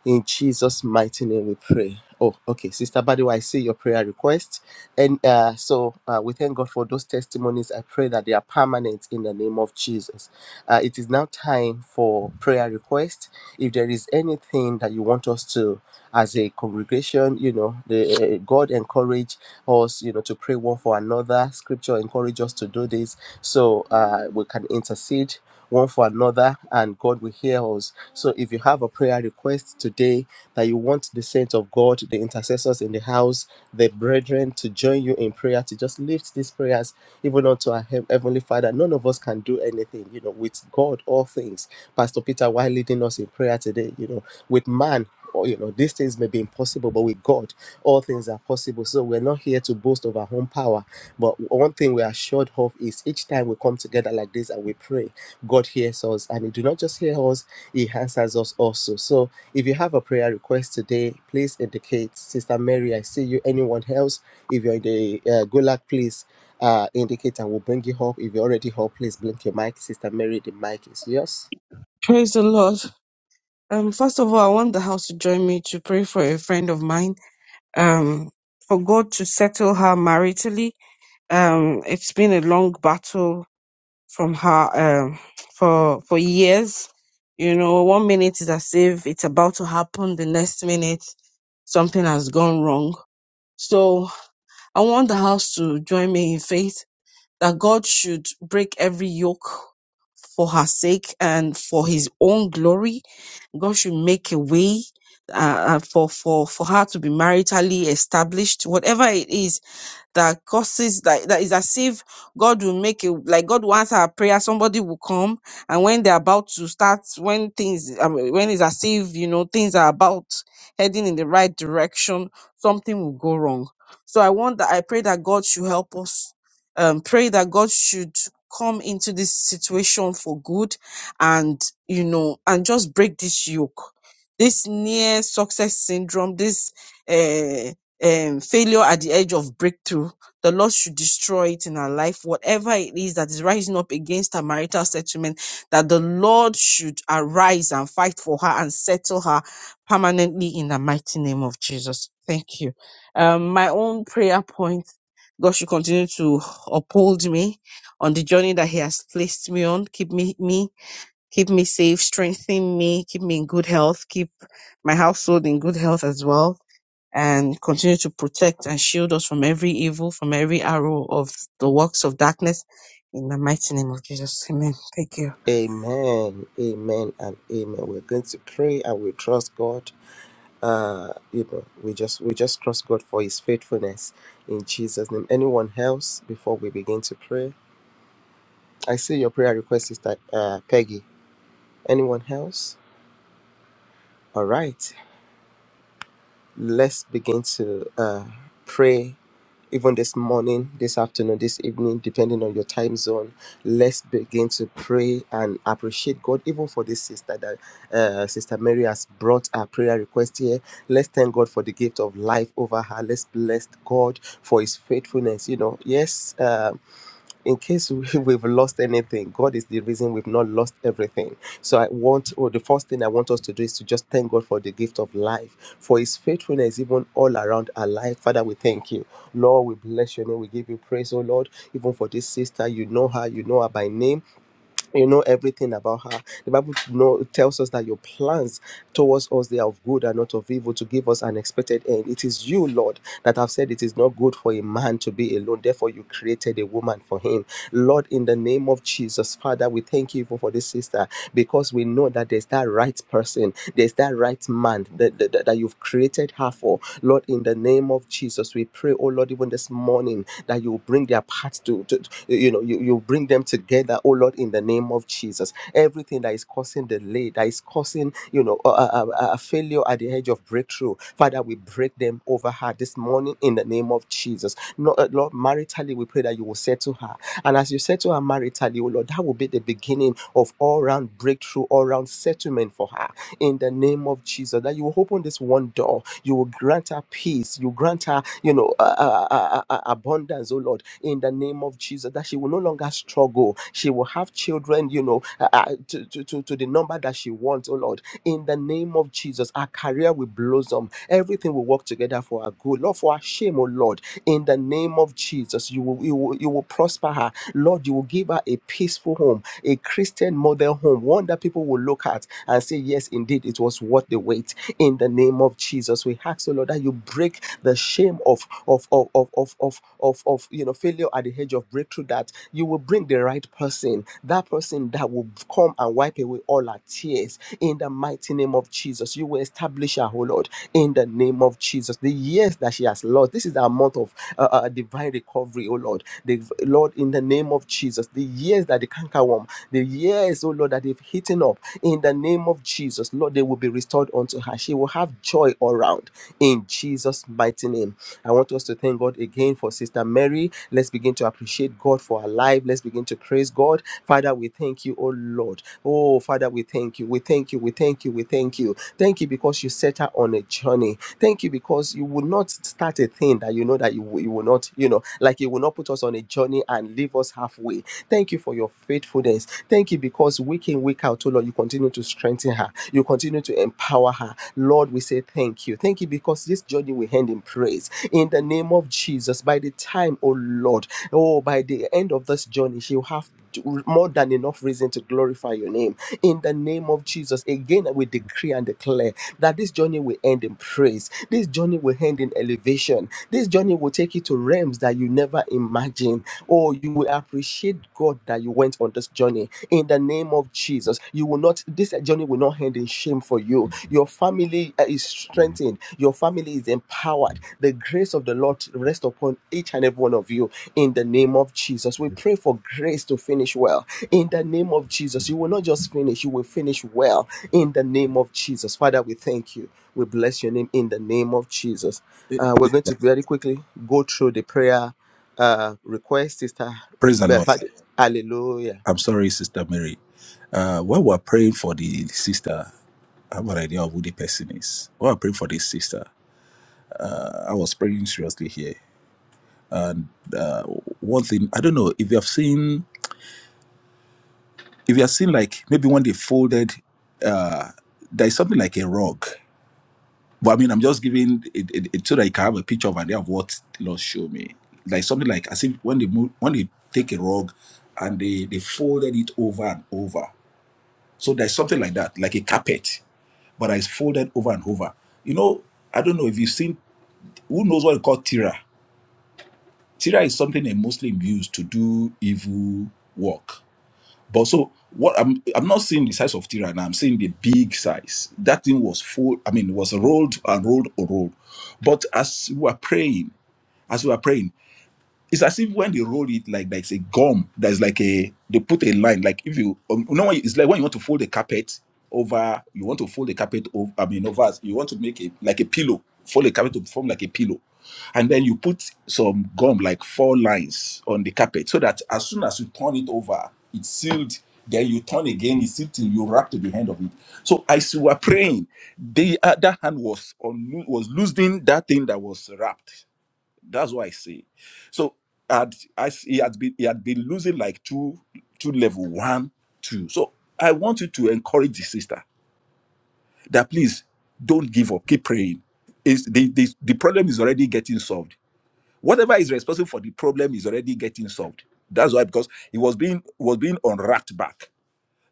In Jesus' mighty name we pray. Oh, okay. Sister Badiwa, I see your prayer request. And uh, so uh, we thank God for those testimonies. I pray that they are permanent in the name of Jesus. Uh, it is now time for prayer request. If there is anything that you want us to, as a congregation, you know, the, uh, God encourage us, you know, to pray one for another. Scripture encourage us to do this so uh, we can intercede one for another and God will hear us so if you have a prayer request today that you want the saints of God, the intercessors in the house, the brethren to join you in prayer, to just lift these prayers even unto our hea- Heavenly Father, none of us can do anything, you know, with God, all things. Pastor Peter, why leading us in prayer today, you know, with man, or, you know, these things may be impossible, but with God, all things are possible. So we're not here to boast of our own power. But one thing we are assured of is each time we come together like this and we pray, God hears us. And He do not just hear us, he answers us also. So if you have a prayer request today, please indicate. Sister Mary, I see you. Anyone else? If you're in the uh, Gulag, please uh, indicate and we'll bring you up. If you're already up, please blink your mic. Sister Mary, the mic is yours. Praise the Lord uh, um, for your song. So I want that God has sake and for His own glory, God should make a way uh, uh, for for for her to be maritally established, whatever it is that causes that that is as if God will make it like God wants our prayer. Somebody will come, and when they're about to start, when things I when it's as if you know things are about heading in the right direction, something will go wrong. So I want that I pray that God should help us. Um, pray that God should come into this situation for good, and you know, and just break this yoke, this near success syndrome, this. eh, um, failure at the edge of breakthrough. The Lord should destroy it in her life, whatever it is that is rising up against her marital settlement, that the Lord should arise and fight for her and settle her permanently in the mighty name of Jesus. Thank you. Um, my own prayer point God should continue to uphold me on the journey that He has placed me on. Keep me, me, keep me safe, strengthen me, keep me in good health, keep my household in good health as well and continue to protect and shield us from every evil, from every arrow of the works of darkness. In the mighty name of Jesus. Amen. Thank you. Amen, amen, and amen. We're going to pray and we trust God. Uh, you know, we just we just trust God for His faithfulness in Jesus' name. Anyone else before we begin to pray? I see your prayer request, Sister uh, Peggy. Anyone else? All right, let's begin to uh, pray even this morning, this afternoon, this evening, depending on your time zone. Let's begin to pray and appreciate God, even for this sister that uh, Sister Mary has brought our prayer request here. Let's thank God for the gift of life over her. Let's bless God for His faithfulness. You know, yes. Um, in case we, we've lost anything, God is the reason we've not lost everything. So I want, or the first thing I want us to do is to just thank God for the gift of life, for His faithfulness even all around our life. Father, we thank you. Lord, we bless your name. We give you praise, oh Lord, even for this sister. You know her, you know her by name you know everything about her the bible know, tells us that your plans towards us they are of good and not of evil to give us an expected end it is you lord that have said it is not good for a man to be alone therefore you created a woman for him lord in the name of jesus father we thank you you even for this sister because we know that there's that right person, there's that right man that, that, that you've created her for. Lord, in the name of Jesus, we pray, oh Lord, even this morning that you bring their paths to, to to- you know, you, you bring them together, oh Lord, in the name of Jesus. Everything that is causing delay, that is causing, you know, a, a, a a failure at the edge of breakthrough, Father, we break them over her this morning in the name of Jesus. No, uh, Lord, maritally, we pray that you will settle her and as you settle her maritally, oh Lord, that will be the beginning of all round breakthrough, all round settlement for her in the name of Jesus. That you will open this one door, you will grant her peace, you grant her, you know, uh, uh, uh, uh, abundance, oh Lord, in the name of Jesus. That she will no longer struggle, she will have children, you know, uh, uh, to, to, to, to the number that she wants, oh Lord, in the name of Jesus. Our career will blossom, everything will work together for our good, Lord, for our shame, oh Lord, in the name of Jesus. You will, you will, you will prosper her Lord, you will give her a peaceful home, a Christian model home, one that people will look at and say, Yes, indeed, it was worth the wait. In the name of Jesus, we ask, oh Lord, that you break the shame of of of of of of of, of you know failure at the edge of breakthrough. That you will bring the right person, that person that will come and wipe away all our tears. In the mighty name of Jesus, you will establish her, oh Lord. In the name of Jesus, the years that she has lost, this is our month of uh, uh, divine recovery, oh Lord. The, Lord, in the name of Jesus, the years that the cankerworm, the years, oh Lord, that they've eaten up, in the name of Jesus, Lord, they will be restored unto her. She will have joy all round in Jesus' mighty name. I want us to thank God again for Sister Mary. Let's begin to appreciate God for her life. Let's begin to praise God. Father, we thank you, oh Lord. Oh, Father, we thank you. We thank you. We thank you. We thank you. Thank you because you set her on a journey. Thank you because you will not start a thing that you know that you will, you will not, you know, like you will not put us on a journey and leave us halfway. Thank you for your faithfulness. Thank you because week in, week out, oh Lord, you continue to strengthen her. You continue to empower her. Lord, we say thank you. Thank you because this journey will end in praise. In the name of Jesus, by the time, oh Lord, oh, by the end of this journey, she'll have more than enough reason to glorify your name in the name of Jesus. Again, we decree and declare that this journey will end in praise. This journey will end in elevation. This journey will take you to realms that you never imagined. Oh, you will appreciate God that you went on this journey in the name of Jesus. You will not, this journey will not end in shame for you. Your family uh, is strengthened, your family is empowered. The grace of the Lord rest upon each and every one of you in the name of Jesus. We pray for grace to finish well in the name of Jesus. You will not just finish, you will finish well in the name of Jesus. Father, we thank you. We bless your name in the name of Jesus. Eh, Uh, we're Praise going the to Lord. very quickly go through the prayer uh, request, Sister. Praise the Lord. Hallelujah. I'm sorry, Sister Mary. Uh, while we're praying for the sister, I have an idea of who the person is. While we're praying for this sister, I was praying seriously here. One thing, I don't know if you have seen, if you have seen like maybe when they folded, there's something like a rug. But I mean, I'm just giving it, it, it so that you can have a picture of idea of what the Lord showed me. Like something like as if when they move, when they take a rug and they they folded it over and over. So there's something like that, like a carpet, but it's folded over and over. You know, I don't know if you've seen who knows what it's called tira. Tira is something they mostly use to do evil work. But so what I'm I'm not seeing the size of Tyrann, I'm seeing the big size. That thing was full, I mean, was rolled and rolled and rolled. But as we were praying, as we were praying, it's as if when they roll it like there's a gum there's like a they put a line like if you um, you know when you- it's like when you want to fold the carpet over you want to fold the carpet over i mean over you want to make it like a pillow fold the carpet to form like a pillow and then you put some gum like four lines on the carpet so that as soon as you turn it over it's sealed then you turn again it's sealed till you wrap to the end of it so as you were praying the other hand was on was loosening that thing that was wrapped that's what I say. So had I s- he had been he had been losing like two two level one two. So I want you to encourage the sister that please don't give up. Keep praying. Is the, the the problem is already getting solved. Whatever is responsible for the problem is already getting solved. That's why because he was being was being unwrapped back.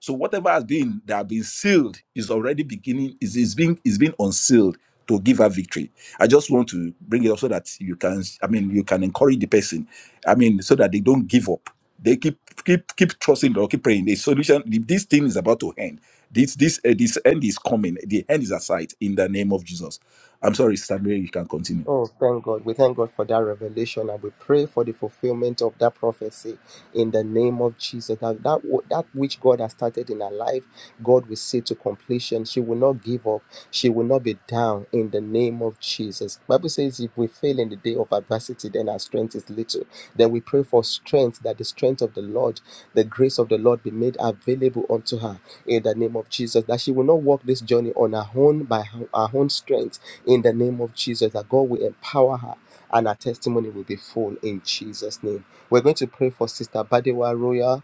So whatever has been that has been sealed is already beginning, is, is being is being unsealed to give her victory. I just want to bring it up so that you can, I mean, you can encourage the person. I mean, so that they don't give up. They keep keep keep trusting or keep praying. The solution, this thing is about to end. This this uh, this end is coming. The end is at sight in the name of Jesus. I'm sorry, Stanley, you can continue. Oh, thank God. We thank God for that revelation and we pray for the fulfillment of that prophecy in the name of Jesus. That, that, wh- that which God has started in her life, God will see to completion. She will not give up. She will not be down in the name of Jesus. Bible says if we fail in the day of adversity, then our strength is little. Then we pray for strength, that the strength of the Lord, the grace of the Lord be made available unto her in the name of Jesus. That she will not walk this journey on her own by her her own strength in the name of Jesus, that God will empower her and her testimony will be full in Jesus' name. We're going to pray for Sister Badewa Royal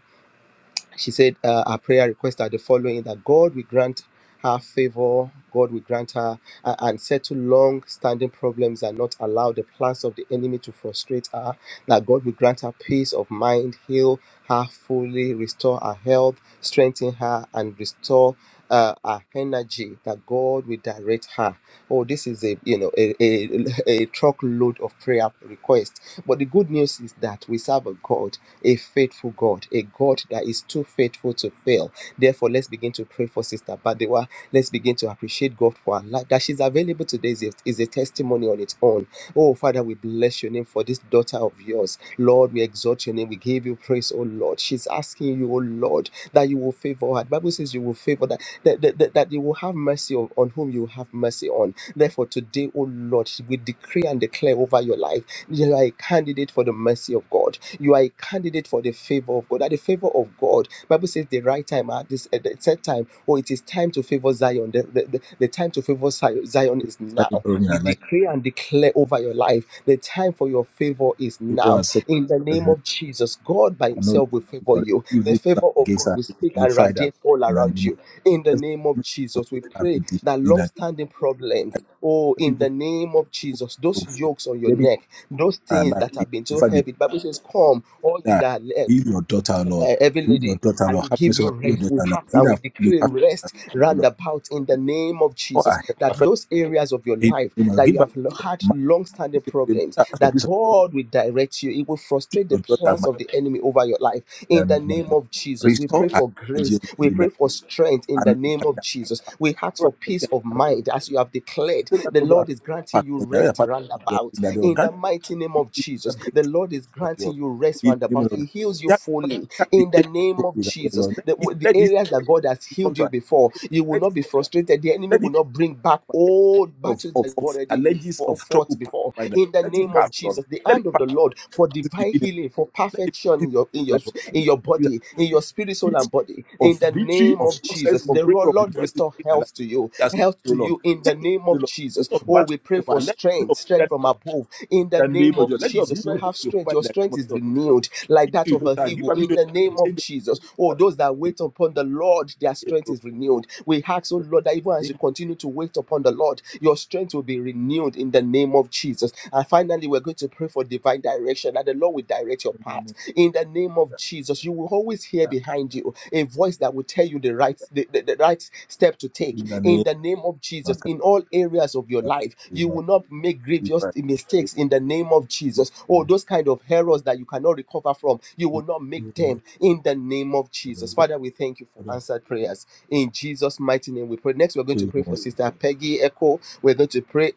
she said uh, her prayer requests are the following that God will grant her favor, God will grant her uh, and settle long standing problems and not allow the plans of the enemy to frustrate her, that God will grant her peace of mind, heal her fully, restore her health, strengthen her, and restore. Uh, her energy that God will direct her. Oh, this is a you know a, a, a truckload of prayer requests. But the good news is that we serve a God a faithful God, a God that is too faithful to fail. Therefore, let's begin to pray for Sister Badewa. Let's begin to appreciate God for her life. That she's available today is a, is a testimony on its own. Oh, Father, we bless your name for this daughter of yours. Lord, we exalt your name. We give you praise, oh Lord. She's asking you, oh Lord, that you will favor her. The Bible says you will favor that, that, that, that that you will have mercy on, on whom you have mercy on. Therefore, today, oh Lord, we decree and declare over your life you are a candidate for the mercy of God. You are a candidate for the favor of God. At the favor of God, Bible says the right time at this at the set time. Oh, it is time to favor Zion. The, the, the, the time to favor Zion Zion is That's the now. problem. We that, Like decree and declare over your life the time for your favor is people are now. such In the name of I Jesus, God by know Himself will favor Lord, you. The evil plan favor of against God her, will speak and amplified radiate all her. around you in the Every name of plan of Jesus, we have pray been destroyed. that in long That standing problems, oh, every in people the name of who Jesus, plan those to yokes on your getting neck, those our things life, that have been in so fact, be heavy, the Bible says, Come, all ye that that are heal your daughter, Lord. uh, every Heal your lady. daughter, I Lord. will Have give mercy on you her. rest. your We daughter, Lord. ask Heal and we her fully, decree perfect her, rest O round Lord. about in the name of Restore her Jesus. health, That perfect those areas of your her health. life You know, that give you her have lo- peace of had mind. long-standing Peace of your problems, daughter, ask for that peace of mind. God will direct you. It will See frustrate your the daughter, plans my of the enemy over your life. in In the the name of name Jesus. of Jesus, we Restore pray her for energy, grace. Lord, We in the pray name for strength. In the and name and of direct her Jesus, path. we ask Restore for her energy peace and of direct- mind, as you have declared. so that, The O Lord, Lord direct is her granting path, you Lord. Direct her rest path, roundabout about in in the mighty name of the Jesus. organ The Lord is of granting yours. you rest In round the name about. He of heals you yeah, but that fully can really in the take your name soul of with that, Jesus. Lord. Let The, this the let this areas that let God has this come healed to you an before, end. you will Let not this be frustrated. The enemy let will this not bring back let this old of, battles of, that you of already challenges fou- of fought trouble pass before. by them. In the Let name it of pass, Lord. Jesus, the Let it hand of pass the Lord for this divine beginning. healing, for Let it perfection be in your in your like of in peace, your like body, in of your spirit, soul, peace, and body. In of the victory, name of of Jesus, success, of the breakthrough, of Lord, rejoicing restore in our life. health to you, Yes, health O to Lord. you in the Take your name soul, of Lord. This Jesus. of Oh, battle we pray is over. for Let this strength, of strength that from above in the the name name of of Jesus. Let your Jesus. You rivers have be strength, over your in the name strength of is Jesus. renewed like that of Victory, a Lord. Give eagle a in the name vision. of Jesus. Oh, But I those that think wait upon the Lord, their it strength will is be renewed. We ask, oh Lord, that even as you in continue to wait upon the Lord, your strength will be renewed in the name of Jesus. And finally, we're going to pray for divine direction that the Lord will direct your the path name of in the name of Jesus. You will always hear God. behind you a voice that will tell you the right the, the, the right step to take In the in name the name of of Jesus God. in all areas of your life. We You must will not make be grievous right. mistakes in the name of Jesus. Or Amen. those kind of errors that you cannot recover from, you will not make Amen. them in the name of Jesus. Father, we thank you for answered prayers in Jesus' mighty name. We pray. Next, we're going to pray for Sister Peggy Echo. We're going to pray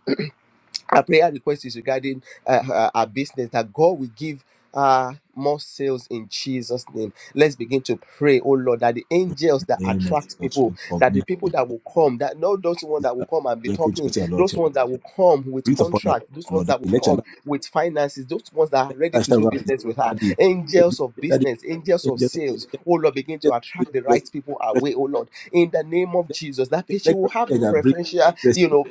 our prayer request is regarding uh, uh, our business that God will give uh more sales in Jesus name. Let's begin to pray, oh Lord, that the In angels the that name of attract Jesus, we people, that the commit people the that will daughter, come, that not those ones that will sister, come and be dear coach, talking, your Lord, those your ones that will Master. come with Breathe upon her, contract, those ones Lord, that that will let your come light, with finances, those ones that are let ready your light to shine do round us, business with her. that the, Angels of that the business, angels of angels of sales, angels, oh Lord, begin to angels, attract the bless, right people bless, away, oh Lord in the name of let, Jesus. That let patient will your have the angels that bring preferential, you blessing, know,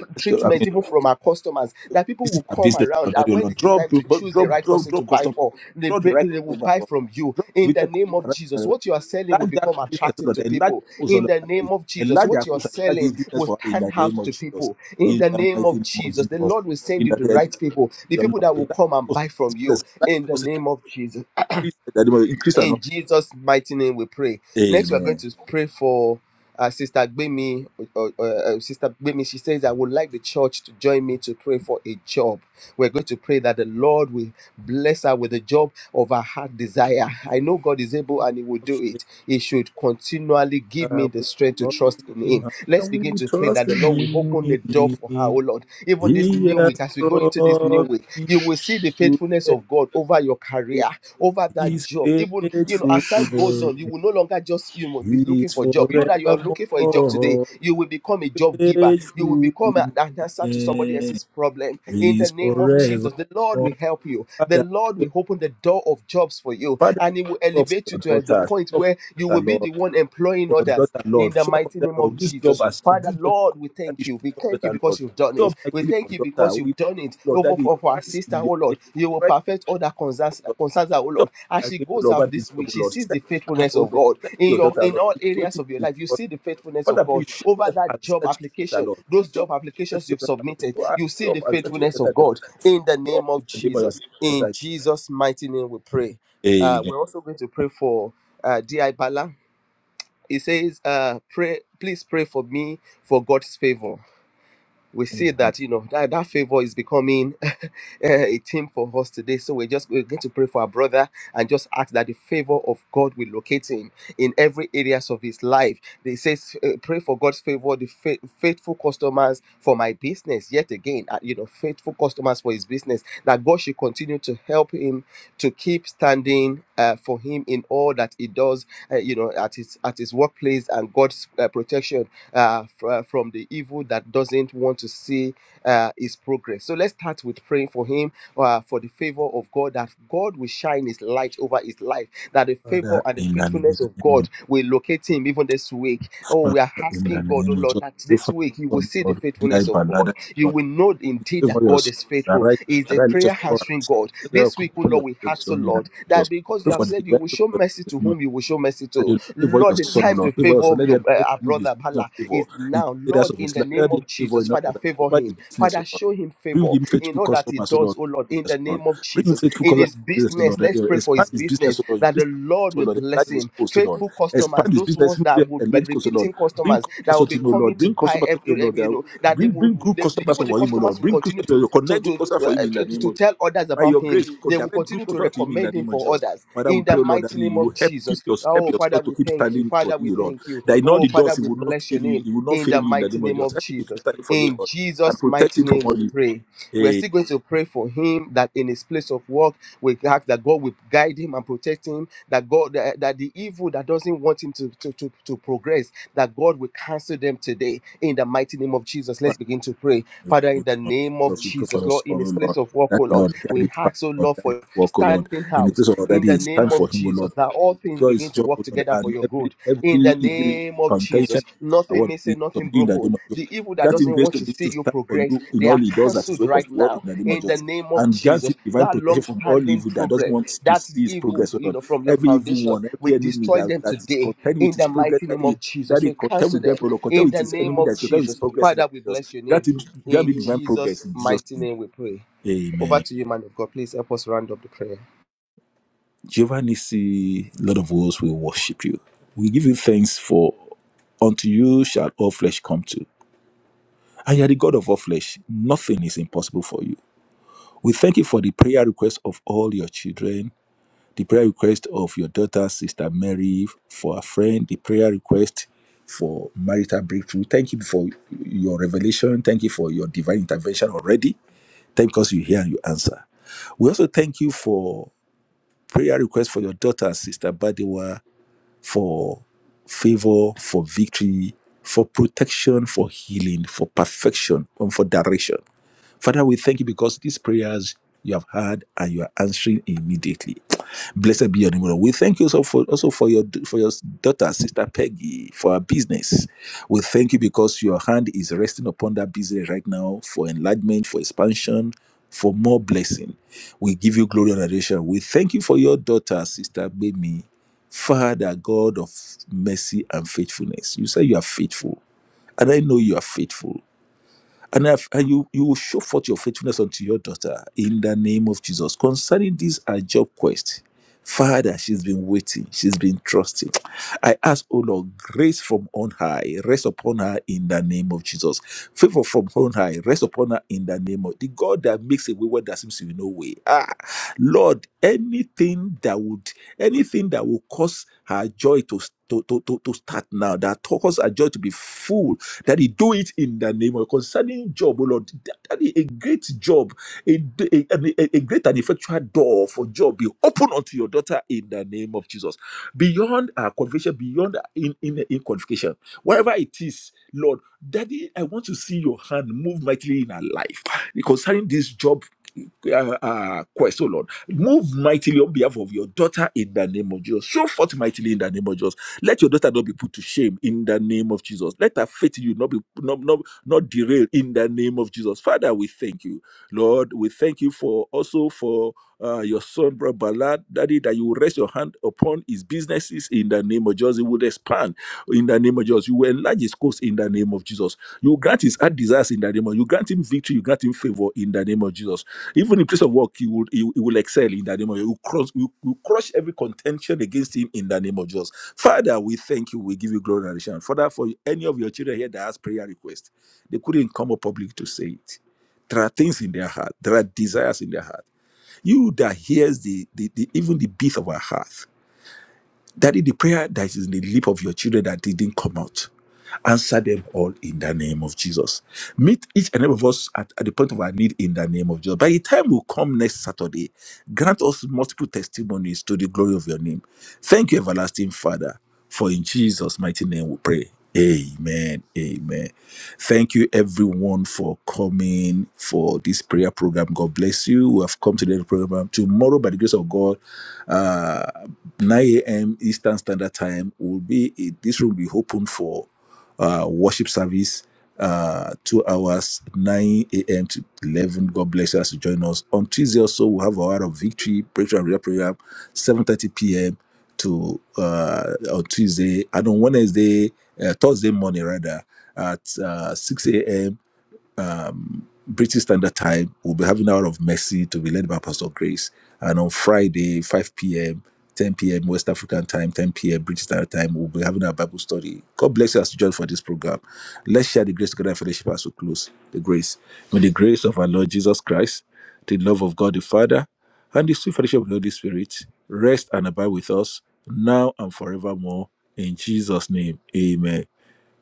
bless, treatment even from our customers. That people This is will a come business, Lord, around that and you when Lord. it is Draw, time to people- choose draw, the right draw, person draw to buy customer. for, they, Draw the b- right they will customer, buy Lord. from you Draw in with the the name of customer, right customer, Jesus. Lord. What you are selling will Enlarge become that business, attractive Lord. to Enlarge people our cause, in the name Lord. of Jesus. Enlarge What our you are cause and enlarge this selling business will for us in stand the name out of to Jesus. people in In the the name mighty of name of Jesus. The Jesus. Lord will In send you the the name of Lord. right people, the people that will Enlarge come our and cause, buy this from you business. Enlarge in our the cause, and name of Jesus. increase, in the name of- increase our In knowledge. Jesus' mighty name, we pray. Next, we are going Amen. to pray for uh, Sister Gbemi. Uh, uh, uh, Sister Gbemi, she says, I would like the church to join me to pray for a job. We're going to pray that the Lord will bless her with the job of her heart desire. I know God is able and He will do it. He should continually give Are me the we strength to trust trusting in him? Him. Are Let's begin we to pray that the trusting Lord will open the door for her, oh him? Lord. Even this He new has week, as we go into this new brought week, you will see the faithfulness of promised. God over your career over that His job. Even you know, faithfulness as time goes on, you will no longer just you know be looking is for job. You that you are looking for a job today, forevermore. you will become a job giver. You will Faithfulness become a- an answer to somebody else's is problem. In the name of forevermore. Jesus, the Lord will help you. The Father, Lord will open the door of jobs for you, Father, and He will show up elevate for you your to uh, the daughter. point Show up for where your you will daughter, be Lord. the Show one up employing For your others. daughter, In Lord. the Show up for mighty your daughter, name of Lord. This job Jesus. has Father, this job Lord, request. we Daddy, thank you. show We up for your thank you daughter, Lord. because you've done Show it. up We mightily for thank you your daughter. because We, you've done it. Lord, Oh, for, Daddy, for, for our Christ sister, in oh your place. Lord, you will Christ in perfect all that your concerns, that daughter. concerns her, oh Show Lord. up As she for goes your daughter, Lord. Over out this this job, week, she Lord. sees Set the her, faithfulness oh of Lord. God Set in your your daughter, in Lord. all She's areas of your life. waiting. You see the faithfulness Father, of God please show over up and that job set your daughter, application, Lord. those Show job up and applications set you've your daughter, submitted. Lord. Show up You see show the up and set your faithfulness daughter, of Lord. God in the Show up name in of the name of your Jesus. set your In daughter. Jesus' mighty name, we pray. Uh, Amen. we're also going to pray for uh, D.I. Bala. It says, uh, pray, please pray for me for God's favor we see Amen. that you know that, that favor is becoming a theme for us today so we're just we're going to pray for our brother and just ask that the favor of god will locate him in every areas of his life they says uh, pray for god's favor the fa- faithful customers for my business yet again uh, you know faithful customers for his business that god should continue to help him to keep standing uh, for him in all that he does uh, you know at his at his workplace and god's uh, protection uh, fr- uh, from the evil that doesn't want to see uh, his progress. So let's start with praying for him uh, for the favor of God, that God will shine his light over his life, that the favor Father, and the in the faithfulness of name of God will locate him even this week. Oh, Father, we are in the asking God, oh name of Lord, Jesus, that pray this for week you your will son, see the Lord. Be I faithfulness of God banada, you Lord. will know indeed Pray for that your God son. is faithful. Arise, He is a arise, let your prayer people answering arise. God. Let your This come week, oh upon your Lord, we ask, son oh in the name Lord, of that Jesus. because Pray you have for the said you divine will show mercy people. to whom you will show mercy that to, you favor Lord, your the son, O time to Lord. Favor your favor son. Let there your be, let uh, our him move his brother season of Bala favor is in now. all areas Lord, of in his the life. name Let there be of favor Jesus, in all Father, areas. favor Over his him. business, O Father, Lord. show him Bring favor him in faithful all that he customers, O does, Lord. oh Lord, in Business, the O Lord. name of Bring him Jesus. faithful In customers, his O business, Lord. Let let's him pray for Expand his his business business, O Lord. that Increase the his Lord business, O will Lord. Enlarge bless it his repeating coast, O Lord. faithful customers, Expand his those business, ones that would be enlarge coast, O Lord. repeating Bring customers that will customers unto be him, O coming Lord. to Bring buy customers unto every, him, O every you Lord. know, that they Bring, would bring good they, customers even the for him, O customers Lord. will Bring continue to customers, to connect good to, customers for him uh, in the to name to of tell others by about your him. grace, could They will direct good continue to thoughts to him in the recommend him name of for Jesus. others Father, we in the pray, O Lord, that mighty name you of will help keep Jesus. your help Oh Father, yourself to we keep thank you. standing for Father, we you, Lord. thank you. That in all Oh the Father, doors, he we will not bless your fail you. name He will not in fail the you in the mighty name of name Jesus. of Help him to keep Jesus. standing for you, In Lord, and Jesus' protect mighty him from name, we all evil. pray. We're Hey, still going to pray for him that in his place of work, we ask that God will guide him and protect him, that God that, that the evil that doesn't want him to, to, to, to progress, that God will cancel them today in the mighty name of Jesus. Let's Father, begin to pray. Father, in the name of we pray for Jesus, your son, Lord, O in his Lord. place of work, That oh the Lord, Lord guide his we path, ask, oh Lord, Lord, guide his for walk, O Lord. standing In the out place of order, in the it's name time for of him, O Lord. Jesus. Now all things begin God is begin to job, work O Lord, together for and your every good. In the every evil name of Jesus, contention nothing award is missing, nothing subdued in the broken. name of Jesus. The evil that Grant him doesn't grace want to to be able see to you stand for progress, you in they all are he does at his cancelled work of right work in now. the name of In the Jesus. name of And grant him Jesus, divine that protection from all long-standing evil that doesn't problem, want to that see his evil, progress, O you Lord. know, from your Every evil foundation, one, we every enemy destroy that, them that is today. content with In his the progress, mighty that name he, of that Jesus, he we content cancel with them, O them. Lord, content In with the his name enemy that of is content with his Jesus, progress in the Father, we name of bless Jesus. your name. Grant him, grant In him divine Jesus' progress in Jesus' mighty name. name, we pray. Amen. Over to you, man of God. Please help us round up the prayer. Jehovah Nissi, Lord of hosts, we worship you. We give you thanks for unto you shall all flesh come to. And you are the God of all flesh. Nothing is impossible for you. We thank you for the prayer request of all your children, the prayer request of your daughter, Sister Mary, for a friend, the prayer request for marital breakthrough. Thank you for your revelation. Thank you for your divine intervention already. Thank you because you hear and you answer. We also thank you for prayer request for your daughter, Sister Badewa, for favor, for victory, for protection, for healing, for perfection, and for direction. Father, we thank you because these prayers you have heard and you are answering immediately. Blessed be your name, O Lord. We thank you also for also for your for your daughter, sister Peggy, for her business. We thank you because your hand is resting upon that business right now for enlargement, for expansion, for more blessing. We give you glory and adoration. We thank you for your daughter, sister Baby, Father, God of mercy and faithfulness. You say you are faithful, and I know you are faithful. And, if, and you, you will show forth your faithfulness unto your daughter in the name of Jesus. Concerning this, our job quest, Father, she's been waiting, she's been trusting. I ask, O Lord, grace from on high, rest upon her in the name of Jesus. Favor from on high, rest upon her in the name of the God that makes a way where there seems to be no way. Ah, Lord, anything that would, anything that will cause her joy to, to, to, to, to start now, that cause her joy to be full Daddy, do it in the name of concerning job, oh Lord. Daddy, a great job, a, a, a- a great and effectual door for job be open unto your daughter in the name of Jesus. Beyond our qualification, beyond our in, in, in qualification, wherever it is, Lord, Daddy, I want to see your hand move mightily in our life concerning this job uh, uh, quest, oh Lord. Move mightily on behalf of your daughter in the name of Jesus. Show forth mightily in the name of Jesus. Let your daughter not be put to shame in the name of Jesus. Let her faith in you not be not, not, not derail in the name of Jesus. Father, we thank you. Lord, we thank you for also for uh, your son, Brother Ballard, Daddy, that you will rest your hand upon his businesses in the name of Jesus. He will expand in the name of Jesus. You will enlarge his course in the name of Jesus. You grant his heart desires in the name of You grant him victory. You grant him favor in the name of Jesus. Even in place of work, he will, he, will he will excel in the name of Jesus. You will cross, you will crush every contention against him in the name of Jesus. Father, we thank you. We give you glory and adoration. Father, for any of your children here that has prayer request, they couldn't come up public to say it. There are things in their heart. There are desires in their heart you that hears the, the, the even the beat of our heart, that is the prayer that is in the lip of your children that didn't come out. Answer them all in the name of Jesus. Meet each and every of us at, at the point of our need in the name of Jesus. By the time we come next Saturday, grant us multiple testimonies to the glory of your name. Thank you, everlasting Father, for in Jesus' mighty name we pray. Amen. Amen. Thank you, everyone, for coming for this prayer program. God bless you. We have come to the end of the program. Tomorrow, by the grace of God, uh, 9 a.m. Eastern Standard Time, will be this room will be open for uh, worship service, uh, two hours, 9 a.m. to 11. God bless us to join us. On Tuesday also, we'll have our hour of victory, breakthrough and real program, 7.30 p.m. to uh, on Tuesday. And on Wednesday, uh, Thursday morning rather, at uh, 6 a.m um, British Standard Time. We'll be having Hour of Mercy to be led by Pastor Grace. And on Friday, 5 p.m., 10 p.m. West African time, 10 p.m. British Standard Time, we'll be having our Bible study. God bless you as you join for this program. Let's share the grace together and fellowship as we close. The grace. May the grace of our Lord Jesus Christ, the love of God the Father, and the sweet fellowship of the Holy Spirit rest and abide with us now and forevermore. In Jesus' name, amen.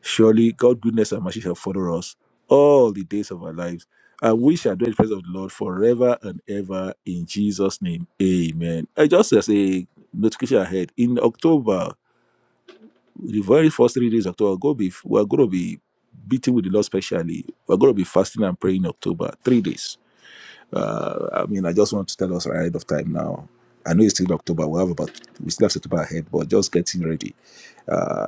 Surely God goodness and mercy shall follow us all the days of our lives, and we shall dwell in the presence of the Lord forever and ever in Jesus' name. Amen. I just as a notification ahead in October, the very first three days of October, go be we're gonna be beating with the Lord specially. We're gonna be fasting and praying in October. Three days. Uh, I mean, I just want to tell us ahead of time now. I know it's still October. We have about we still have September ahead, but just getting ready. Uh,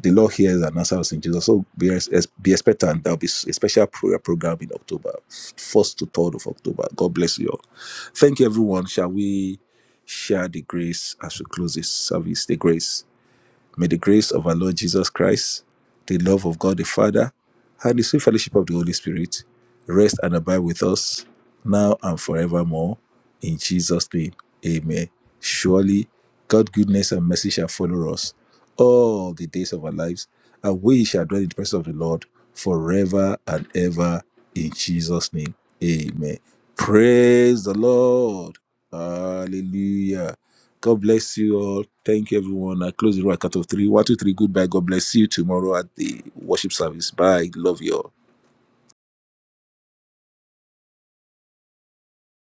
the Lord hears and answers in Jesus. So be, ex- ex- be expectant. There'll be s- a special prayer program in October, first to third of October. God bless you all. Thank you, everyone. Shall we share the grace as we close this service? The grace. May the grace of our Lord Jesus Christ, the love of God the Father, and the sweet fellowship of the Holy Spirit rest and abide with us now and forevermore. In Jesus' name, amen. Surely, God's goodness and mercy shall follow us all the days of our lives, and we shall dwell in the presence of the Lord forever and ever. In Jesus' name, amen. Praise the Lord. Hallelujah. God bless you all. Thank you, everyone. I close the room at cut of three. One, two, three. Goodbye. God bless you tomorrow at the worship service. Bye. Love you all.